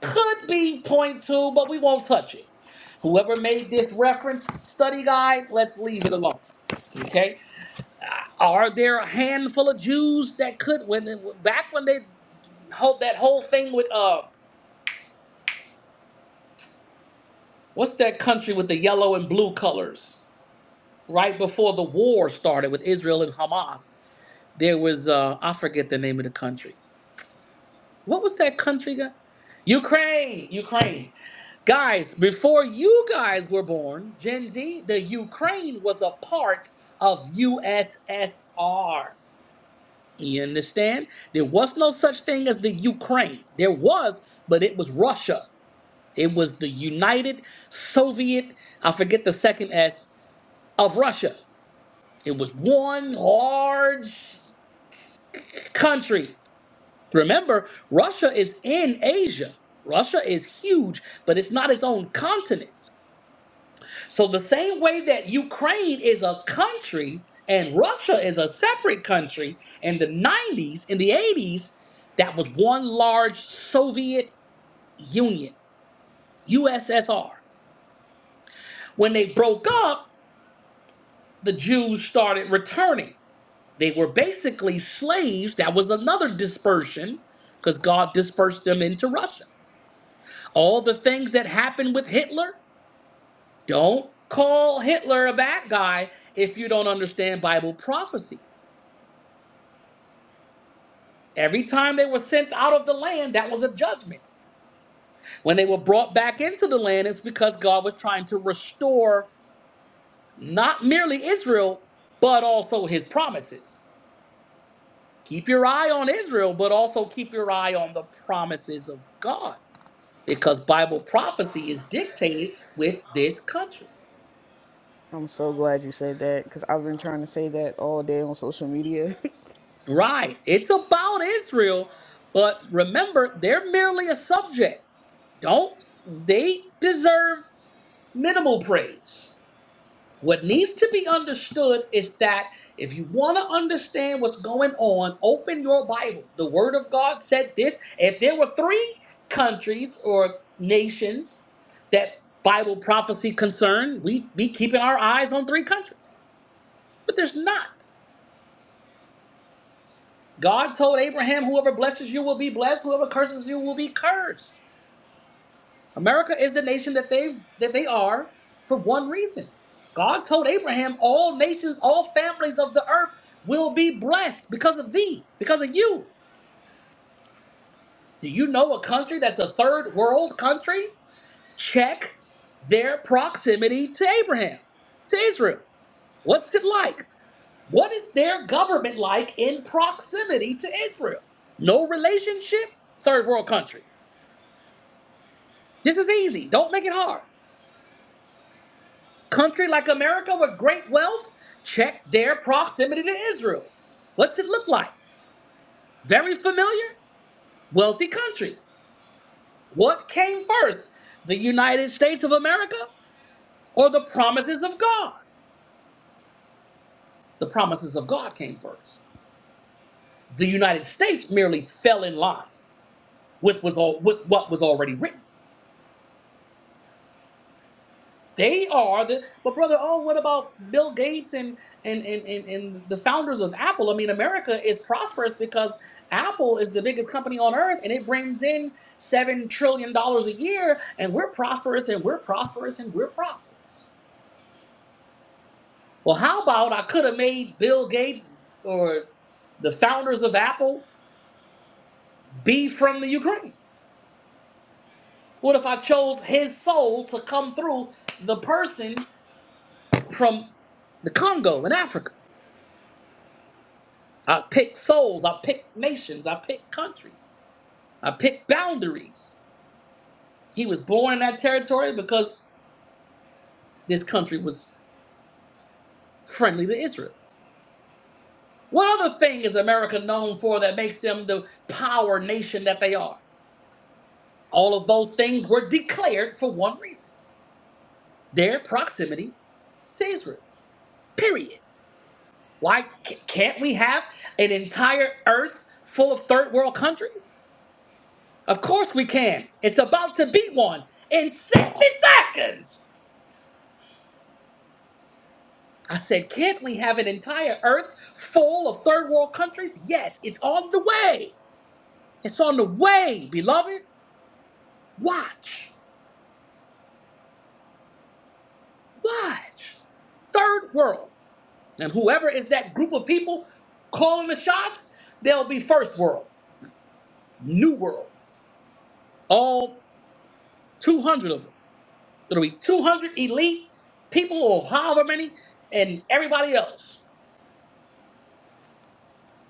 Speaker 1: could be point two, but we won't touch it. Whoever made this reference study guide, let's leave it alone. Okay? Are there a handful of Jews that could when they- back when they hold that whole thing with uh what's that country with the yellow and blue colors? Right before the war started with Israel and Hamas, there was uh I forget the name of the country. What was that country? guy? Ukraine, Ukraine Guys, before you guys were born, Gen Z, the Ukraine was a part of USSR. You understand? There was no such thing as the Ukraine. There was, but it was Russia. It was the United Soviet, I forget the second S, of Russia. It was one large country. Remember, Russia is in Asia. Russia is huge, but it's not its own continent. So the same way that Ukraine is a country and Russia is a separate country in the 90s, in the 80s, that was one large Soviet Union, USSR. When they broke up, the Jews started returning. They were basically slaves. That was another dispersion because God dispersed them into Russia. All the things that happened with Hitler, don't call Hitler a bad guy if you don't understand Bible prophecy Every time they were sent out of the land, that was a judgment. When they were brought back into the land, it's because God was trying to restore not merely Israel, but also his promises. Keep your eye on Israel, but also keep your eye on the promises of God, because Bible prophecy is dictated with this country.
Speaker 2: I'm so glad you said that cuz I've been trying to say that all day on social media.
Speaker 1: Right. It's about Israel, but remember, they're merely a subject. Don't they deserve minimal praise? What needs to be understood is that if you want to understand what's going on, open your Bible. The Word of God said this. If there were three countries or nations that Bible prophecy concerned, we'd be keeping our eyes on three countries. But there's not. God told Abraham, whoever blesses you will be blessed, whoever curses you will be cursed. America is the nation that they that they are for one reason. God told Abraham, all nations, all families of the earth will be blessed because of thee, because of you. Do you know a country that's a third world country? Check their proximity to Abraham, to Israel. What's it like? What is their government like in proximity to Israel? No relationship, third world country. This is easy. Don't make it hard. Country like America with great wealth? Check their proximity to Israel. What's it look like? Very familiar? Wealthy country. What came first? The United States of America or the promises of God? The promises of God came first. The United States merely fell in line with, was all, with what was already written. They are the but brother, oh, what about Bill Gates and and and and, and the founders of Apple? I mean, America is prosperous because Apple is the biggest company on earth and it brings in seven trillion dollars a year, and we're prosperous and we're prosperous and we're prosperous. Well, how about I could have made Bill Gates or the founders of Apple be from the Ukraine? What if I chose his soul to come through the person from the Congo in Africa? I picked souls. I picked nations. I picked countries. I picked boundaries. He was born in that territory because this country was friendly to Israel. What other thing is America known for that makes them the power nation that they are? All of those things were declared for one reason their proximity to Israel. Period. Why c- can't we have an entire earth full of third world countries? Of course we can. It's about to be one in 60 seconds. I said, can't we have an entire earth full of third world countries? Yes, it's on the way. It's on the way, beloved. Watch, watch. Third world. And whoever is that group of people calling the shots, they'll be first world, new world. All 200 of them. It'll be 200 elite people or however many and everybody else.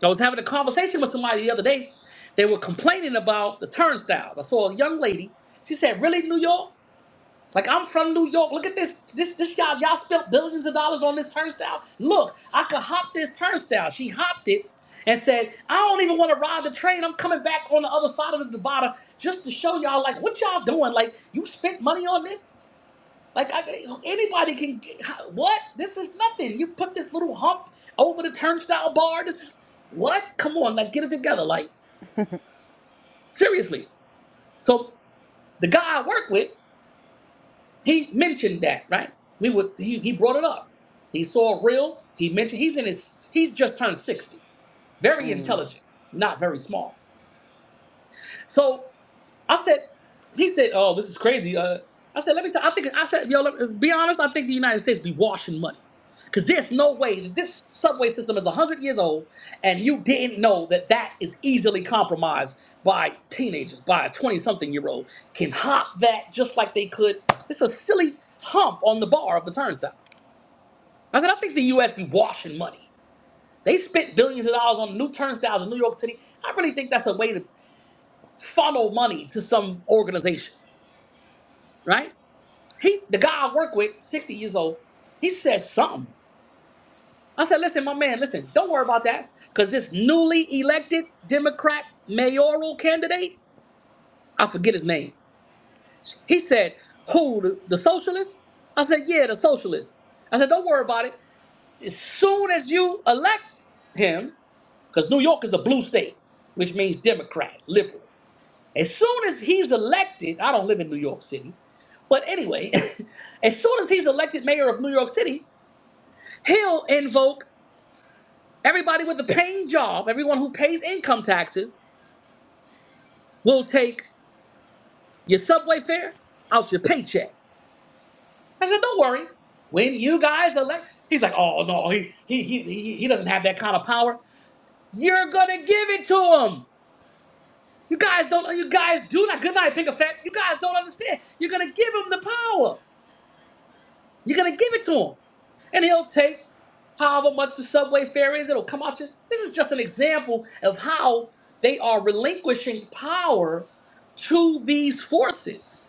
Speaker 1: I was having a conversation with somebody the other day. They were complaining about the turnstiles. I saw a young lady. She said, "Really, New York? Like I'm from New York. Look at this. This this y'all y'all spent billions of dollars on this turnstile. Look, I could hop this turnstile." She hopped it and said, "I don't even want to ride the train. I'm coming back on the other side of the Nevada just to show y'all like what y'all doing. Like you spent money on this." Like I, anybody can. What? This is nothing. You put this little hump over the turnstile bar. This is what? Come on, like get it together. Like seriously. So the guy I work with, he mentioned that right. We would. He he brought it up. He saw a reel. He mentioned he's in his. He's just turned sixty. Very intelligent, not very smart. So I said, he said, oh, this is crazy. Uh, I said, let me tell. I think I said, yo, let, be honest. I think the United States be washing money, cause there's no way that this subway system is hundred years old, and you didn't know that that is easily compromised by teenagers, by a twenty-something year old can hop that just like they could. It's a silly hump on the bar of the turnstile. I said, I think the U.S. be washing money. They spent billions of dollars on new turnstiles in New York City. I really think that's a way to funnel money to some organization, right? He, the guy I work with, 60 years old, he said something. I said, listen, my man, listen, don't worry about that. Because this newly elected Democrat mayoral candidate, I forget his name. He said, who, the, the socialist? I said, yeah, the socialist. I said, don't worry about it. As soon as you elect him, because New York is a blue state, which means Democrat, liberal. As soon as he's elected, I don't live in New York City, but anyway, as soon as he's elected mayor of New York City, He'll invoke everybody with a paying job, everyone who pays income taxes, will take your subway fare out your paycheck. I said, don't worry. When you guys elect, he's like, oh no, he he he he he doesn't have that kind of power. You're gonna give it to him. You guys don't. You guys do not. Good night, Pink effect. You guys don't understand. You're gonna give him the power. You're gonna give it to him, and he'll take however much the subway fare is. It'll come out. Your, this is just an example of how they are relinquishing power to these forces,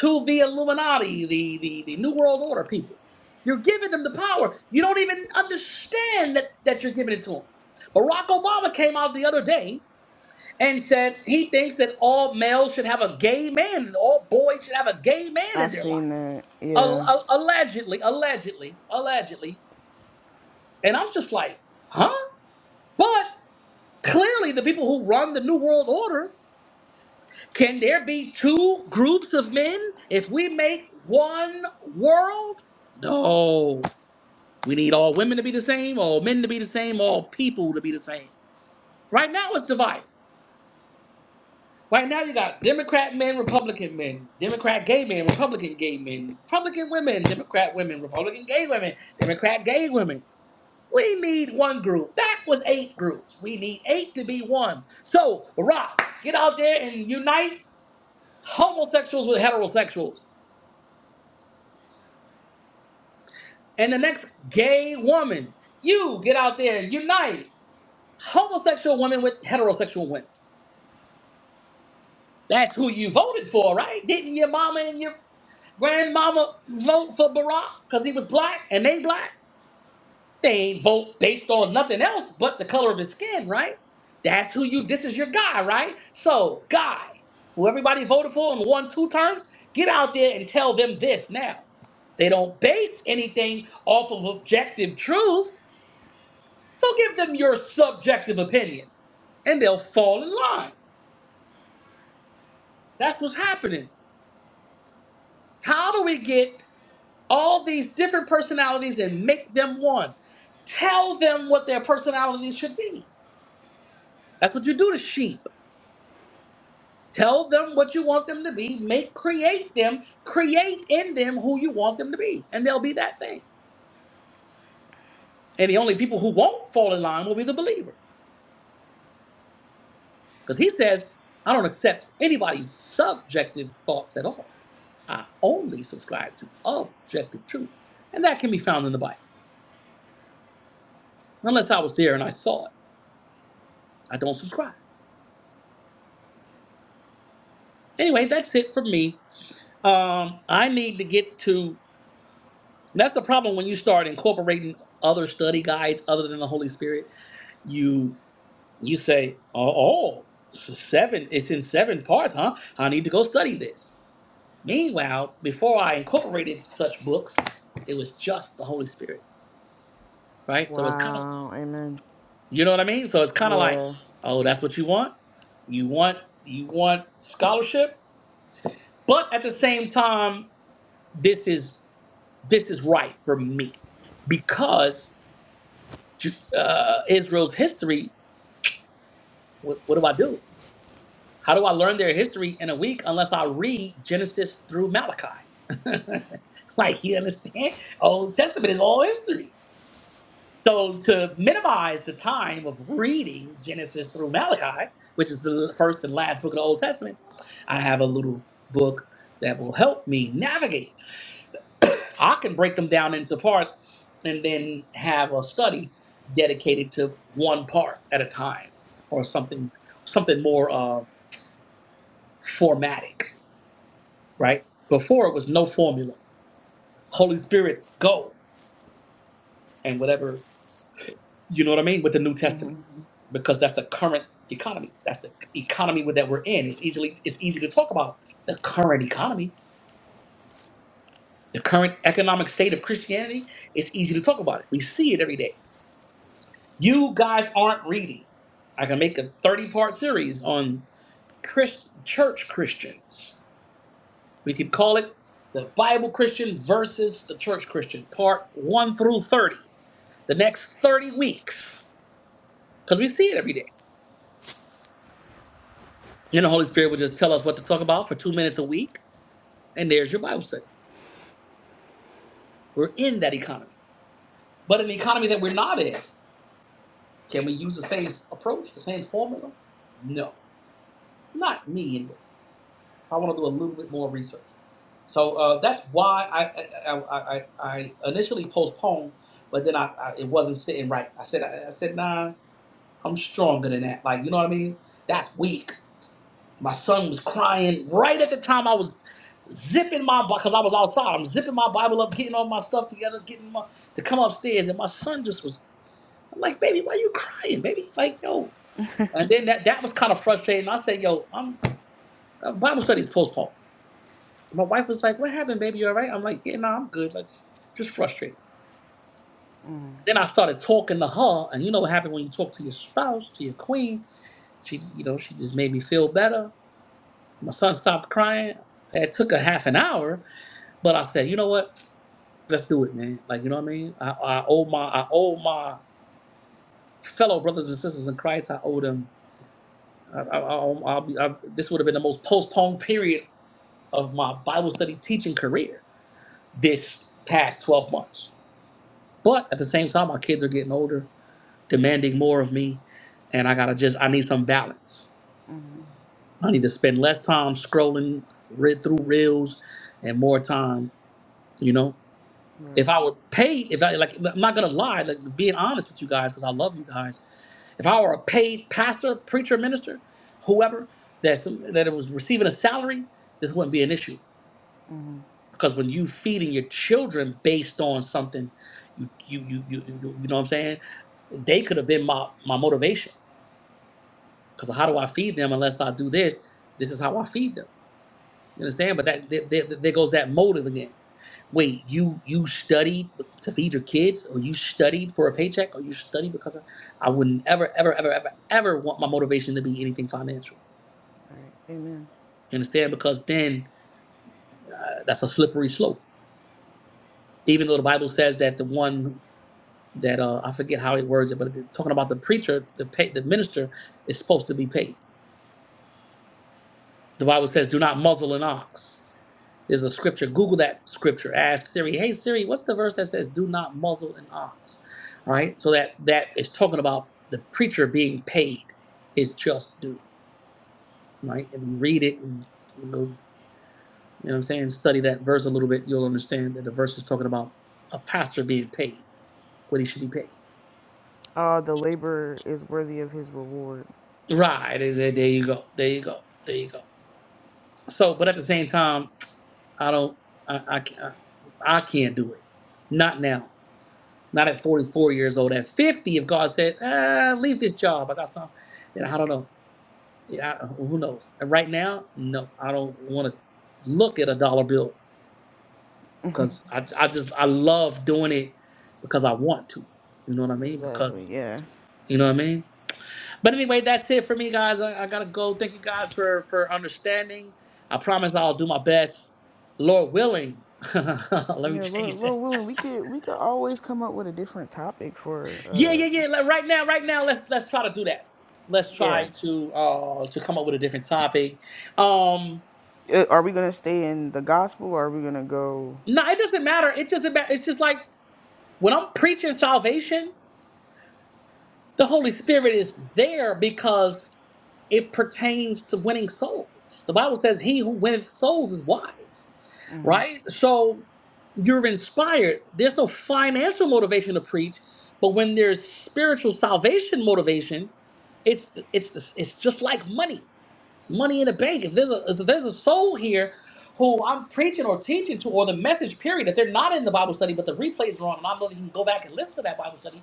Speaker 1: to the Illuminati, the the, the New World Order people. You're giving them the power. You don't even understand that that you're giving it to them. Barack Obama came out the other day and said he thinks that all males should have a gay man, and all boys should have a gay man
Speaker 2: I
Speaker 1: in
Speaker 2: have
Speaker 1: their life.
Speaker 2: seen that.
Speaker 1: Al-
Speaker 2: Yeah.
Speaker 1: al- allegedly, allegedly, allegedly. And I'm just like, huh? But clearly, the people who run the New World Order can there be two groups of men if we make one world? No. We need all women to be the same, all men to be the same, all people to be the same. Right now, it's divided. Right now, you got Democrat men, Republican men, Democrat gay men, Republican gay men, Republican women, Democrat women, Republican gay women, Democrat gay women. We need one group. That was eight groups. We need eight to be one. So, Barack, get out there and unite homosexuals with heterosexuals. And the next gay woman, you get out there and unite homosexual women with heterosexual women. That's who you voted for, right? Didn't your mama and your grandmama vote for Barack because he was black and they black? They ain't vote based on nothing else but the color of his skin, right? That's who you. This is your guy, right? So, guy, who everybody voted for and won two terms, get out there and tell them this now. They don't base anything off of objective truth. So give them your subjective opinion and they'll fall in line. That's what's happening. How do we get all these different personalities and make them one? Tell them what their personalities should be. That's what you do to sheep Tell them what you want them to be. Make create them, create in them who you want them to be, and they'll be that thing. And the only people who won't fall in line will be the believer, because he says, "I don't accept anybody's subjective thoughts at all. I only subscribe to objective truth, and that can be found in the Bible. Unless I was there and I saw it, I don't subscribe. Anyway, that's it for me. Um, I need to get to. That's the problem when you start incorporating other study guides other than the Holy Spirit. You You say, oh, oh, seven, it's in seven parts, huh? I need to go study this. Meanwhile, before I incorporated such books, it was just the Holy Spirit, right? So it's kind of,
Speaker 2: Wow. Amen.
Speaker 1: you know what I mean? So it's kind of like,
Speaker 2: Yeah.
Speaker 1: oh, that's what you want? You want, you want scholarship? But at the same time, this is, this is right for me because uh, Israel's history, what, what do I do? How do I learn their history in a week unless I read Genesis through Malachi? like, you understand? Old Testament is all history. So, to minimize the time of reading Genesis through Malachi, which is the first and last book of the Old Testament, I have a little book that will help me navigate. I can break them down into parts and then have a study dedicated to one part at a time or something something more uh, formatic right? Before it was no formula. Holy Spirit, go and whatever, you know what I mean, with the New Testament, Mhm. because that's the current economy. That's the economy that we're in. It's easily it's easy to talk about the current economy, the current economic state of Christianity. It's easy to talk about it. We see it every day. You guys aren't reading. I can make a 30 part series on Christ, church Christians. We could call it the Bible Christian versus the church Christian, part 1 through 30 the next 30 weeks because we see it every day. And the Holy Spirit will just tell us what to talk about for two minutes a week, and there's your Bible study. We're in that economy. But in the economy that we're not in, can we use the same approach, the same formula? No, not me anyway. So I want to do a little bit more research. So uh, that's why I I, I, I I initially postponed, but then I, I it wasn't sitting right. I said I, I said nah, I'm stronger than that. Like you know what I mean? That's weak. My son was crying right at the time I was zipping my Bible, because I was outside. I'm zipping my Bible up, getting all my stuff together, getting my to come upstairs, and my son just was. I'm like, baby, why you crying, baby? Like, yo. And then that that was kind of frustrating. I said, yo, I'm uh, Bible studies postponed. My wife was like, what happened, baby? You all right? I'm like, yeah, no, I'm good. Like, just, just frustrated. Then I started talking to her, and you know what happened when you talk to your spouse, to your queen. She, you know, she just made me feel better. My son stopped crying. It took a half an hour But I said, you know what? Let's do it, man. Like, you know what I mean? I, I owe my I owe my fellow brothers and sisters in Christ. I owe them. I, I, I, owe- I'll be. I, this would have been the most postponed period of my Bible study teaching career this past twelve months. But at the same time, my kids are getting older, demanding more of me, and I gotta just. I need some balance. I need to spend less time scrolling read through reels and more time. You know. If
Speaker 2: Right.
Speaker 1: I were paid, if I like, I'm not gonna lie, like being honest with you guys, because I love you guys. If I were a paid pastor, preacher, minister, whoever that that it was receiving a salary, this wouldn't be an issue. Because when you feeding your children based on something, you you you you you, you know what I'm saying? They could have been my my motivation. Because how do I feed them unless I do this? This is how I feed them. You understand? But that there, there there goes that motive again Wait, you you studied to feed your kids, or you studied for a paycheck, or you studied because of, I wouldn't ever, ever, ever, ever, ever want my motivation to be anything financial.
Speaker 2: Right. Amen.
Speaker 1: You understand? Because then uh, that's a slippery slope. Even though the Bible says that the one that uh, I forget how it words it, but it- talking about the preacher, the pay, the minister is supposed to be paid. The Bible says, "Do not muzzle an ox." There's a scripture. Google that scripture. Ask Siri, hey Siri, what's the verse that says, "Do not muzzle an ox"? Right. So that that is talking about the preacher being paid his just due. Right. If you read it and go, you know what I'm saying, study that verse a little bit, you'll understand that the verse is talking about a pastor being paid what he should be paid.
Speaker 2: Uh, the laborer is worthy of his reward.
Speaker 1: Right. Is it? There you go. There you go. There you go. So, but at the same time, I don't. I I, can't- I can't do it. Not now. not at 44 years old. At 50, if God said, uh, leave this job, I got something, then I don't know. Yeah, I- who knows? And right now, no, I don't want to look at a dollar bill because I, I just, I love doing it because I want to. You know what I mean?
Speaker 2: Exactly.
Speaker 1: Because,
Speaker 2: Yeah.
Speaker 1: you know what I mean? But anyway, that's it for me, guys. I, I got to go. Thank you guys for, for understanding. I promise I'll do my best, Lord willing. Let me
Speaker 2: Yeah.
Speaker 1: change
Speaker 2: Lord,
Speaker 1: that.
Speaker 2: Lord willing, we could we could always come up with a different topic
Speaker 1: Yeah,
Speaker 2: for.
Speaker 1: yeah,
Speaker 2: Uh,
Speaker 1: yeah. Like right now, right now, let's let's try to do that. Let's
Speaker 2: yeah.
Speaker 1: try to uh to come up with a different topic. Um
Speaker 2: Uh, Are we gonna stay in the gospel, or are we gonna go?
Speaker 1: no, it doesn't matter. It doesn't matter. It's just like when I'm preaching salvation, the Holy Spirit is there because it pertains to winning souls. The Bible says he who winneth souls is wise, right? So you're inspired. There's no financial motivation to preach, but when there's spiritual salvation motivation, it's it's it's just like money money in the bank. If there's a if there's a soul here who I'm preaching or teaching to, or the message period, if they're not in the Bible study, but the replays are on, and I know that you can go back and listen to that Bible study,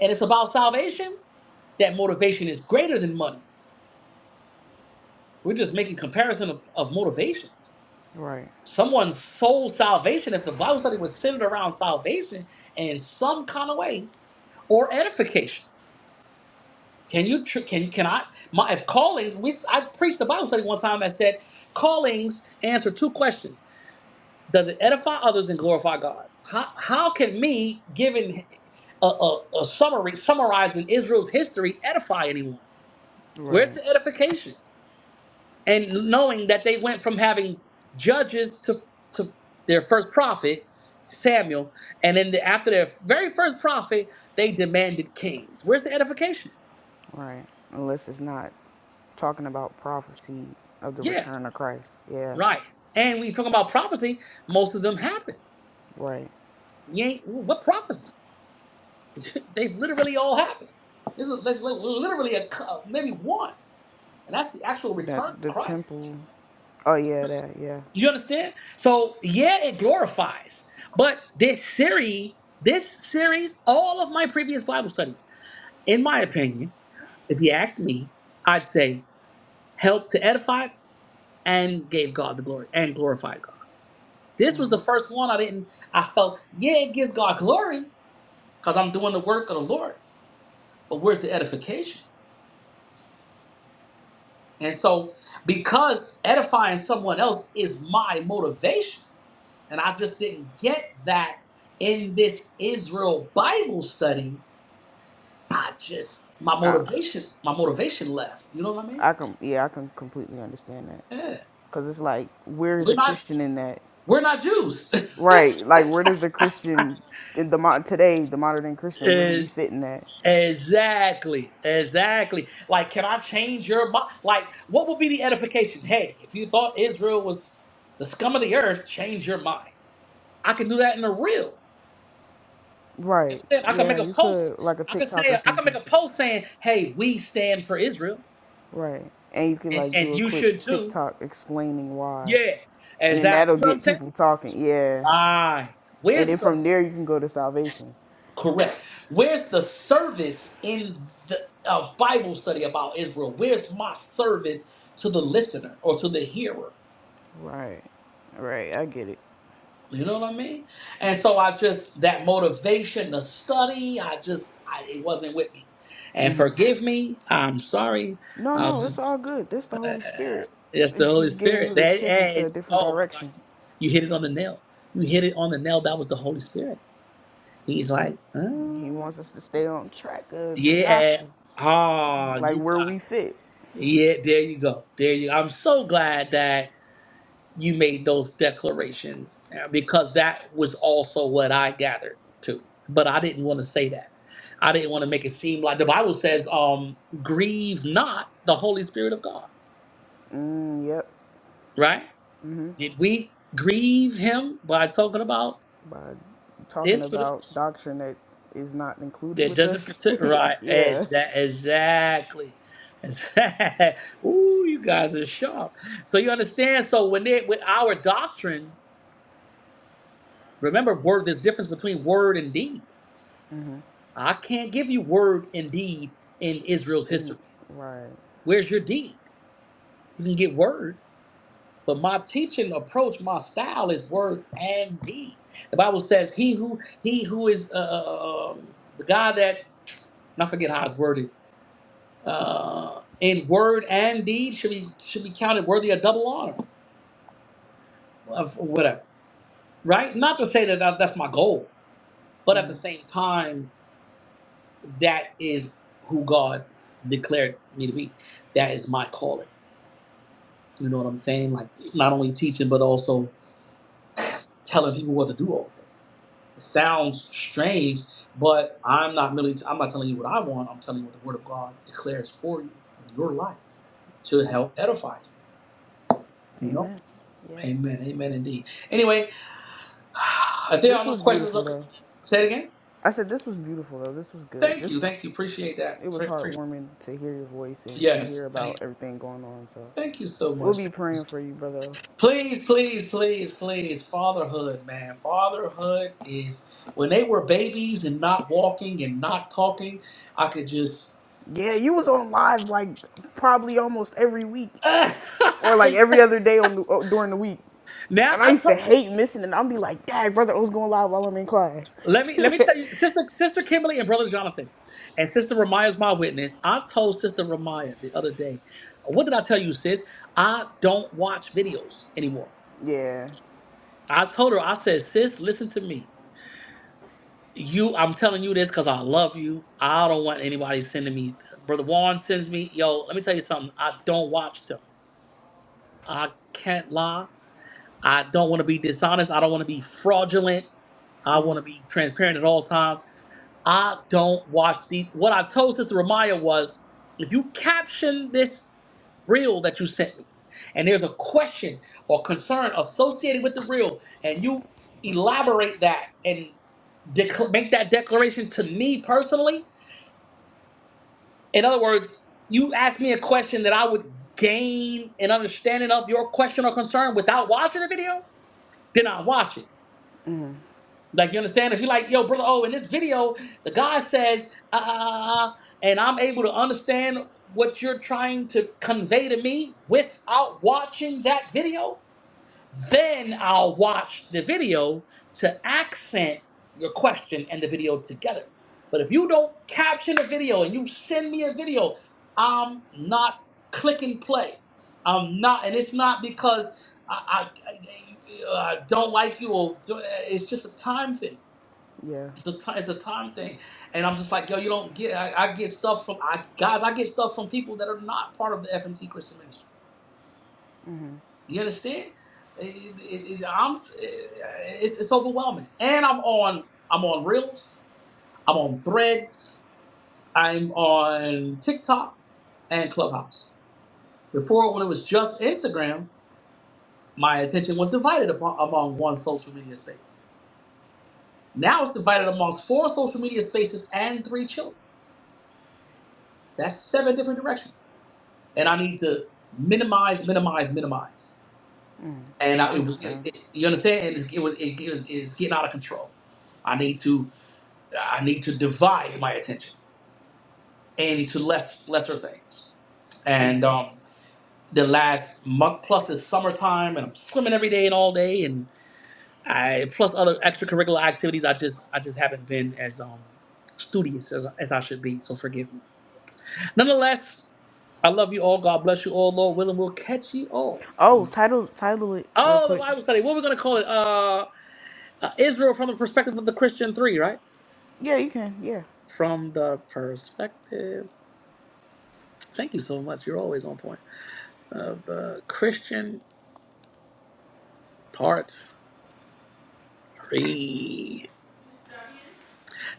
Speaker 1: and it's about salvation, that motivation is greater than money. We're just making comparison of, of motivations.
Speaker 2: Right.
Speaker 1: Someone's soul salvation, if the Bible study was centered around salvation in some kind of way or edification. Can you tr- can can I my if callings we I preached the Bible study one time that said callings answer two questions Does it edify others and glorify God? How, how can me giving a, a, a summary summarizing Israel's history edify anyone? Where's
Speaker 2: Right.
Speaker 1: the edification? And knowing that they went from having judges to, to their first prophet, Samuel, and then the, after their very first prophet, they demanded kings. Where's the edification?
Speaker 2: Right. Unless it's not talking about prophecy of the
Speaker 1: Yeah,
Speaker 2: return of Christ. Yeah.
Speaker 1: right. And we talking about prophecy, most of them happen.
Speaker 2: Right.
Speaker 1: You ain't, what prophecy? They've literally all happened. This is there's literally a co- maybe one, and that's the actual
Speaker 2: That
Speaker 1: return of
Speaker 2: the
Speaker 1: Christ.
Speaker 2: temple. Oh yeah. That yeah.
Speaker 1: You understand? So yeah, it glorifies, but this series, this series, all of my previous Bible studies, in my opinion, if you ask me, I'd say helped to edify and gave God the glory and glorified God. This was the first one I didn't. I felt yeah, it gives God glory because I'm doing the work of the Lord, but where's the edification? And so, because edifying someone else is my motivation, and I just didn't get that in this Israel Bible study, I just my motivation, my motivation left. You know what I mean?
Speaker 2: I can yeah I can completely understand that.
Speaker 1: Yeah.
Speaker 2: Cause it's like, where is
Speaker 1: We're
Speaker 2: a
Speaker 1: not
Speaker 2: Christian in that?
Speaker 1: we're not Jews.
Speaker 2: Right. Like, where does the Christian in the mod today, the modern day Christian, where do
Speaker 1: Eh,
Speaker 2: we fit in that?
Speaker 1: exactly. Exactly. Like, can I change your mind? Like, what would be the edification? Hey, if you thought Israel was the scum of the earth, change your mind. I can do that in the real. You
Speaker 2: Right.
Speaker 1: understand? I can
Speaker 2: Yeah,
Speaker 1: make a
Speaker 2: you
Speaker 1: post.
Speaker 2: could like a
Speaker 1: I can
Speaker 2: TikTok
Speaker 1: say
Speaker 2: or
Speaker 1: I can make
Speaker 2: something.
Speaker 1: a post saying, "Hey, we stand for Israel,
Speaker 2: Right. And you could
Speaker 1: and
Speaker 2: like
Speaker 1: and
Speaker 2: do a
Speaker 1: you
Speaker 2: quick
Speaker 1: should too."
Speaker 2: TikTok explaining why,
Speaker 1: Yeah,
Speaker 2: and then
Speaker 1: exactly.
Speaker 2: that'll
Speaker 1: You know what I'm
Speaker 2: get
Speaker 1: saying?
Speaker 2: people talking. Yeah.
Speaker 1: Right. Where's
Speaker 2: And then from
Speaker 1: the
Speaker 2: there you can go to salvation.
Speaker 1: correct? Where's the service in the uh, Bible study about Israel? Where's my service to the listener or to the hearer?
Speaker 2: Right. Right. I get it.
Speaker 1: You know what I mean? And so I just that motivation to study. I just I, it wasn't with me. And forgive me. I'm sorry.
Speaker 2: No, no, it's all good. This the Holy Spirit.
Speaker 1: That's the
Speaker 2: Is
Speaker 1: Holy
Speaker 2: he's getting
Speaker 1: Spirit.
Speaker 2: you to
Speaker 1: That
Speaker 2: shift into a
Speaker 1: adds,
Speaker 2: different
Speaker 1: oh my God,
Speaker 2: direction.
Speaker 1: you, you hit it on the nail. You hit it on the nail. That was the Holy Spirit. He's like,
Speaker 2: He
Speaker 1: oh,
Speaker 2: wants us to stay on track of the
Speaker 1: yeah,
Speaker 2: gospel,
Speaker 1: ah,
Speaker 2: like
Speaker 1: you
Speaker 2: where
Speaker 1: got,
Speaker 2: we fit.
Speaker 1: yeah, there you go, there you. I'm so glad that you made those declarations uh, because that was also what I gathered too. But I didn't want to say that. I didn't want to make it seem like the Bible says, um, grieve not the Holy Spirit of God,
Speaker 2: Mm, yep.
Speaker 1: right? Did we grieve him by talking about?
Speaker 2: By talking
Speaker 1: There's for the
Speaker 2: about doctrine that is not included
Speaker 1: that
Speaker 2: with
Speaker 1: doesn't
Speaker 2: us.
Speaker 1: protect right.
Speaker 2: yeah.
Speaker 1: Exactly. Exactly. Exact- Ooh, you guys are sharp. So you understand. So when they with our doctrine, remember word. There's difference between word and deed. I can't give you word and deed in Israel's
Speaker 2: And,
Speaker 1: history.
Speaker 2: right.
Speaker 1: Where's your deed? You can get word, but my teaching approach, my style is word and deed. The Bible says, "He who he who is uh, uh, um, the God that I forget how it's worded." uh, in word and deed should be should be counted worthy of double honor of whatever right not to say that that- that's my goal but at the same time that is who god declared me to be that is my calling you know what i'm saying like not only teaching but also telling people what to do all day it sounds strange but i'm not really i'm not telling you what i want i'm telling you what the word of god declares for you in your life to help edify you you know
Speaker 2: Amen. Yeah.
Speaker 1: amen amen indeed anyway If there are
Speaker 2: This
Speaker 1: no
Speaker 2: was
Speaker 1: questions,
Speaker 2: beautiful
Speaker 1: look,
Speaker 2: though.
Speaker 1: say it again.
Speaker 2: I said this was beautiful though. This was good.
Speaker 1: Thank you.
Speaker 2: This
Speaker 1: Thank you. Appreciate
Speaker 2: it
Speaker 1: that.
Speaker 2: was
Speaker 1: Pre- pre-
Speaker 2: heartwarming to hear your voice and to
Speaker 1: Yes.
Speaker 2: hear
Speaker 1: Thank you.
Speaker 2: about everything going on. So
Speaker 1: Thank you so
Speaker 2: we'll
Speaker 1: much.
Speaker 2: be praying for you, brother.
Speaker 1: Please, please, please, please. Fatherhood, man. Fatherhood is when they were babies and not walking and not talking. I could just
Speaker 2: Yeah, you was on live like probably almost every week. or like every other day on the, uh, during the week.
Speaker 1: now.
Speaker 2: And I
Speaker 1: I
Speaker 2: used to
Speaker 1: tell
Speaker 2: hate missing it. I'd be like, Dad, brother, I was going live while I'm in class.
Speaker 1: let me let me tell you, sister, sister Kimberly and brother Jonathan, and sister Ramaya's my witness. I told sister Ramaya the other day. What did I tell you, sis? I don't watch videos anymore.
Speaker 2: yeah,
Speaker 1: I told her, I said, sis, listen to me. You, I'm telling you this because I love you. I don't want anybody sending me. Brother Warren sends me, yo, let me tell you something. I don't watch them. I can't lie. I don't want to be dishonest. I don't want to be fraudulent. I want to be transparent at all times. I don't watch these. What I told Sister Ramaya was, if you caption this reel that you sent me, and there's a question or concern associated with the reel, and you elaborate that and dec- make that declaration to me personally. In other words, you ask me a question that I would gain an understanding of your question or concern without watching the video. Then I watch it. Like you understand? If you're like, yo, brother, oh, in this video, the guy says, ah, ah, ah, ah, ah," and I'm able to understand what you're trying to convey to me without watching that video, then I'll watch the video to accent your question and the video together. But if you don't caption the video and you send me a video, I'm not clicking play. I'm not, and it's not because I, I, I I don't like you or it's just a time thing.
Speaker 2: yeah,
Speaker 1: It's a time, it's a time thing, and I'm just like, yo, you don't get. I, I get stuff from I guys. I get stuff from people that are not part of the FMT Christian ministry. You understand? It- it- it's, I'm, eh, it's, it's overwhelming, and I'm on. I'm on Reels. I'm on Threads. I'm on TikTok and Clubhouse. Before, when it was just Instagram, my attention was divided upon, among one social media space. Now it's divided amongst four social media spaces and three children. That's seven different directions. and I need to minimize, minimize, minimize. And
Speaker 2: I
Speaker 1: I, it was, it,
Speaker 2: understand.
Speaker 1: it- you understand? And it's, it was, it, it was, it's getting out of control. I need to, I need to divide my attention into less, lesser things. And um, the last month plus is summertime, and I'm swimming every day and all day, and I plus other extracurricular activities. I just, I just haven't been as um studious as, as I should be. So forgive me. Nonetheless, I love you all. God bless you all. Lord willing, we'll catch you all.
Speaker 2: Oh, title title it real
Speaker 1: Oh, the
Speaker 2: quick.
Speaker 1: Bible study. What are we going to call it? Uh, uh, Israel from the perspective of the Christian three, right?
Speaker 2: Yeah, you can. Yeah.
Speaker 1: From the perspective. Thank you so much. You're always on point. Of the Christian part three.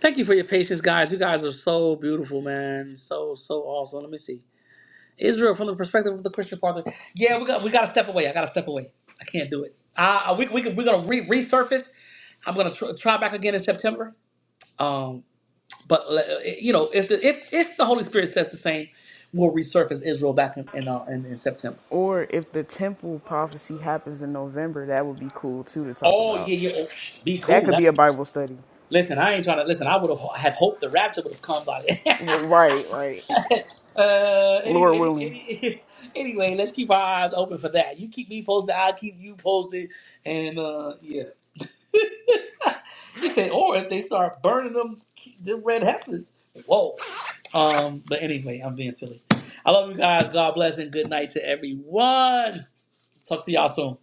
Speaker 1: Thank you for your patience, guys. You guys are so beautiful, man. So so awesome. Let me see. Israel from the perspective of the Christian part three. Yeah, we got we got to step away. I got to step away. I can't do it. Uh, we we we're gonna re- resurface. I'm gonna tr- try back again in September. Um, But uh, you know, if the if if the Holy Spirit says the same, we'll resurface Israel back in in, uh, in, in September.
Speaker 2: Or if the temple prophecy happens in November, that would be cool too to talk
Speaker 1: Oh
Speaker 2: about.
Speaker 1: yeah, yeah. Oh, be
Speaker 2: That
Speaker 1: cool.
Speaker 2: could
Speaker 1: That
Speaker 2: be a Bible study.
Speaker 1: listen, I ain't trying to listen. I would have had hoped the rapture would have come by. then.
Speaker 2: Right, right.
Speaker 1: uh, anyway,
Speaker 2: Lord
Speaker 1: any,
Speaker 2: willing.
Speaker 1: any, anyway, let's keep our eyes open for that. You keep me posted, I'll keep you posted, and uh, yeah. He said, or if they start burning them, them red heifers. Whoa. Um, but anyway, I'm being silly. I love you guys. God bless and good night to everyone. Talk to y'all soon.